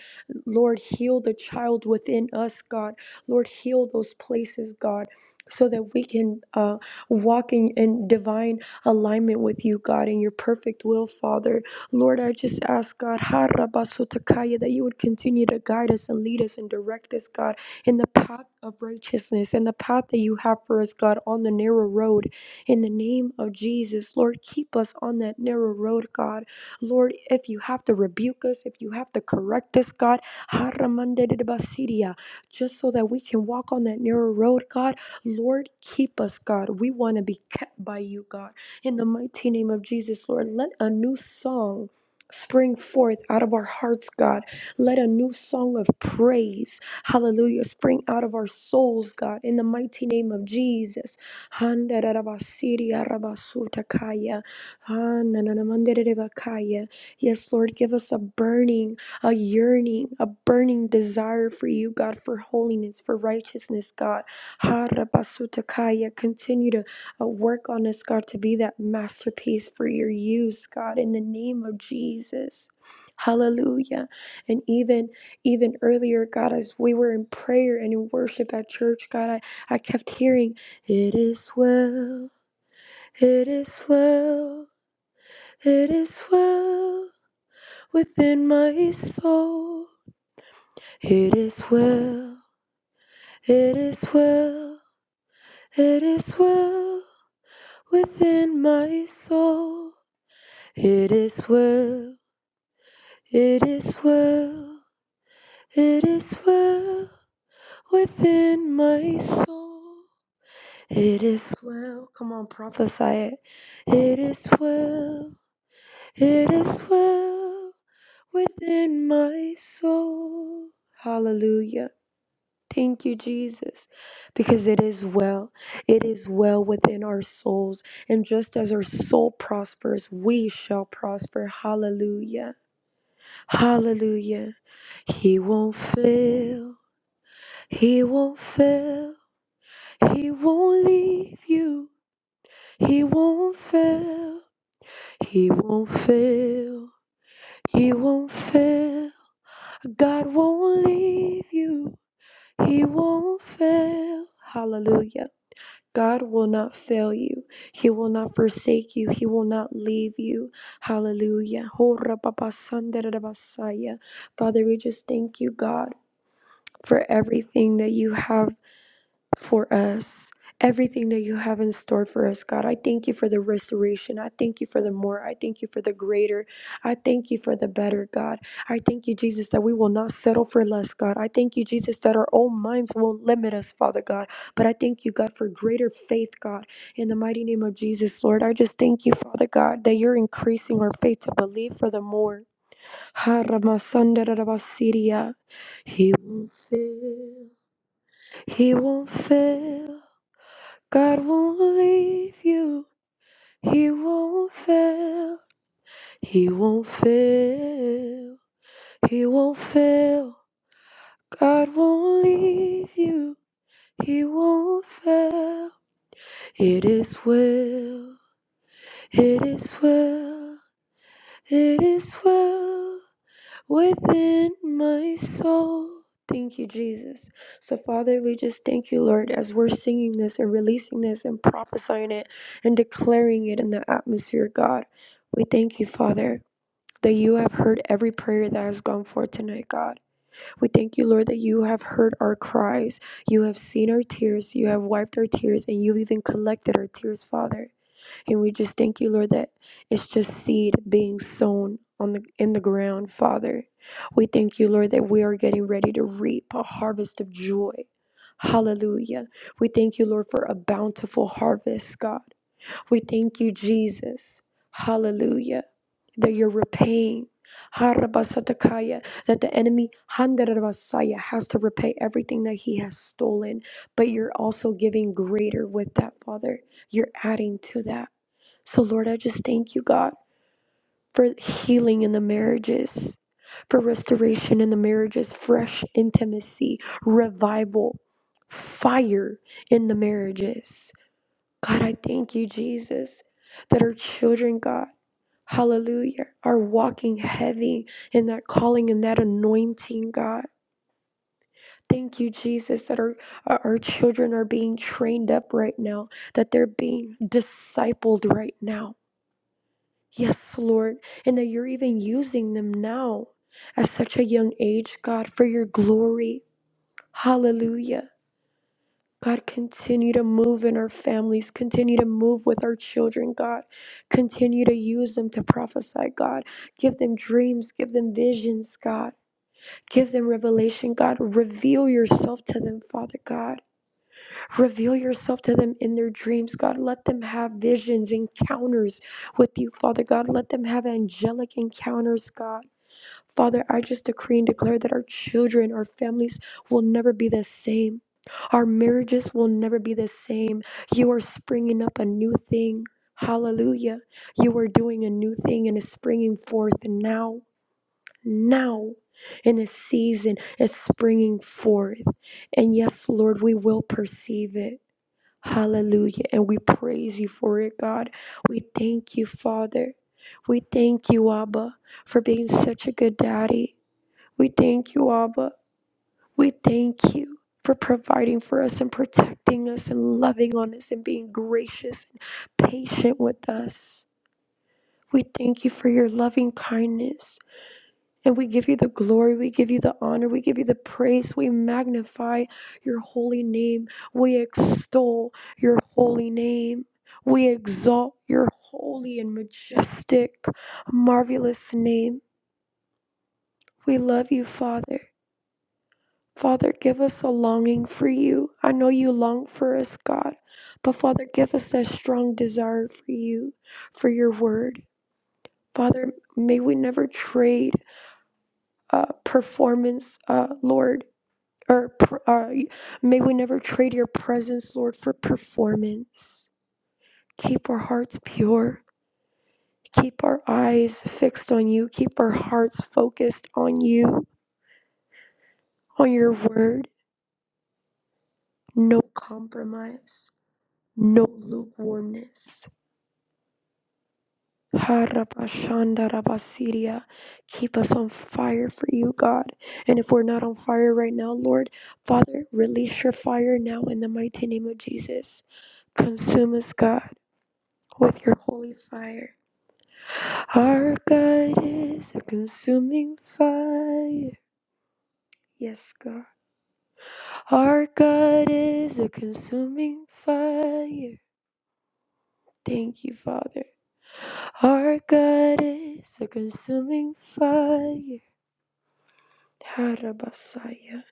Speaker 8: Lord, heal the child within us, God. Lord, heal those places, God. So that we can uh, walk in, in divine alignment with you, God, in your perfect will, Father. Lord, I just ask, God, Harabasotakaya, that you would continue to guide us and lead us and direct us, God, in the path of righteousness and the path that you have for us, God, on the narrow road. In the name of Jesus, Lord, keep us on that narrow road, God. Lord, if you have to rebuke us, if you have to correct us, God, Haramandedebasidia, just so that we can walk on that narrow road, God. Lord, keep us, God. We want to be kept by you, God. In the mighty name of Jesus, Lord, let a new song spring forth out of our hearts, God. Let a new song of praise, hallelujah, spring out of our souls, God, in the mighty name of Jesus. Handarabasiriarabasutakaya. Hanananamanderebakaya. Yes, Lord, give us a burning, a yearning, a burning desire for you, God, for holiness, for righteousness, God. Harabasutakaya. Continue to uh, work on us, God, to be that masterpiece for your use, God, in the name of Jesus. Hallelujah. And even even earlier, God, as we were in prayer and in worship at church, God, I, I kept hearing, It is well, it is well, it is well within my soul. It is well, it is well, it is well within my soul. It is well. It is well, it is well within my soul. It is well. Come on, prophesy it. It is well, it is well within my soul. Hallelujah. Thank you, Jesus, because it is well. It is well within our souls. And just as our soul prospers, we shall prosper. Hallelujah. Hallelujah. He won't fail. He won't fail. He won't leave you. He won't fail. He won't fail. He won't fail. God won't leave you. He won't fail. Hallelujah. God will not fail you. He will not forsake you. He will not leave you. Hallelujah. Father, we just thank you, God, for everything that you have. for us. Everything that you have in store for us, God. I thank you for the restoration. I thank you for the more. I thank you for the greater. I thank you for the better, God. I thank you, Jesus, that we will not settle for less, God. I thank you, Jesus, that our own minds won't limit us, Father God. But I thank you, God, for greater faith, God. In the mighty name of Jesus, Lord, I just thank you, Father God, that you're increasing our faith to believe for the more. Ha, Ramasandarabasiria. He won't fail. He won't fail. God won't leave you. He won't fail. He won't fail. He won't fail. God won't leave you. He won't fail. It is well. It is well. It is well. within my soul. Thank you, Jesus. So, Father, we just thank you, Lord, as we're singing this and releasing this and prophesying it and declaring it in the atmosphere, God. We thank you, Father, that you have heard every prayer that has gone forth tonight, God. We thank you, Lord, that you have heard our cries. You have seen our tears. You have wiped our tears, and you've even collected our tears, Father. And we just thank you, Lord, that it's just seed being sown on the in the ground, Father. We thank you, Lord, that we are getting ready to reap a harvest of joy. Hallelujah. We thank you, Lord, for a bountiful harvest, God. We thank you, Jesus. Hallelujah. That you're repaying. Harabasatakaya, That the enemy handarabasaya, has to repay everything that he has stolen, but you're also giving greater with that, Father. You're adding to that. So, Lord, I just thank you, God, for healing in the marriages, for restoration in the marriages, fresh intimacy, revival, fire in the marriages. God, I thank you, Jesus, that our children, God, hallelujah, are walking heavy in that calling and that anointing, God. Thank you, Jesus, that our, our our children are being trained up right now, that they're being discipled right now. Yes, Lord, and that you're even using them now at such a young age, God, for your glory. Hallelujah. God, continue to move in our families. Continue to move with our children, God. Continue to use them to prophesy, God. Give them dreams. Give them visions, God. Give them revelation, God. Reveal yourself to them, Father God. Reveal yourself to them in their dreams, God. Let them have visions, encounters with you, Father God. Let them have angelic encounters, God. Father, I just decree and declare that our children, our families will never be the same. Our marriages will never be the same. You are springing up a new thing. Hallelujah. You are doing a new thing and it's springing forth now. Now. In this season, it's springing forth. And yes, Lord, we will perceive it. Hallelujah. And we praise you for it, God. We thank you, Father. We thank you, Abba, for being such a good daddy. We thank you, Abba. We thank you for providing for us and protecting us and loving on us and being gracious and patient with us. We thank you for your loving kindness. And we give you the glory, we give you the honor, we give you the praise, we magnify your holy name, we extol your holy name, we exalt your holy and majestic, marvelous name. We love you, Father. Father, give us a longing for you. I know you long for us, God, but Father, give us that strong desire for you, for your word. Father, may we never trade uh, performance, uh, Lord or, or may we never trade your presence, Lord, for performance. Keep our hearts pure. Keep our eyes fixed on you. Keep our hearts focused on you, on your word. No compromise, no lukewarmness. Harapashandarabasiria. Keep us on fire for you, God. And if we're not on fire right now, Lord, Father, release your fire now in the mighty name of Jesus. Consume us, God. with your holy fire. Our God is a consuming fire. Yes, God. Our God is a consuming fire. Thank you, Father. Our God is a consuming fire. Harabasaya.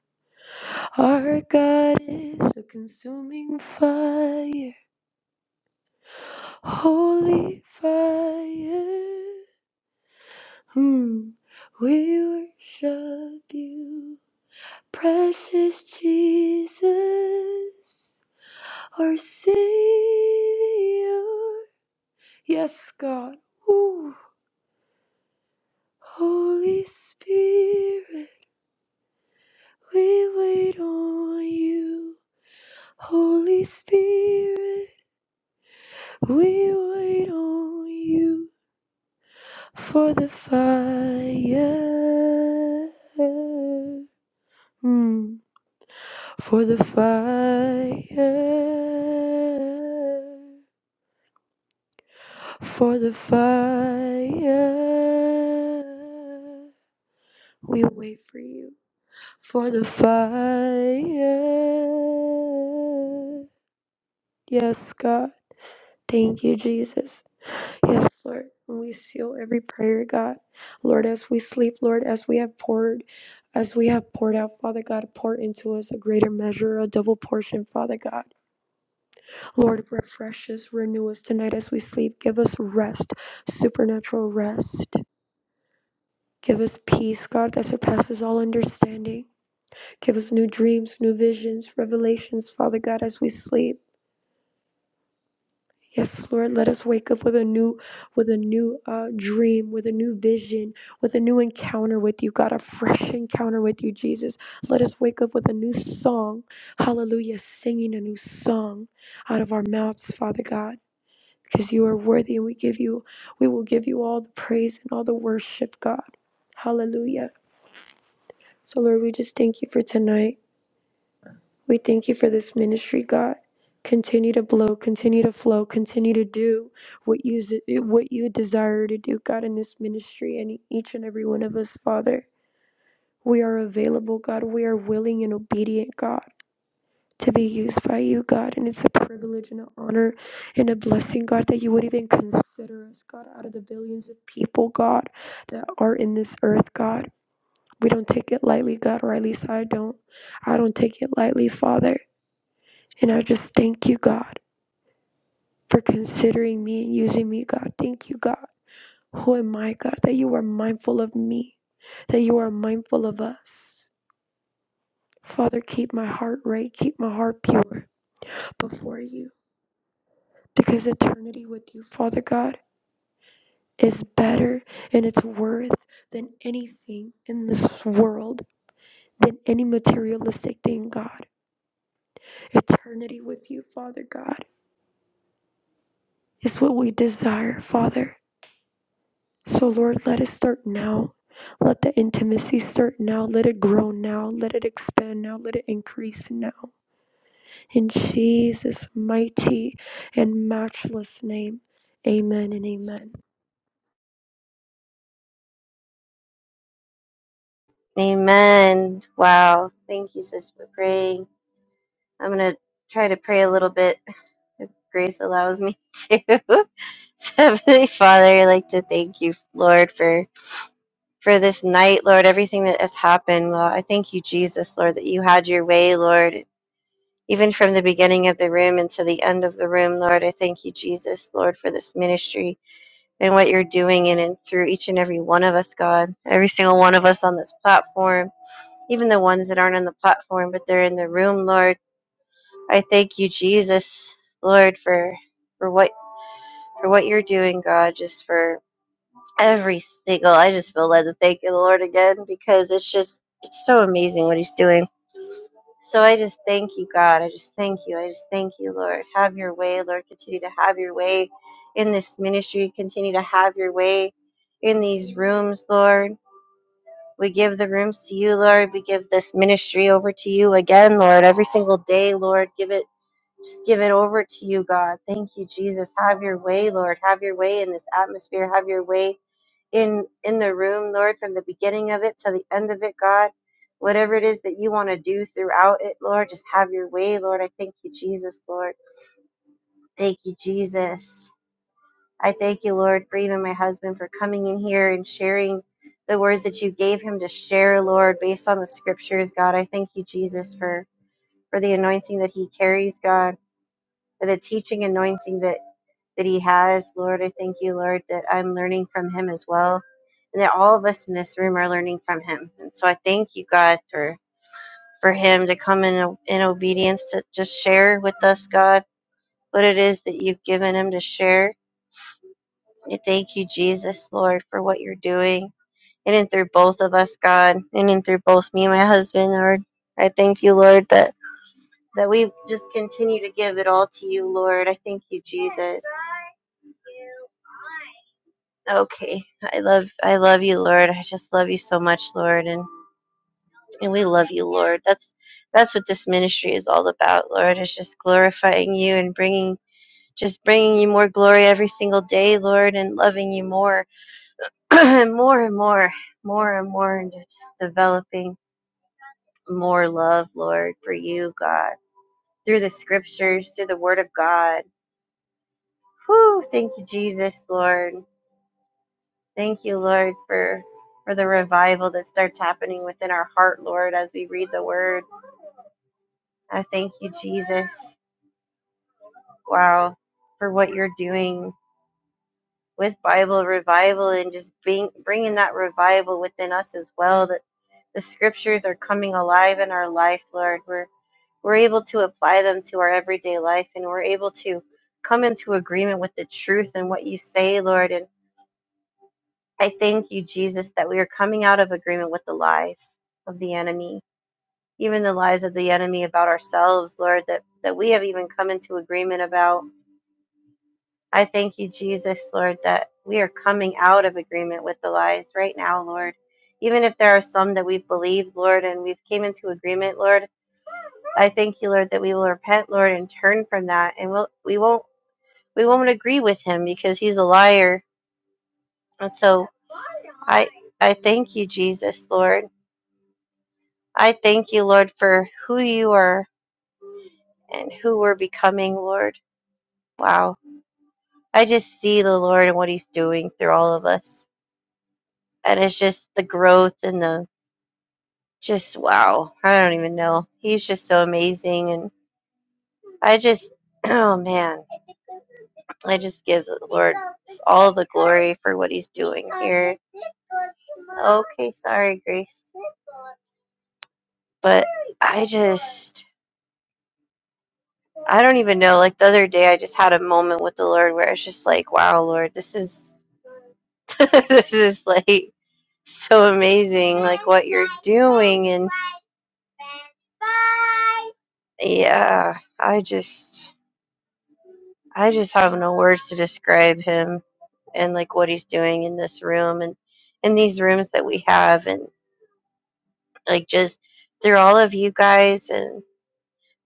Speaker 8: Our God is a consuming fire. Holy fire. Hmm. We worship you. Precious Jesus, our Savior. Yes, God. Ooh. Holy Spirit, we wait on you. Holy Spirit, we wait on you for the fire. Mm, For the fire. for the fire. We wait for you for the fire. Yes, God. Thank you, Jesus. Yes, Lord. And we seal every prayer, God. Lord, as we sleep, Lord, as we have poured, as we have poured out, Father God, pour into us a greater measure, a double portion, Father God. Lord, refresh us, renew us tonight as we sleep. Give us rest, supernatural rest. Give us peace, God, that surpasses all understanding. Give us new dreams, new visions, revelations, Father God, as we sleep. Yes, Lord, let us wake up with a new, with a new uh, dream, with a new vision, with a new encounter with you, God, a fresh encounter with you, Jesus. Let us wake up with a new song, Hallelujah, singing a new song out of our mouths, Father God, because you are worthy, and we give you, we will give you all the praise and all the worship, God, Hallelujah. So, Lord, we just thank you for tonight. We thank you for this ministry, God. Continue to blow, continue to flow, continue to do what you what you desire to do, God, in this ministry and each and every one of us, Father. We are available, God. We are willing and obedient, God, to be used by you, God. And it's a privilege and an honor and a blessing, God, that you would even consider us, God, out of the billions of people, God, that are in this earth, God. We don't take it lightly, God, or at least I don't. I don't take it lightly, Father. And I just thank you, God, for considering me and using me, God. Thank you, God. Who am I, God, that you are mindful of me, that you are mindful of us. Father, keep my heart right, keep my heart pure before you, because eternity with you, Father God, is better and it's worth than anything in this world, than any materialistic thing, God eternity with you, Father God. is what we desire, Father. So, Lord, let it start now. Let the intimacy start now. Let it grow now. Let it expand now. Let it increase now. In Jesus' mighty and matchless name, amen and amen.
Speaker 2: Amen. Wow. Thank you, sis, for praying. I'm going to try to pray a little bit if grace allows me to. <laughs> So, Heavenly Father, I'd like to thank you, Lord, for for this night, Lord, everything that has happened, Lord. I thank you, Jesus, Lord, that you had your way, Lord, even from the beginning of the room until the end of the room, Lord. I thank you, Jesus, Lord, for this ministry and what you're doing in and through each and every one of us, God. Every single one of us on this platform, even the ones that aren't on the platform, but they're in the room, Lord. I thank you, Jesus, Lord, for for what for what you're doing, God, just for every single. I just feel led to thank you, Lord, again because it's just it's so amazing what He's doing. So I just thank you, God. I just thank you. I just thank you, Lord. Have your way, Lord. Continue to have your way in this ministry. Continue to have your way in these rooms, Lord. We give the rooms to you, Lord. We give this ministry over to you again, Lord. Every single day, Lord. Give it just give it over to you, God. Thank you, Jesus. Have your way, Lord. Have your way in this atmosphere. Have your way in in the room, Lord, from the beginning of it to the end of it, God. Whatever it is that you want to do throughout it, Lord, just have your way, Lord. I thank you, Jesus, Lord. Thank you, Jesus. I thank you, Lord, for even my husband for coming in here and sharing the words that you gave him to share, Lord, based on the scriptures, God. I thank you, Jesus, for for the anointing that he carries, God, for the teaching anointing that that he has. Lord, I thank you, Lord, that I'm learning from him as well, and that all of us in this room are learning from him. And so I thank you, God, for for him to come in in obedience to just share with us, God, what it is that you've given him to share. I thank you, Jesus, Lord, for what you're doing in and through both of us, God, in and through both me and my husband, Lord. I thank you, Lord, that that we just continue to give it all to you, Lord. I thank you, Jesus. okay i love i love you lord i just love you so much lord and and we love you lord that's that's what this ministry is all about lord it's just glorifying you and bringing just bringing you more glory every single day lord and loving you more <clears throat> and more and more more and more and just developing more love lord for you god through the scriptures through the word of god Whew, thank you jesus lord Thank you, Lord, for for the revival that starts happening within our heart, Lord, as we read the word. I thank you, Jesus. Wow, for what you're doing with Bible revival and just being bringing that revival within us as well that the scriptures are coming alive in our life, Lord. We're we're able to apply them to our everyday life and we're able to come into agreement with the truth and what you say, Lord. And I thank you, Jesus, that we are coming out of agreement with the lies of the enemy even the lies of the enemy about ourselves, Lord, that, that we have even come into agreement about. I thank you, Jesus, Lord, that we are coming out of agreement with the lies right now, Lord. Even if there are some that we've believed, Lord, and we've came into agreement, Lord, I thank you, Lord, that we will repent, Lord, and turn from that, and we'll, we won't we won't agree with him because he's a liar. And so, I I thank you, Jesus, Lord. I thank you, Lord, for who you are and who we're becoming, Lord. Wow. I just see the Lord and what He's doing through all of us. And it's just the growth and the just wow. I don't even know. He's just so amazing. And I just, <clears throat> oh man, I just give the Lord all the glory for what He's doing here. Okay, sorry, Grace. But I just, I don't even know. Like the other day, I just had a moment with the Lord where it's just like, wow, Lord, this is, <laughs> this is like, so amazing like what you're doing and yeah i just i just have no words to describe him and like what he's doing in this room and in these rooms that we have and like just through all of you guys and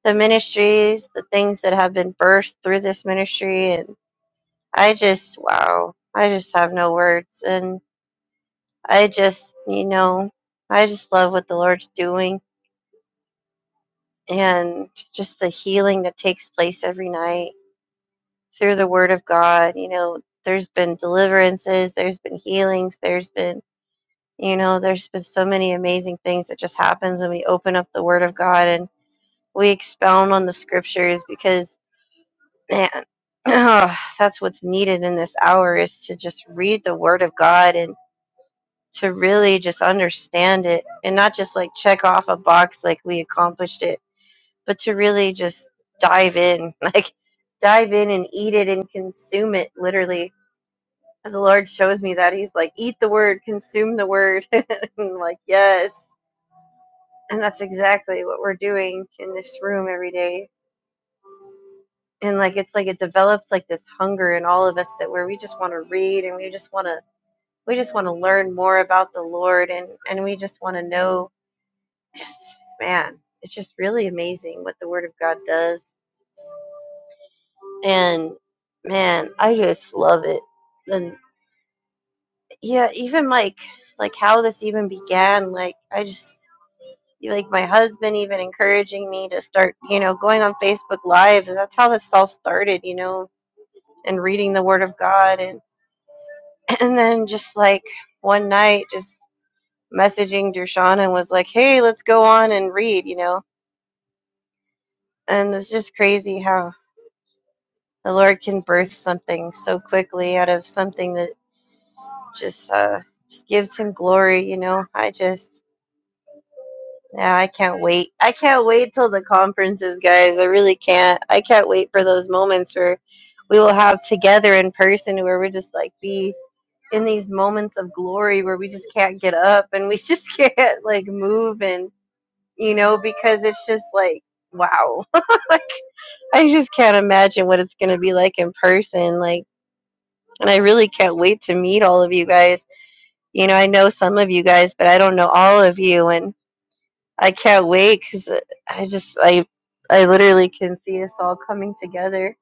Speaker 2: the ministries the things that have been birthed through this ministry and i just wow i just have no words and i just you know i just love what the lord's doing and just the healing that takes place every night through the word of God. You know, there's been deliverances, there's been healings, there's been, you know, there's been so many amazing things that just happens when we open up the word of God and we expound on the scriptures because man, <clears throat> that's what's needed in this hour is to just read the word of God and to really just understand it and not just like check off a box like we accomplished it but to really just dive in, <laughs> like dive in and eat it and consume it literally. As the Lord shows me that, He's like, eat the word, consume the word. <laughs> and I'm like, yes. And that's exactly what we're doing in this room every day. And like, it's like it develops like this hunger in all of us that where we just want to read and we just want to, we just want to learn more about the Lord and, and we just want to know, just man, it's just really amazing what the Word of God does and man i just love it and yeah even like like how this even began like i just like my husband even encouraging me to start you know going on facebook live and that's how this all started you know and reading the word of god and <laughs> and then just like one night just messaging Dershawn and was like hey let's go on and read you know and it's just crazy how the lord can birth something so quickly out of something that. Just uh just gives him glory, you know. I just yeah, I can't wait. I can't wait till the conferences, guys. I really can't. I can't wait for those moments where we will have together in person where we just like be in these moments of glory where we just can't get up and we just <laughs> can't like move and you know, because it's just like wow. <laughs> Like I just can't imagine what it's going to be like in person. Like, and I really can't wait to meet all of you guys you know, I know some of you guys, but I don't know all of you, and I can't wait because I just, I, I literally can see us all coming together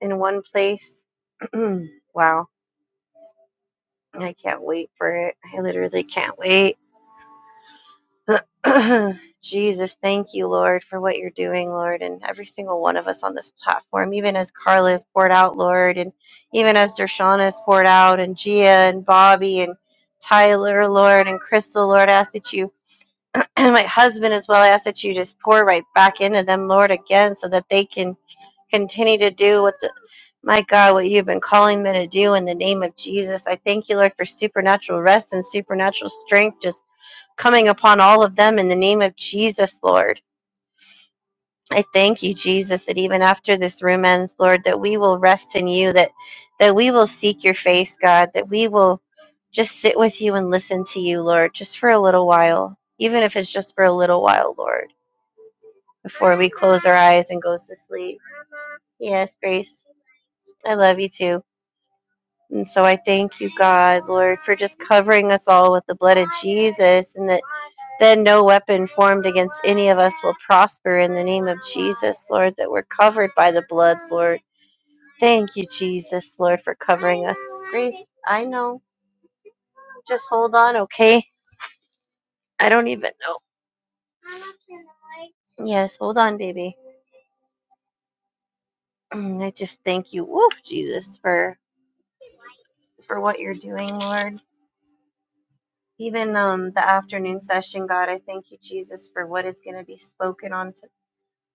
Speaker 2: in one place. <clears throat> wow, I can't wait for it. I literally can't wait. <clears throat> Jesus, thank you, Lord, for what you're doing, Lord, and every single one of us on this platform, even as Carla is poured out, Lord, and even as Dershana is poured out, and Gia and Bobby and Tyler, Lord, and Crystal, Lord, I ask that you <clears throat> and my husband as well. I ask that you just pour right back into them, Lord, again, so that they can continue to do what the my God, what you've been calling them to do in the name of Jesus. I thank you, Lord, for supernatural rest and supernatural strength just coming upon all of them in the name of Jesus, Lord. I thank you, Jesus, that even after this room ends, Lord, that we will rest in you, that that we will seek your face, God, that we will just sit with you and listen to you, Lord, just for a little while, even if it's just for a little while, Lord. before we close our eyes and goes to sleep. Yes, Grace, I love you too. And so I thank you, God, Lord, for just covering us all with the blood of Jesus and that then no weapon formed against any of us will prosper in the name of Jesus, Lord, that we're covered by the blood, Lord. Thank you, Jesus, Lord, for covering us. Grace, I know. Just hold on, okay? I don't even know. Yes, hold on, baby. <clears throat> I just thank you, woo, Jesus, for for what you're doing, Lord. Even um, the afternoon session, God, I thank you, Jesus, for what is going to be spoken on, to,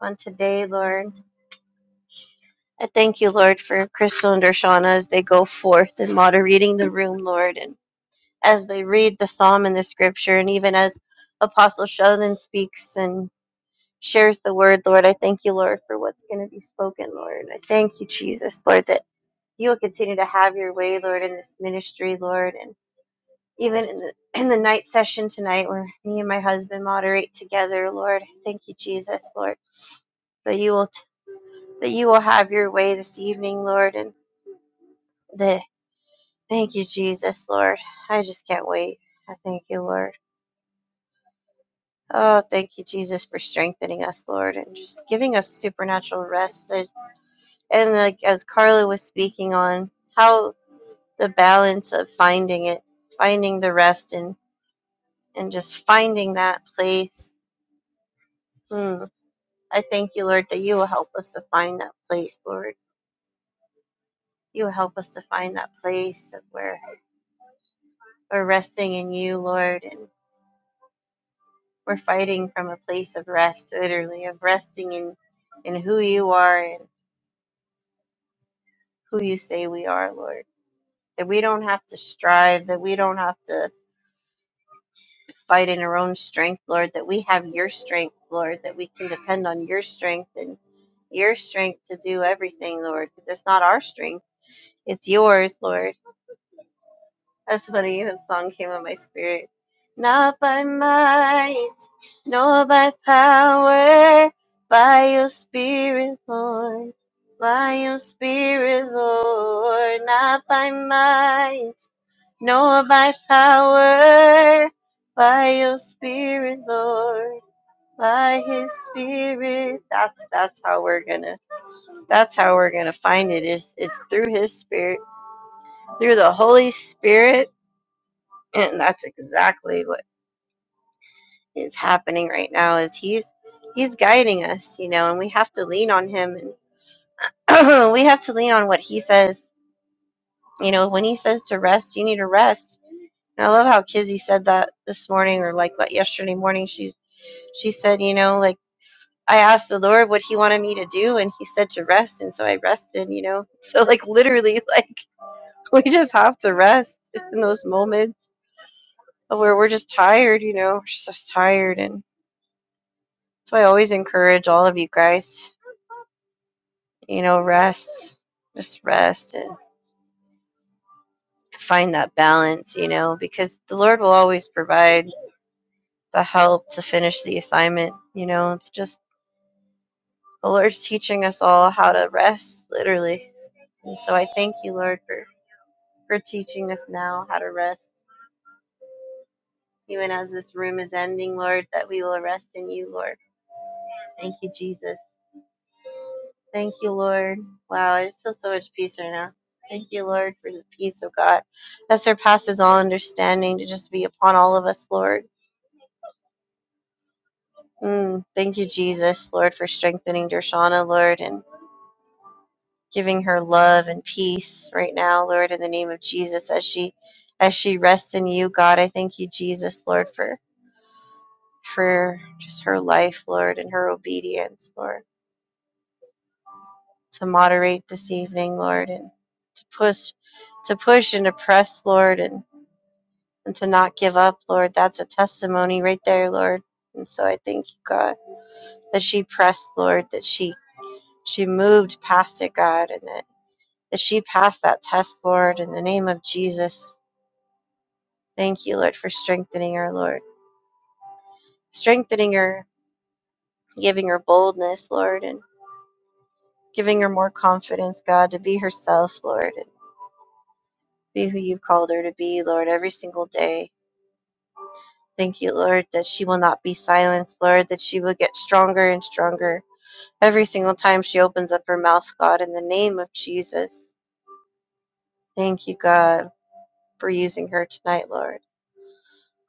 Speaker 2: on today, Lord. I thank you, Lord, for Crystal and Dershana as they go forth and moderating the room, Lord, and as they read the psalm and the scripture, and even as Apostle Sheldon speaks and shares the word, Lord, I thank you, Lord, for what's going to be spoken, Lord. I thank you, Jesus, Lord, that you will continue to have your way, Lord, in this ministry, Lord, and even in the, in the night session tonight where me and my husband moderate together lord thank you jesus lord that you will t- that you will have your way this evening lord and the thank you jesus lord i just can't wait i thank you lord oh thank you jesus for strengthening us lord and just giving us supernatural rest and and like as carla was speaking on how the balance of finding it finding the rest and and just finding that place Hmm. I thank you, Lord, that you will help us to find that place, Lord. You will help us to find that place of where we're resting in you, Lord, and we're fighting from a place of rest, literally, of resting in, in who you are and who you say we are, Lord. That we don't have to strive, that we don't have to fight in our own strength, Lord, that we have your strength, Lord, that we can depend on your strength and your strength to do everything, Lord, because it's not our strength, it's yours, Lord That's funny. That song came in my spirit. Not by might, nor by power, by your spirit, Lord. By your spirit, Lord. Not by might, nor by power, by your spirit, Lord. By his spirit. That's that's how we're gonna that's how we're gonna find it is is through his spirit. Through the Holy Spirit and that's exactly what is happening right now is he's he's guiding us you know and we have to lean on him and <clears throat> we have to lean on what he says you know when he says to rest you need to rest and i love how kizzy said that this morning or like what yesterday morning she she said you know like i asked the lord what he wanted me to do and he said to rest and so i rested you know <laughs> so like literally like <laughs> we just have to rest in those moments of where we're just tired you know we're just tired and. So I always encourage all of you guys, you know, rest, just rest and find that balance, you know, because the Lord will always provide the help to finish the assignment. You know, it's just the Lord's teaching us all how to rest, literally. And so I thank you, Lord, for, for teaching us now how to rest. Even as this room is ending, Lord, that we will rest in you, Lord. Thank you, Jesus. Thank you, Lord. Wow, I just feel so much peace right now. Thank you, Lord, for the peace of God that surpasses all understanding to just be upon all of us, Lord. Mm, thank you, Jesus, Lord, for strengthening Dershana, Lord, and giving her love and peace right now, Lord, in the name of Jesus, as she as she rests in you, God. I thank you, Jesus, Lord, for for just her life, Lord, and her obedience, Lord, to moderate this evening, Lord, and to push to push and to press, Lord, and and to not give up, Lord. That's a testimony right there, Lord. And so I thank you, God, that she pressed, Lord, that she she moved past it, God, and that, that she passed that test, Lord, in the name of Jesus. Thank you, Lord, for strengthening her, Lord. Strengthening her, giving her boldness, Lord, and giving her more confidence, God, to be herself, Lord, and be who you've called her to be, Lord, every single day. Thank you, Lord, that she will not be silenced, Lord, that she will get stronger and stronger Every single time she opens up her mouth, God, in the name of Jesus, thank you, God, for using her tonight, Lord.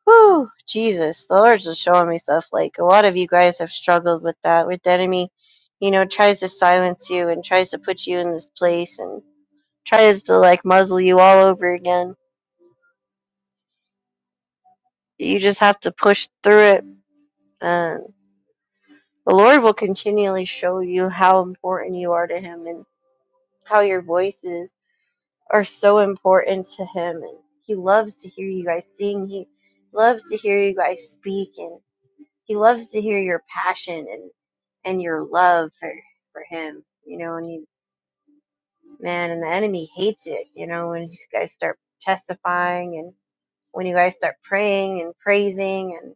Speaker 2: Whew, Jesus, the Lord's just showing me stuff. Like a lot of you guys have struggled with that, with the enemy, you know, tries to silence you and tries to put you in this place and tries to like muzzle you all over again. You just have to push through it, and the Lord will continually show you how important you are to Him and how your voice is are so important to him and he loves to hear you guys sing he loves to hear you guys speak and he loves to hear your passion and and your love for for him you know and you man and the enemy hates it you know when you guys start testifying and when you guys start praying and praising and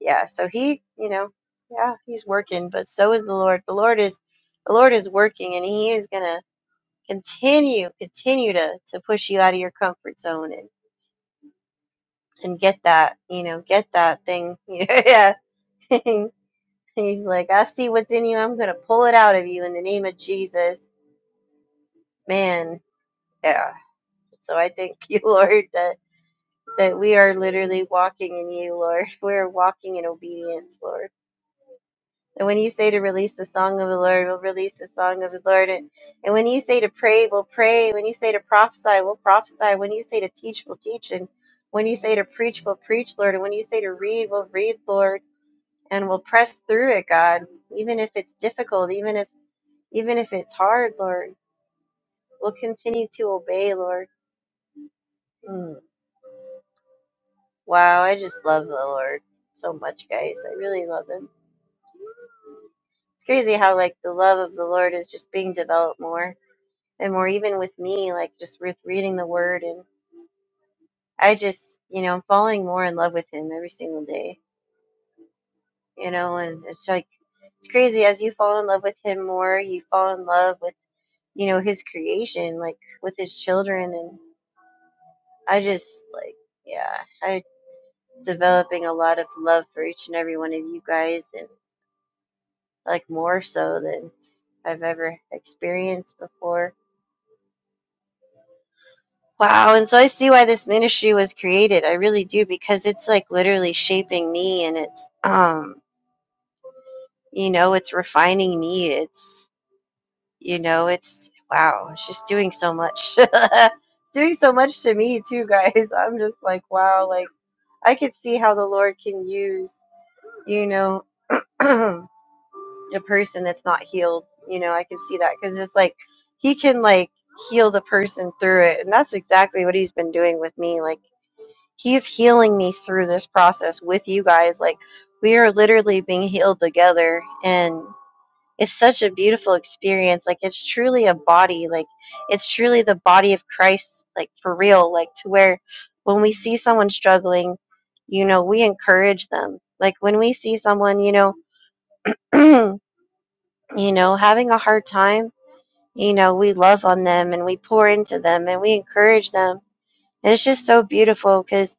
Speaker 2: yeah so he you know yeah he's working but so is the lord the lord is the lord is working and he is gonna continue continue to to push you out of your comfort zone and and get that, you know, get that thing. <laughs> yeah. <laughs> And he's like, I see what's in you. I'm going to pull it out of you in the name of Jesus. Man. Yeah. So I thank you, <laughs> Lord, that, that we are literally walking in you, Lord. <laughs> We're walking in obedience, Lord. And when you say to release the song of the Lord, we'll release the song of the Lord. And, and when you say to pray, we'll pray. When you say to prophesy, we'll prophesy. When you say to teach, we'll teach. And when you say to preach, we'll preach, Lord. And when you say to read, we'll read, Lord and we'll press through it, God, even if it's difficult, even if even if it's hard, Lord. We'll continue to obey, Lord. Mm. Wow, I just love the Lord so much, guys. I really love him. It's crazy how like the love of the Lord is just being developed more and more even with me, like just with reading the word and I just, you know, I'm falling more in love with him every single day. You know, and it's like it's crazy as you fall in love with him more, you fall in love with, you know, his creation, like with his children and I just like yeah, I developing a lot of love for each and every one of you guys and like more so than I've ever experienced before. Wow, and so I see why this ministry was created. I really do because it's like literally shaping me and it's um you know, it's refining me. It's you know, it's wow, it's just doing so much. <laughs> It's doing so much to me too, guys. <laughs> I'm just like wow, like I could see how the Lord can use you know <clears throat> a person that's not healed. You know, I can see that because it's like he can like heal the person through it, and that's exactly what he's been doing with me. Like he's healing me through this process with you guys. Like we are literally being healed together, and it's such a beautiful experience. Like it's truly a body. Like it's truly the body of Christ. Like for real. Like to where when we see someone struggling, you know, we encourage them. Like when we see someone, you know. <clears throat> you know, having a hard time, you know, we love on them and we pour into them and we encourage them. And it's just so beautiful because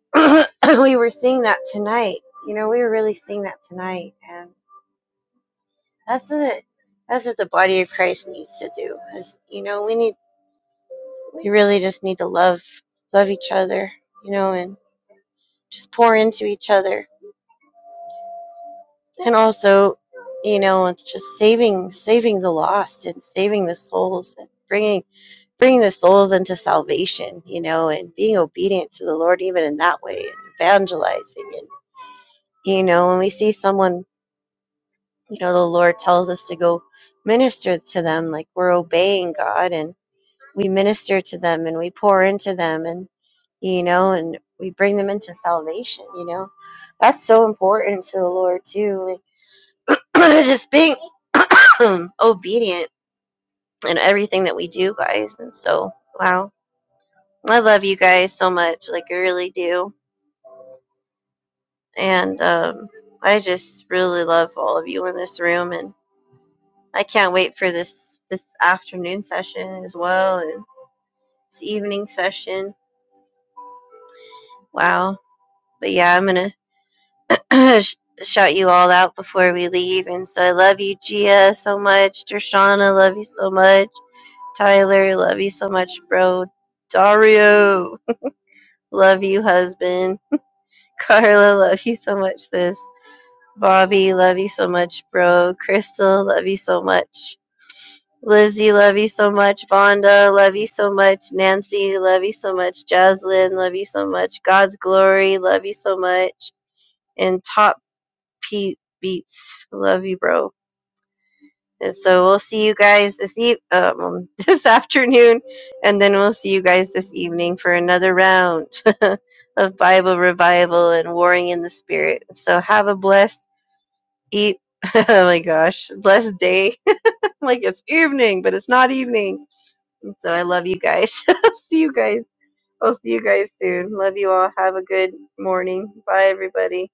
Speaker 2: <coughs> <clears throat> we were seeing that tonight. You know, we were really seeing that tonight. And that's what, that's what the body of Christ needs to do. Is, you know, we need, we really just need to love, love each other, you know, and just pour into each other. And also, you know, it's just saving, saving the lost and saving the souls and bringing bringing the souls into salvation, you know, and being obedient to the Lord even in that way, and evangelizing. And, you know, when we see someone, you know, the Lord tells us to go minister to them, like we're obeying God and we minister to them and we pour into them and, you know, and we bring them into salvation, you know. That's so important to the Lord, too. Like, <clears throat> just being <clears throat> obedient in everything that we do, guys. And so, wow. I love you guys so much. Like, I really do and um, I just really love all of you in this room, and I can't wait for this this afternoon session as well, and this evening session. Wow! But yeah, I'm gonna <clears throat> sh- shout you all out before we leave, and so I love you, Gia, so much. Dershana, love you so much. Tyler, love you so much, bro. Dario, <laughs> love you, husband. <laughs> Carla, love you so much, sis. Bobby, love you so much, bro. Crystal, love you so much. Lizzie, love you so much. Vonda, love you so much. Nancy, love you so much. Jaslyn, love you so much. God's glory, love you so much. And Top Pete Beats, love you, bro. And so we'll see you guys this e- um, <laughs> this afternoon, and then we'll see you guys this evening for another round <laughs> of Bible revival and warring in the spirit. So have a blessed eat. <laughs> oh my gosh, blessed day. <laughs> like it's evening, but it's not evening. And so I love you guys. <laughs> see you guys. I'll see you guys soon. Love you all. Have a good morning. Bye, everybody.